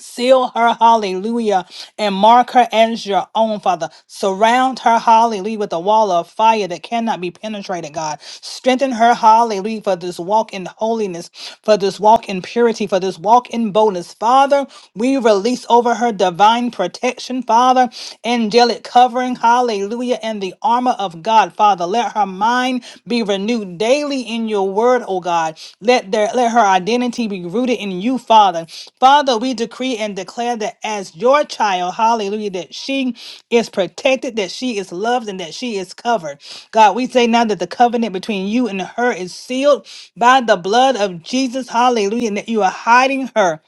S1: Seal her, hallelujah, and mark her as your own, Father. Surround her, hallelujah, with a wall of fire that cannot be penetrated, God. Strengthen her, hallelujah, for this walk in holiness, for this walk in purity, for this walk in boldness. Father, we release over her divine protection, Father, angelic covering, hallelujah, and the armor of God, Father. Father. Let her mind be renewed daily in your word, oh God. Let their let her identity be rooted in you, Father. Father, we decree and declare that as your child, hallelujah, that she is protected, that she is loved, and that she is covered. God, we say now that the covenant between you and her is sealed by the blood of Jesus, hallelujah, and that you are hiding her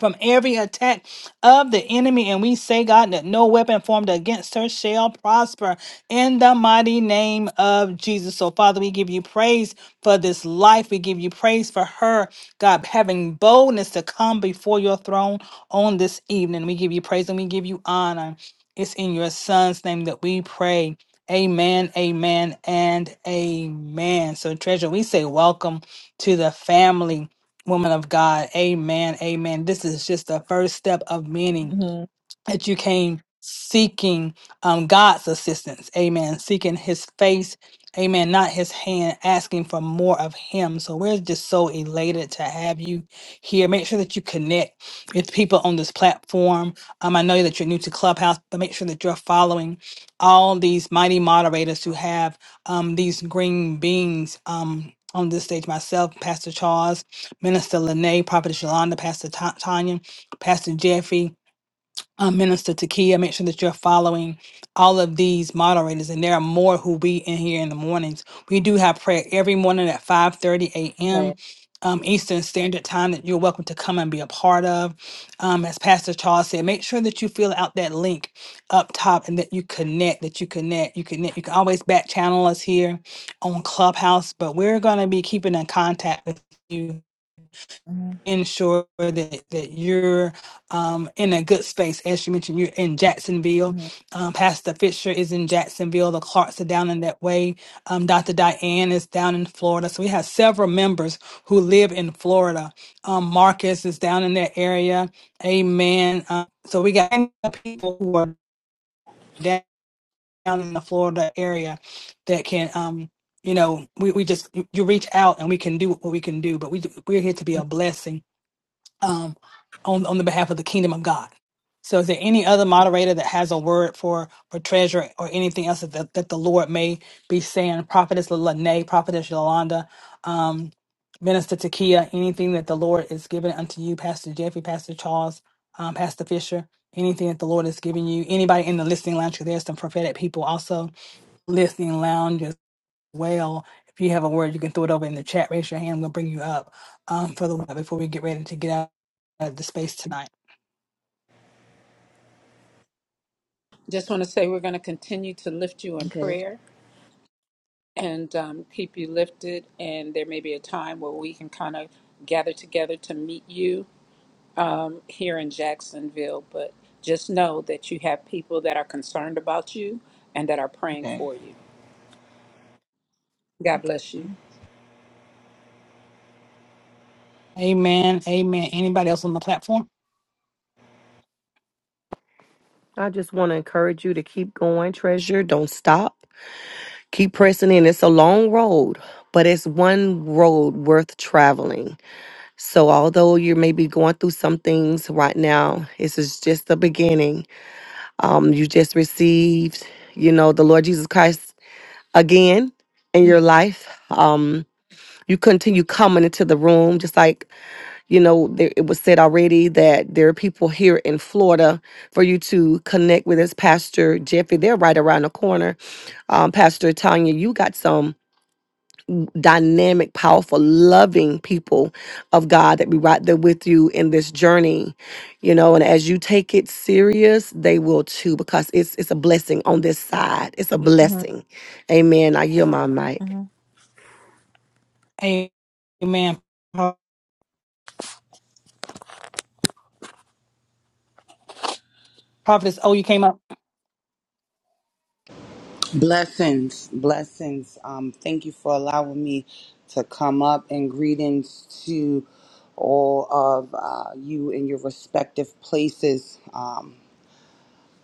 S1: from every attack of the enemy. And we say, God, that no weapon formed against her shall prosper in the mighty name of Jesus. So, Father, we give you praise for this life. We give you praise for her, God, having boldness to come before your throne on this evening. We give you praise and we give you honor. It's in your son's name that we pray. Amen, amen, and amen. So, treasure, we say welcome to the family Woman of God, amen, amen. This is just the first step of many
S9: Mm-hmm.
S1: that you came seeking um, God's assistance. Amen. Seeking his face. Amen. Not his hand, asking for more of him. So we're just so elated to have you here. Make sure that you connect with people on this platform. Um, I know that you're new to Clubhouse, but make sure that you're following all these mighty moderators who have um, these green beans. Um, on this stage, myself, Pastor Charles, Minister Lene, Prophet Shalonda, Pastor Ta- Tanya, Pastor Jeffrey, um, Minister Takia, make sure that you're following all of these moderators, and there are more who be in here in the mornings. We do have prayer every morning at 5:30
S9: Okay.
S1: a.m. Um, Eastern Standard Time that you're welcome to come and be a part of. Um, as Pastor Charles said, make sure that you fill out that link up top and that you connect, that you connect, you connect. You can always back channel us here on Clubhouse, but we're going to be keeping in contact with you
S9: Mm-hmm.
S1: ensure that that you're um, in a good space. As you mentioned, you're in Jacksonville.
S9: Mm-hmm.
S1: Um, Pastor Fisher is in Jacksonville. The Clarks are down in that way. Um, Dr. Diane is down in Florida. So we have several members who live in Florida. Um, Marcus is down in that area. Amen. Uh, so we got many people who are down in the Florida area that can. Um, you know, we, we just you you reach out and we can do what we can do, but we we're here to be a
S9: Mm-hmm.
S1: blessing um, on on the behalf of the kingdom of God. So, is there any other moderator that has a word for for treasure or anything else that that the Lord may be saying? Prophetess Lene, Prophetess Yolanda, um, Minister Takia, anything that the Lord is giving unto you, Pastor Jeffrey, Pastor Charles, um, Pastor Fisher, anything that the Lord is giving you, anybody in the listening lounge? 'cause There's some prophetic people also listening lounge well. If you have a word, you can throw it over in the chat. Raise your hand. I'm gonna bring you up um, for the before we get ready to get out of the space tonight.
S3: Just want to say we're going to continue to lift you in
S9: Okay.
S3: prayer and um, keep you lifted. And there may be a time where we can kind of gather together to meet you um, here in Jacksonville. But just know that you have people that are concerned about you and that are praying
S9: Okay.
S3: for you. God bless you.
S1: Amen. Amen. Anybody else on the platform?
S4: I just want to encourage you to keep going, treasure. Don't stop. Keep pressing in. It's a long road, but it's one road worth traveling. So, although you may be going through some things right now, this is just the beginning. Um, you just received, you know, the Lord Jesus Christ again in
S9: Mm-hmm.
S4: your life. Um, you continue coming into the room, just like you know, there, it was said already that there are people here in Florida for you to connect with us. Pastor Jeffrey, they're right around the corner. Um, Pastor Tanya, you got some dynamic, powerful, loving people of God that be right there with you in this journey. You know, and as you take it serious, they will too, because it's it's a blessing on this side. It's a blessing. Amen. I hear my mic.
S9: Mm-hmm.
S1: Amen. Prophetess, oh, you came up.
S10: Blessings, blessings. Um, thank you for allowing me to come up and greetings to all of uh, you in your respective places. Um,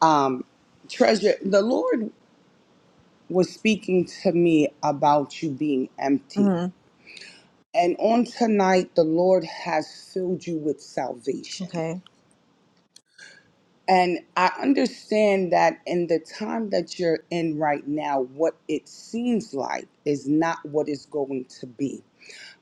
S10: um, treasure, the Lord was speaking to me about you being empty.
S9: Mm-hmm.
S10: And on tonight, the Lord has filled you with salvation.
S9: Okay.
S10: And I understand that in the time that you're in right now, what it seems like is not what it's going to be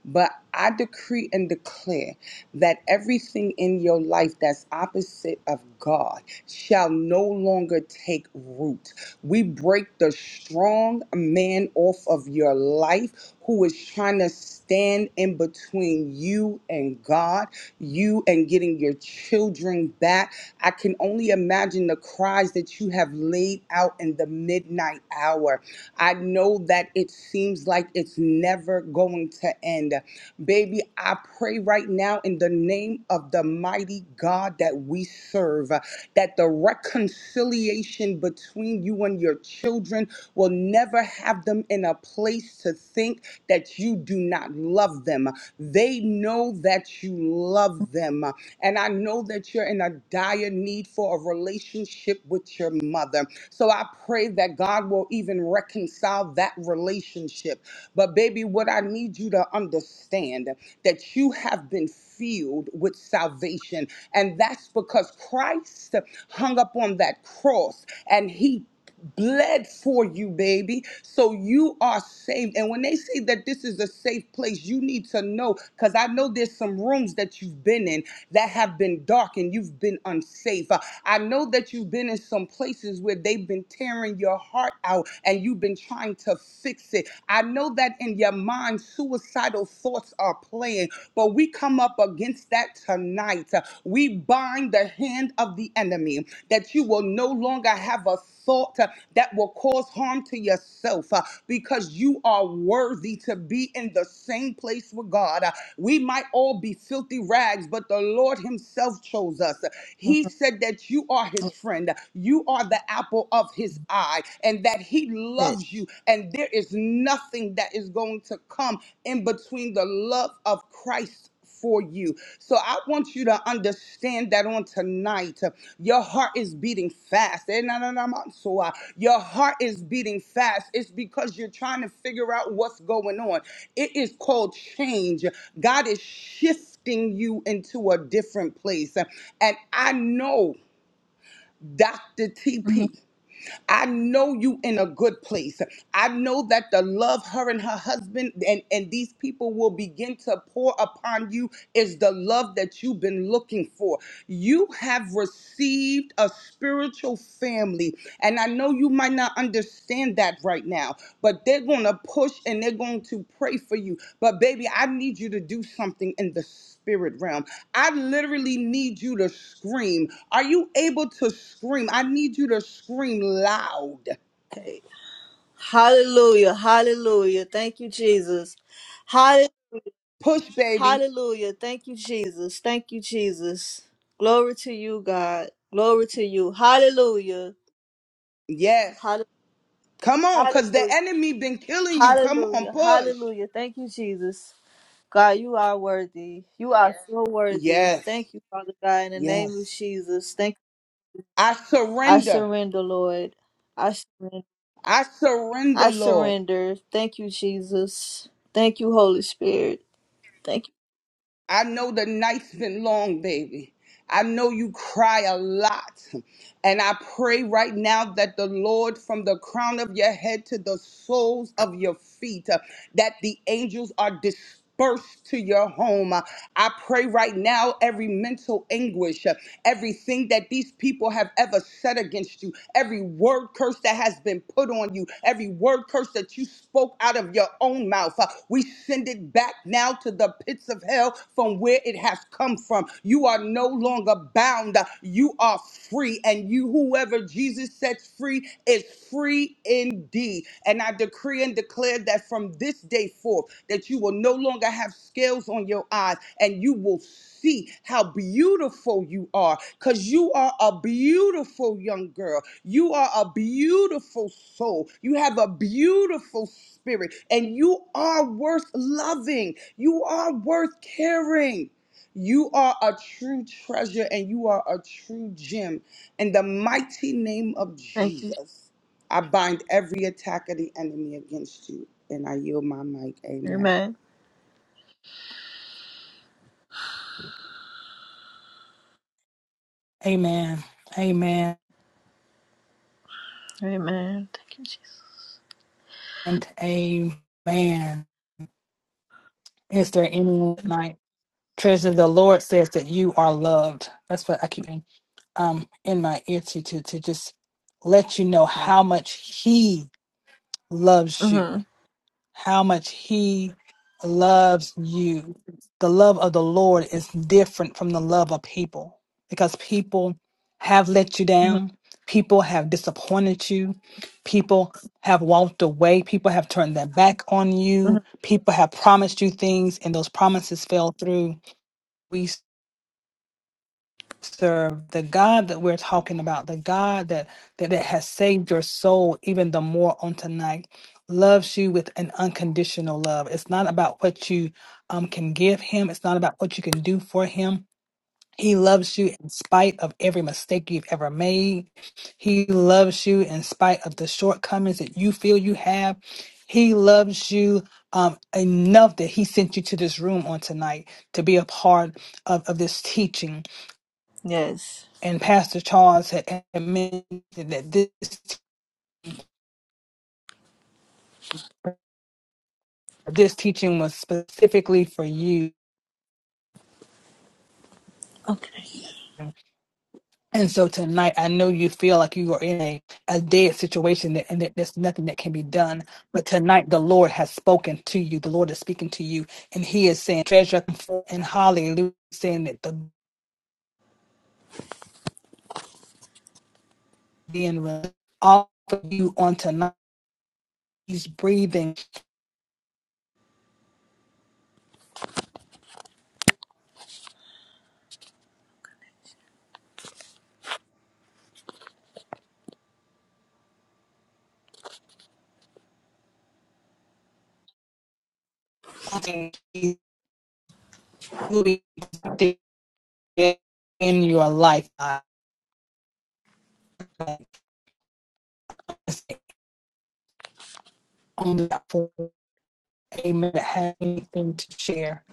S10: But I decree and declare that everything in your life that's opposite of God shall no longer take root. We break the strong man off of your life who is trying to stand in between you and God, you and getting your children back. I can only imagine the cries that you have laid out in the midnight hour I know that it seems like it's never going to end. Baby, I pray right now in the name of the mighty God that we serve uh, that the reconciliation between you and your children will never have them in a place to think that you do not love them. They know that you love them. And I know that you're in a dire need for a relationship with your mother. So I pray that God will even reconcile that relationship but, baby, what I need you to understand that you have been filled with salvation. And that's because Christ hung up on that cross and he bled for you, baby. So you are saved. And when they say that this is a safe place, you need to know because I know there's some rooms that you've been in that have been dark and you've been unsafe. Uh, I know that you've been in some places where they've been tearing your heart out and you and you've been trying to fix it. I know that in your mind, suicidal thoughts are playing, but we come up against that tonight. We bind the hand of the enemy that you will no longer have a thought uh, that will cause harm to yourself uh, because you are worthy to be in the same place with God. Uh, We might all be filthy rags, but the Lord Himself chose us.
S9: hmm
S10: He said that you are His friend. You are the Alpha apple of his eye and that he
S9: It,
S10: loves you and there is nothing that is going to come in between the love of Christ for you. So I want you to understand that on tonight, uh, your heart is beating fast. Eh, na, na, na, ma, so, uh, Your heart is beating fast. It's because you're trying to figure out what's going on. It is called change. God is shifting you into a different place. And I know Dr.
S9: hmm
S10: TP. I know you in a good place. I know that the love her and her husband and, and these people will begin to pour upon you is the love that you've been looking for. You have received a spiritual family. And I know you might not understand that right now, but they're going to push and they're going to pray for you. But, baby, I need you to do something in the spirit realm. I literally need you to scream. Are you able to scream? I need you to scream loud.
S9: Hey, hallelujah, hallelujah. Thank you, Jesus. Hall-
S10: Push, baby.
S9: Hallelujah. Thank you, Jesus. Thank you, Jesus. Glory to you, God. Glory to you. Hallelujah.
S10: Yes.
S9: Hall-
S10: Come on, because the
S9: Hallelujah.
S10: enemy been killing you. Come on,
S9: Hallelujah.
S10: push.
S9: Hallelujah. Thank you, Jesus. God, you are worthy. You are Yes. so worthy.
S10: Yes.
S9: Thank you, Father God, in the name of
S10: Yes.
S9: Jesus. Thank
S10: I
S9: I
S10: surrender.
S9: surrender, Lord. I surrender.
S10: I
S9: I
S10: surrender, Lord.
S9: surrender. Thank you, Jesus. Thank you, Holy Spirit. Thank you.
S10: I know the night's been long, baby. I know you cry a lot. And I pray right now that the Lord, from the crown of your head to the soles of your feet, uh, that the angels are dispersed dispersed to your home. Uh, I pray right now every mental anguish, uh, everything that these people have ever said against you, every word curse that has been put on you, every word curse that you spoke out of your own mouth, uh, we send it back now to the pits of hell from where it has come from from. You are no longer bound. You are free. And you, whoever Jesus sets free, is free indeed. And I decree and declare that from this day forth, that you will no longer have scales on your eyes and you will see how beautiful you are because you are a beautiful young girl. You are a beautiful soul. You have a beautiful spirit and you are worth loving. You are worth caring. You are a true treasure and you are a true gem. In the mighty name of
S9: Thank you.
S10: Jesus, I bind every attack of the enemy against you and I yield my mic. Amen.
S9: Amen.
S1: Amen. Amen.
S9: Amen. Thank you, Jesus.
S1: And amen. Is there anyone tonight? Treasure the Lord says that you are loved. That's what I keep. um, in my ear to, to to just let you know how much he loves you,
S9: Mm-hmm.
S1: how much he loves you. The love of the Lord is different from the love of people because people have let you down, people have disappointed you, people have walked away, people have turned their back on
S9: hmm
S1: you, people have promised you things and those promises fell through. serve the God that we're talking about, the God that that it has saved your soul even the more on tonight, loves you with an unconditional love. It's not about what you um, can give him. It's not about what you can do for him. He loves you in spite of every mistake you've ever made. He loves you in spite of the shortcomings that you feel you have. He loves you um, enough that he sent you to this room on tonight to be a part of, of this teaching
S9: Yes.
S1: and Pastor Charles had had mentioned that this this teaching was specifically for you.
S9: Okay.
S1: And so tonight, I know you feel like you are in a, a dead situation that, and that there's nothing that can be done. But tonight, the Lord has spoken to you. The Lord is speaking to you, and He is saying, "Treasure and Hallelujah, saying that the being released off of you on tonight. He's breathing. He's doing in your life. God. on the platform, amen, that for a minute have anything to share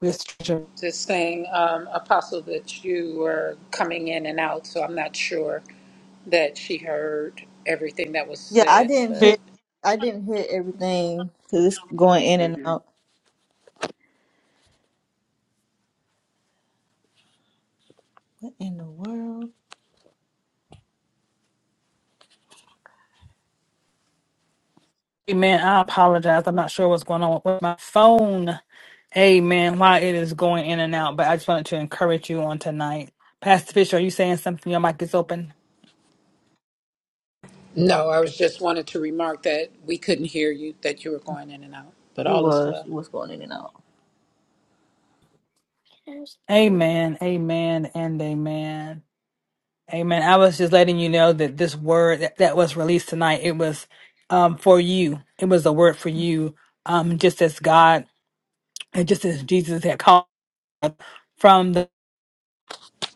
S1: with stranger.
S3: Just saying, um, Apostle, that you were coming in and out, so I'm not sure that she heard everything that was
S9: Yeah, I
S3: said,
S9: didn't
S3: but.
S9: hit. I didn't hit everything because it's going in and out. What in the world?
S1: Amen. I apologize. I'm not sure what's going on with my phone. Amen. Why it is going in and out, but I just wanted to encourage you on tonight. Pastor Fisher, are you saying something? Your mic is open.
S3: No, I was just wanted to remark that we couldn't hear you, that you were going in and out, but
S9: You
S3: all is
S9: was.
S3: well.
S9: You was going in and out.
S1: Amen. Amen. And amen. Amen. I was just letting you know that this word that, that was released tonight, it was um for you. It was a word for you. Um, just as God and just as Jesus had called from the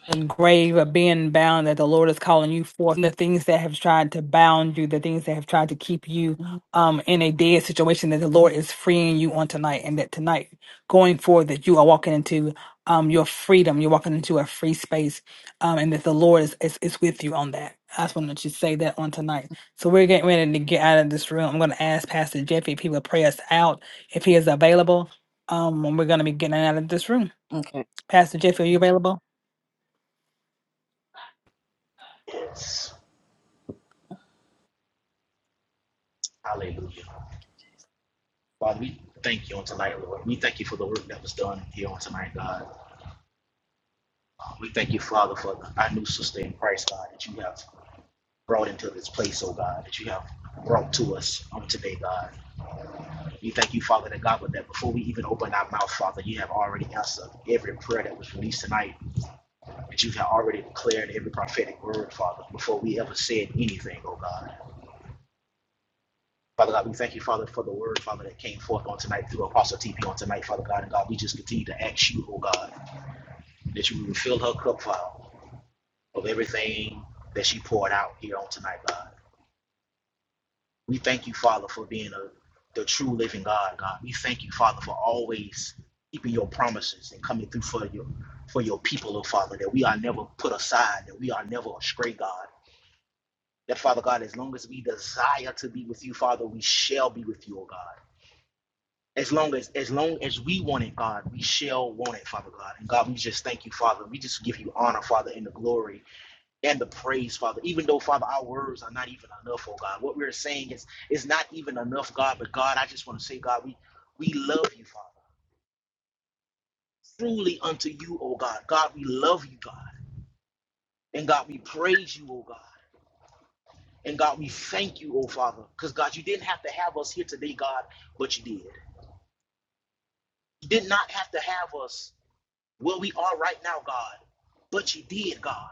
S1: and grave of being bound that the Lord is calling you forth, the things that have tried to bound you, the things that have tried to keep you um, in a dead situation that the Lord is freeing you on tonight, and that tonight going forward that you are walking into um, your freedom, you're walking into a free space, um, and that the Lord is, is is with you on that. I just wanted to say that on tonight. So we're getting ready to get out of this room. I'm going to ask Pastor Jeffy if he will pray us out, if he is available. Um, when we're going to be getting out of this room.
S9: Mhm.
S1: Pastor Jeffy, are you available?
S5: Yes. Hallelujah. Father, we thank you on tonight, Lord. We thank you for the work that was done here on tonight, God. We thank you, Father, for our new sister in Christ, God, that you have brought into this place, oh God, that you have brought to us on today, God. We thank you, Father, that God, with that before we even open our mouth, Father, you have already answered every prayer that was released tonight, that you have already declared every prophetic word, Father, before we ever said anything, oh God. Father God, we thank you, Father, for the word, Father, that came forth on tonight through Apostle TP on tonight, Father God. And God, we just continue to ask you, oh God, that you will fill her cup, Father, of everything that she poured out here on tonight, God. We thank you, Father, for being a, the true living God, God. We thank you, Father, for always keeping your promises and coming through for your for your people, oh Father, that we are never put aside, that we are never astray, God. That Father God, as long as we desire to be with you, Father, we shall be with you, oh God. As long as as long as we want it, God, we shall want it, Father God. And God, we just thank you, Father. We just give you honor, Father, in the glory and the praise, Father. Even though, Father, our words are not even enough, oh God. What we're saying is is not even enough, God. But God, I just want to say, God, we we love you, Father. Truly unto you, oh God. God, we love you, God. And God, we praise you, oh God. And God, we thank you, oh Father. Because God, you didn't have to have us here today, God, but you did. You did not have to have us where we are right now, God, but you did, God.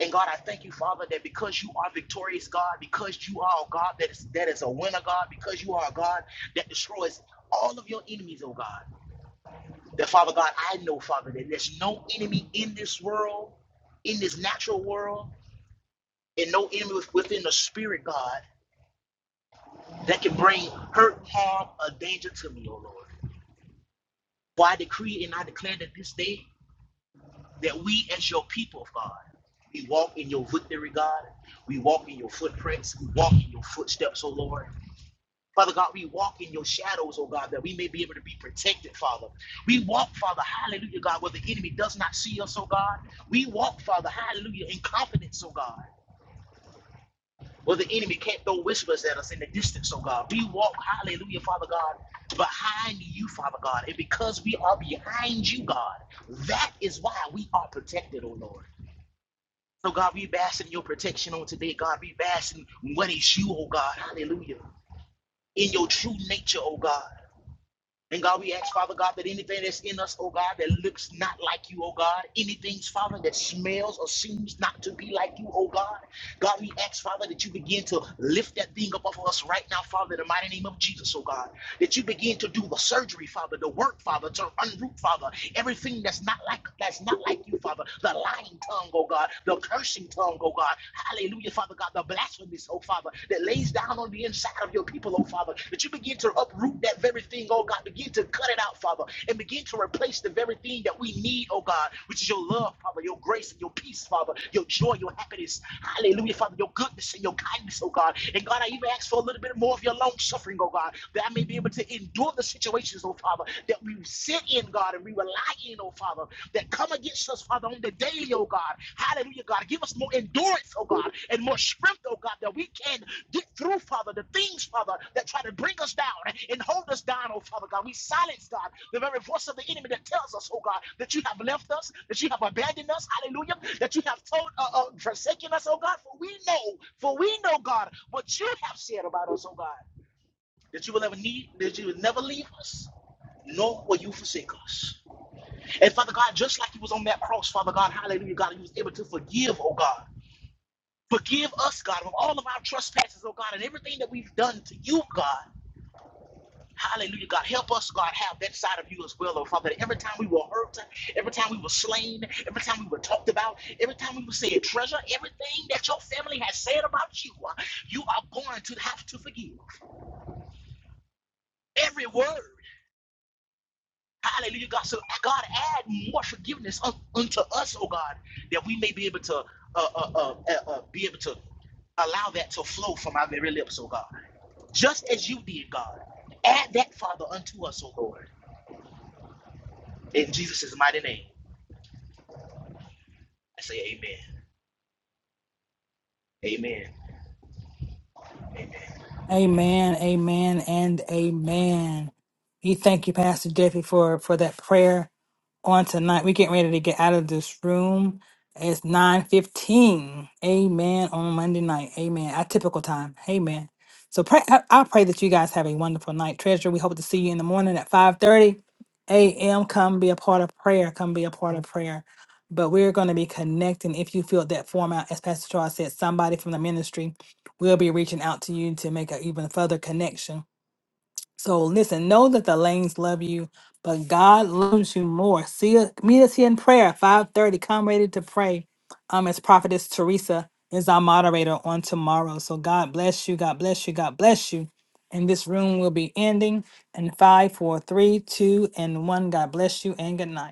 S5: And God, I thank you, Father, that because you are victorious, God, because you are a God that is that is a winner, God, because you are a God that destroys all of your enemies, oh God. That Father God, I know, Father, that there's no enemy in this world, in this natural world, and no enemy within the spirit, God, that can bring hurt, harm, or danger to me, oh Lord. For I decree and I declare that this day that we as your people, God, we walk in your victory, God. We walk in your footprints. We walk in your footsteps, oh Lord. Father God, we walk in your shadows, oh God, that we may be able to be protected, Father. We walk, Father, hallelujah, God, where the enemy does not see us, oh God. We walk, Father, hallelujah, in confidence, oh God, where the enemy can't throw whispers at us in the distance, oh God. We walk, hallelujah, Father God, behind you, Father God. And because we are behind you, God, that is why we are protected, oh Lord. So, God, we bask in your protection on today. God, we bask in what is you, oh God. Hallelujah. In your true nature, oh God. And God, we ask, Father God, that anything that's in us, oh God, that looks not like you, oh God, anything, Father, that smells or seems not to be like you, oh God, God, we ask, Father, that you begin to lift that thing up off of us right now, Father, in the mighty name of Jesus, oh God, that you begin to do the surgery, Father, the work, Father, to unroot, Father, everything that's not like that's not like you, Father, the lying tongue, oh God, the cursing tongue, oh God, hallelujah, Father God, the the blasphemies, oh Father, that lays down on the inside of your people, oh Father, that you begin to uproot that very thing, oh God, begin to cut it out, Father, and begin to replace the very thing that we need, oh God, which is your love, Father, your grace and your peace, Father, your joy, your happiness, hallelujah, Father, your goodness and your kindness, oh God. And God, I even ask for a little bit more of your long suffering, oh God, that I may be able to endure the situations, oh Father, that we sit in, God, and we rely in, oh. Father, that come against us, Father, on the daily, oh God. Hallelujah, God. Give us more endurance, oh God, and more strength, oh God, that we can get through, Father, the things, Father, that try to bring us down and hold us down, oh Father God. We silence, God, the very voice of the enemy that tells us, oh God, that you have left us, that you have abandoned us, hallelujah, that you have told, uh, uh, forsaken us, oh God. For we know, for we know, God, what you have said about us, oh God, that you will never need, that you will never leave us, nor will you forsake us. And Father God, just like He was on that cross, Father God, hallelujah, God, He was able to forgive, oh God. Forgive us, God, of all of our trespasses, oh God, and everything that we've done to you, God. Hallelujah, God. Help us, God, have that side of you as well, oh Father. every time we were hurt, every time we were slain, every time we were talked about, every time we were said treasure, everything that your family has said about you, uh, you are going to have to forgive. Every word. Hallelujah, God. So, God, add more forgiveness un- unto us, oh God, that we may be able to uh, uh, uh, uh, uh, be able to allow that to flow from our very lips, oh God. Just as you did, God. Add that, Father, unto us, oh Lord. In Jesus' mighty name, I say amen. Amen.
S1: Amen, amen, and amen. We thank you, Pastor Jeffy, for for that prayer on tonight. We're getting ready to get out of this room. It's nine fifteen. Amen. On Monday night. Amen. Our typical time. Amen. So pray. I, I pray that you guys have a wonderful night, Treasure. We hope to see you in the morning at five thirty a.m. Come be a part of prayer. Come be a part of prayer. But we're going to be connecting. If you feel that format, as Pastor Charles said, somebody from the ministry we'll be reaching out to you to make an even further connection. So listen, know that the lanes love you, but God loves you more. See, us- meet us here in prayer, five thirty. Come ready to pray. Um, as prophetess Teresa is our moderator on tomorrow. So God bless you. God bless you. God bless you. And this room will be ending in five, four, three, two, and one. God bless you and good night.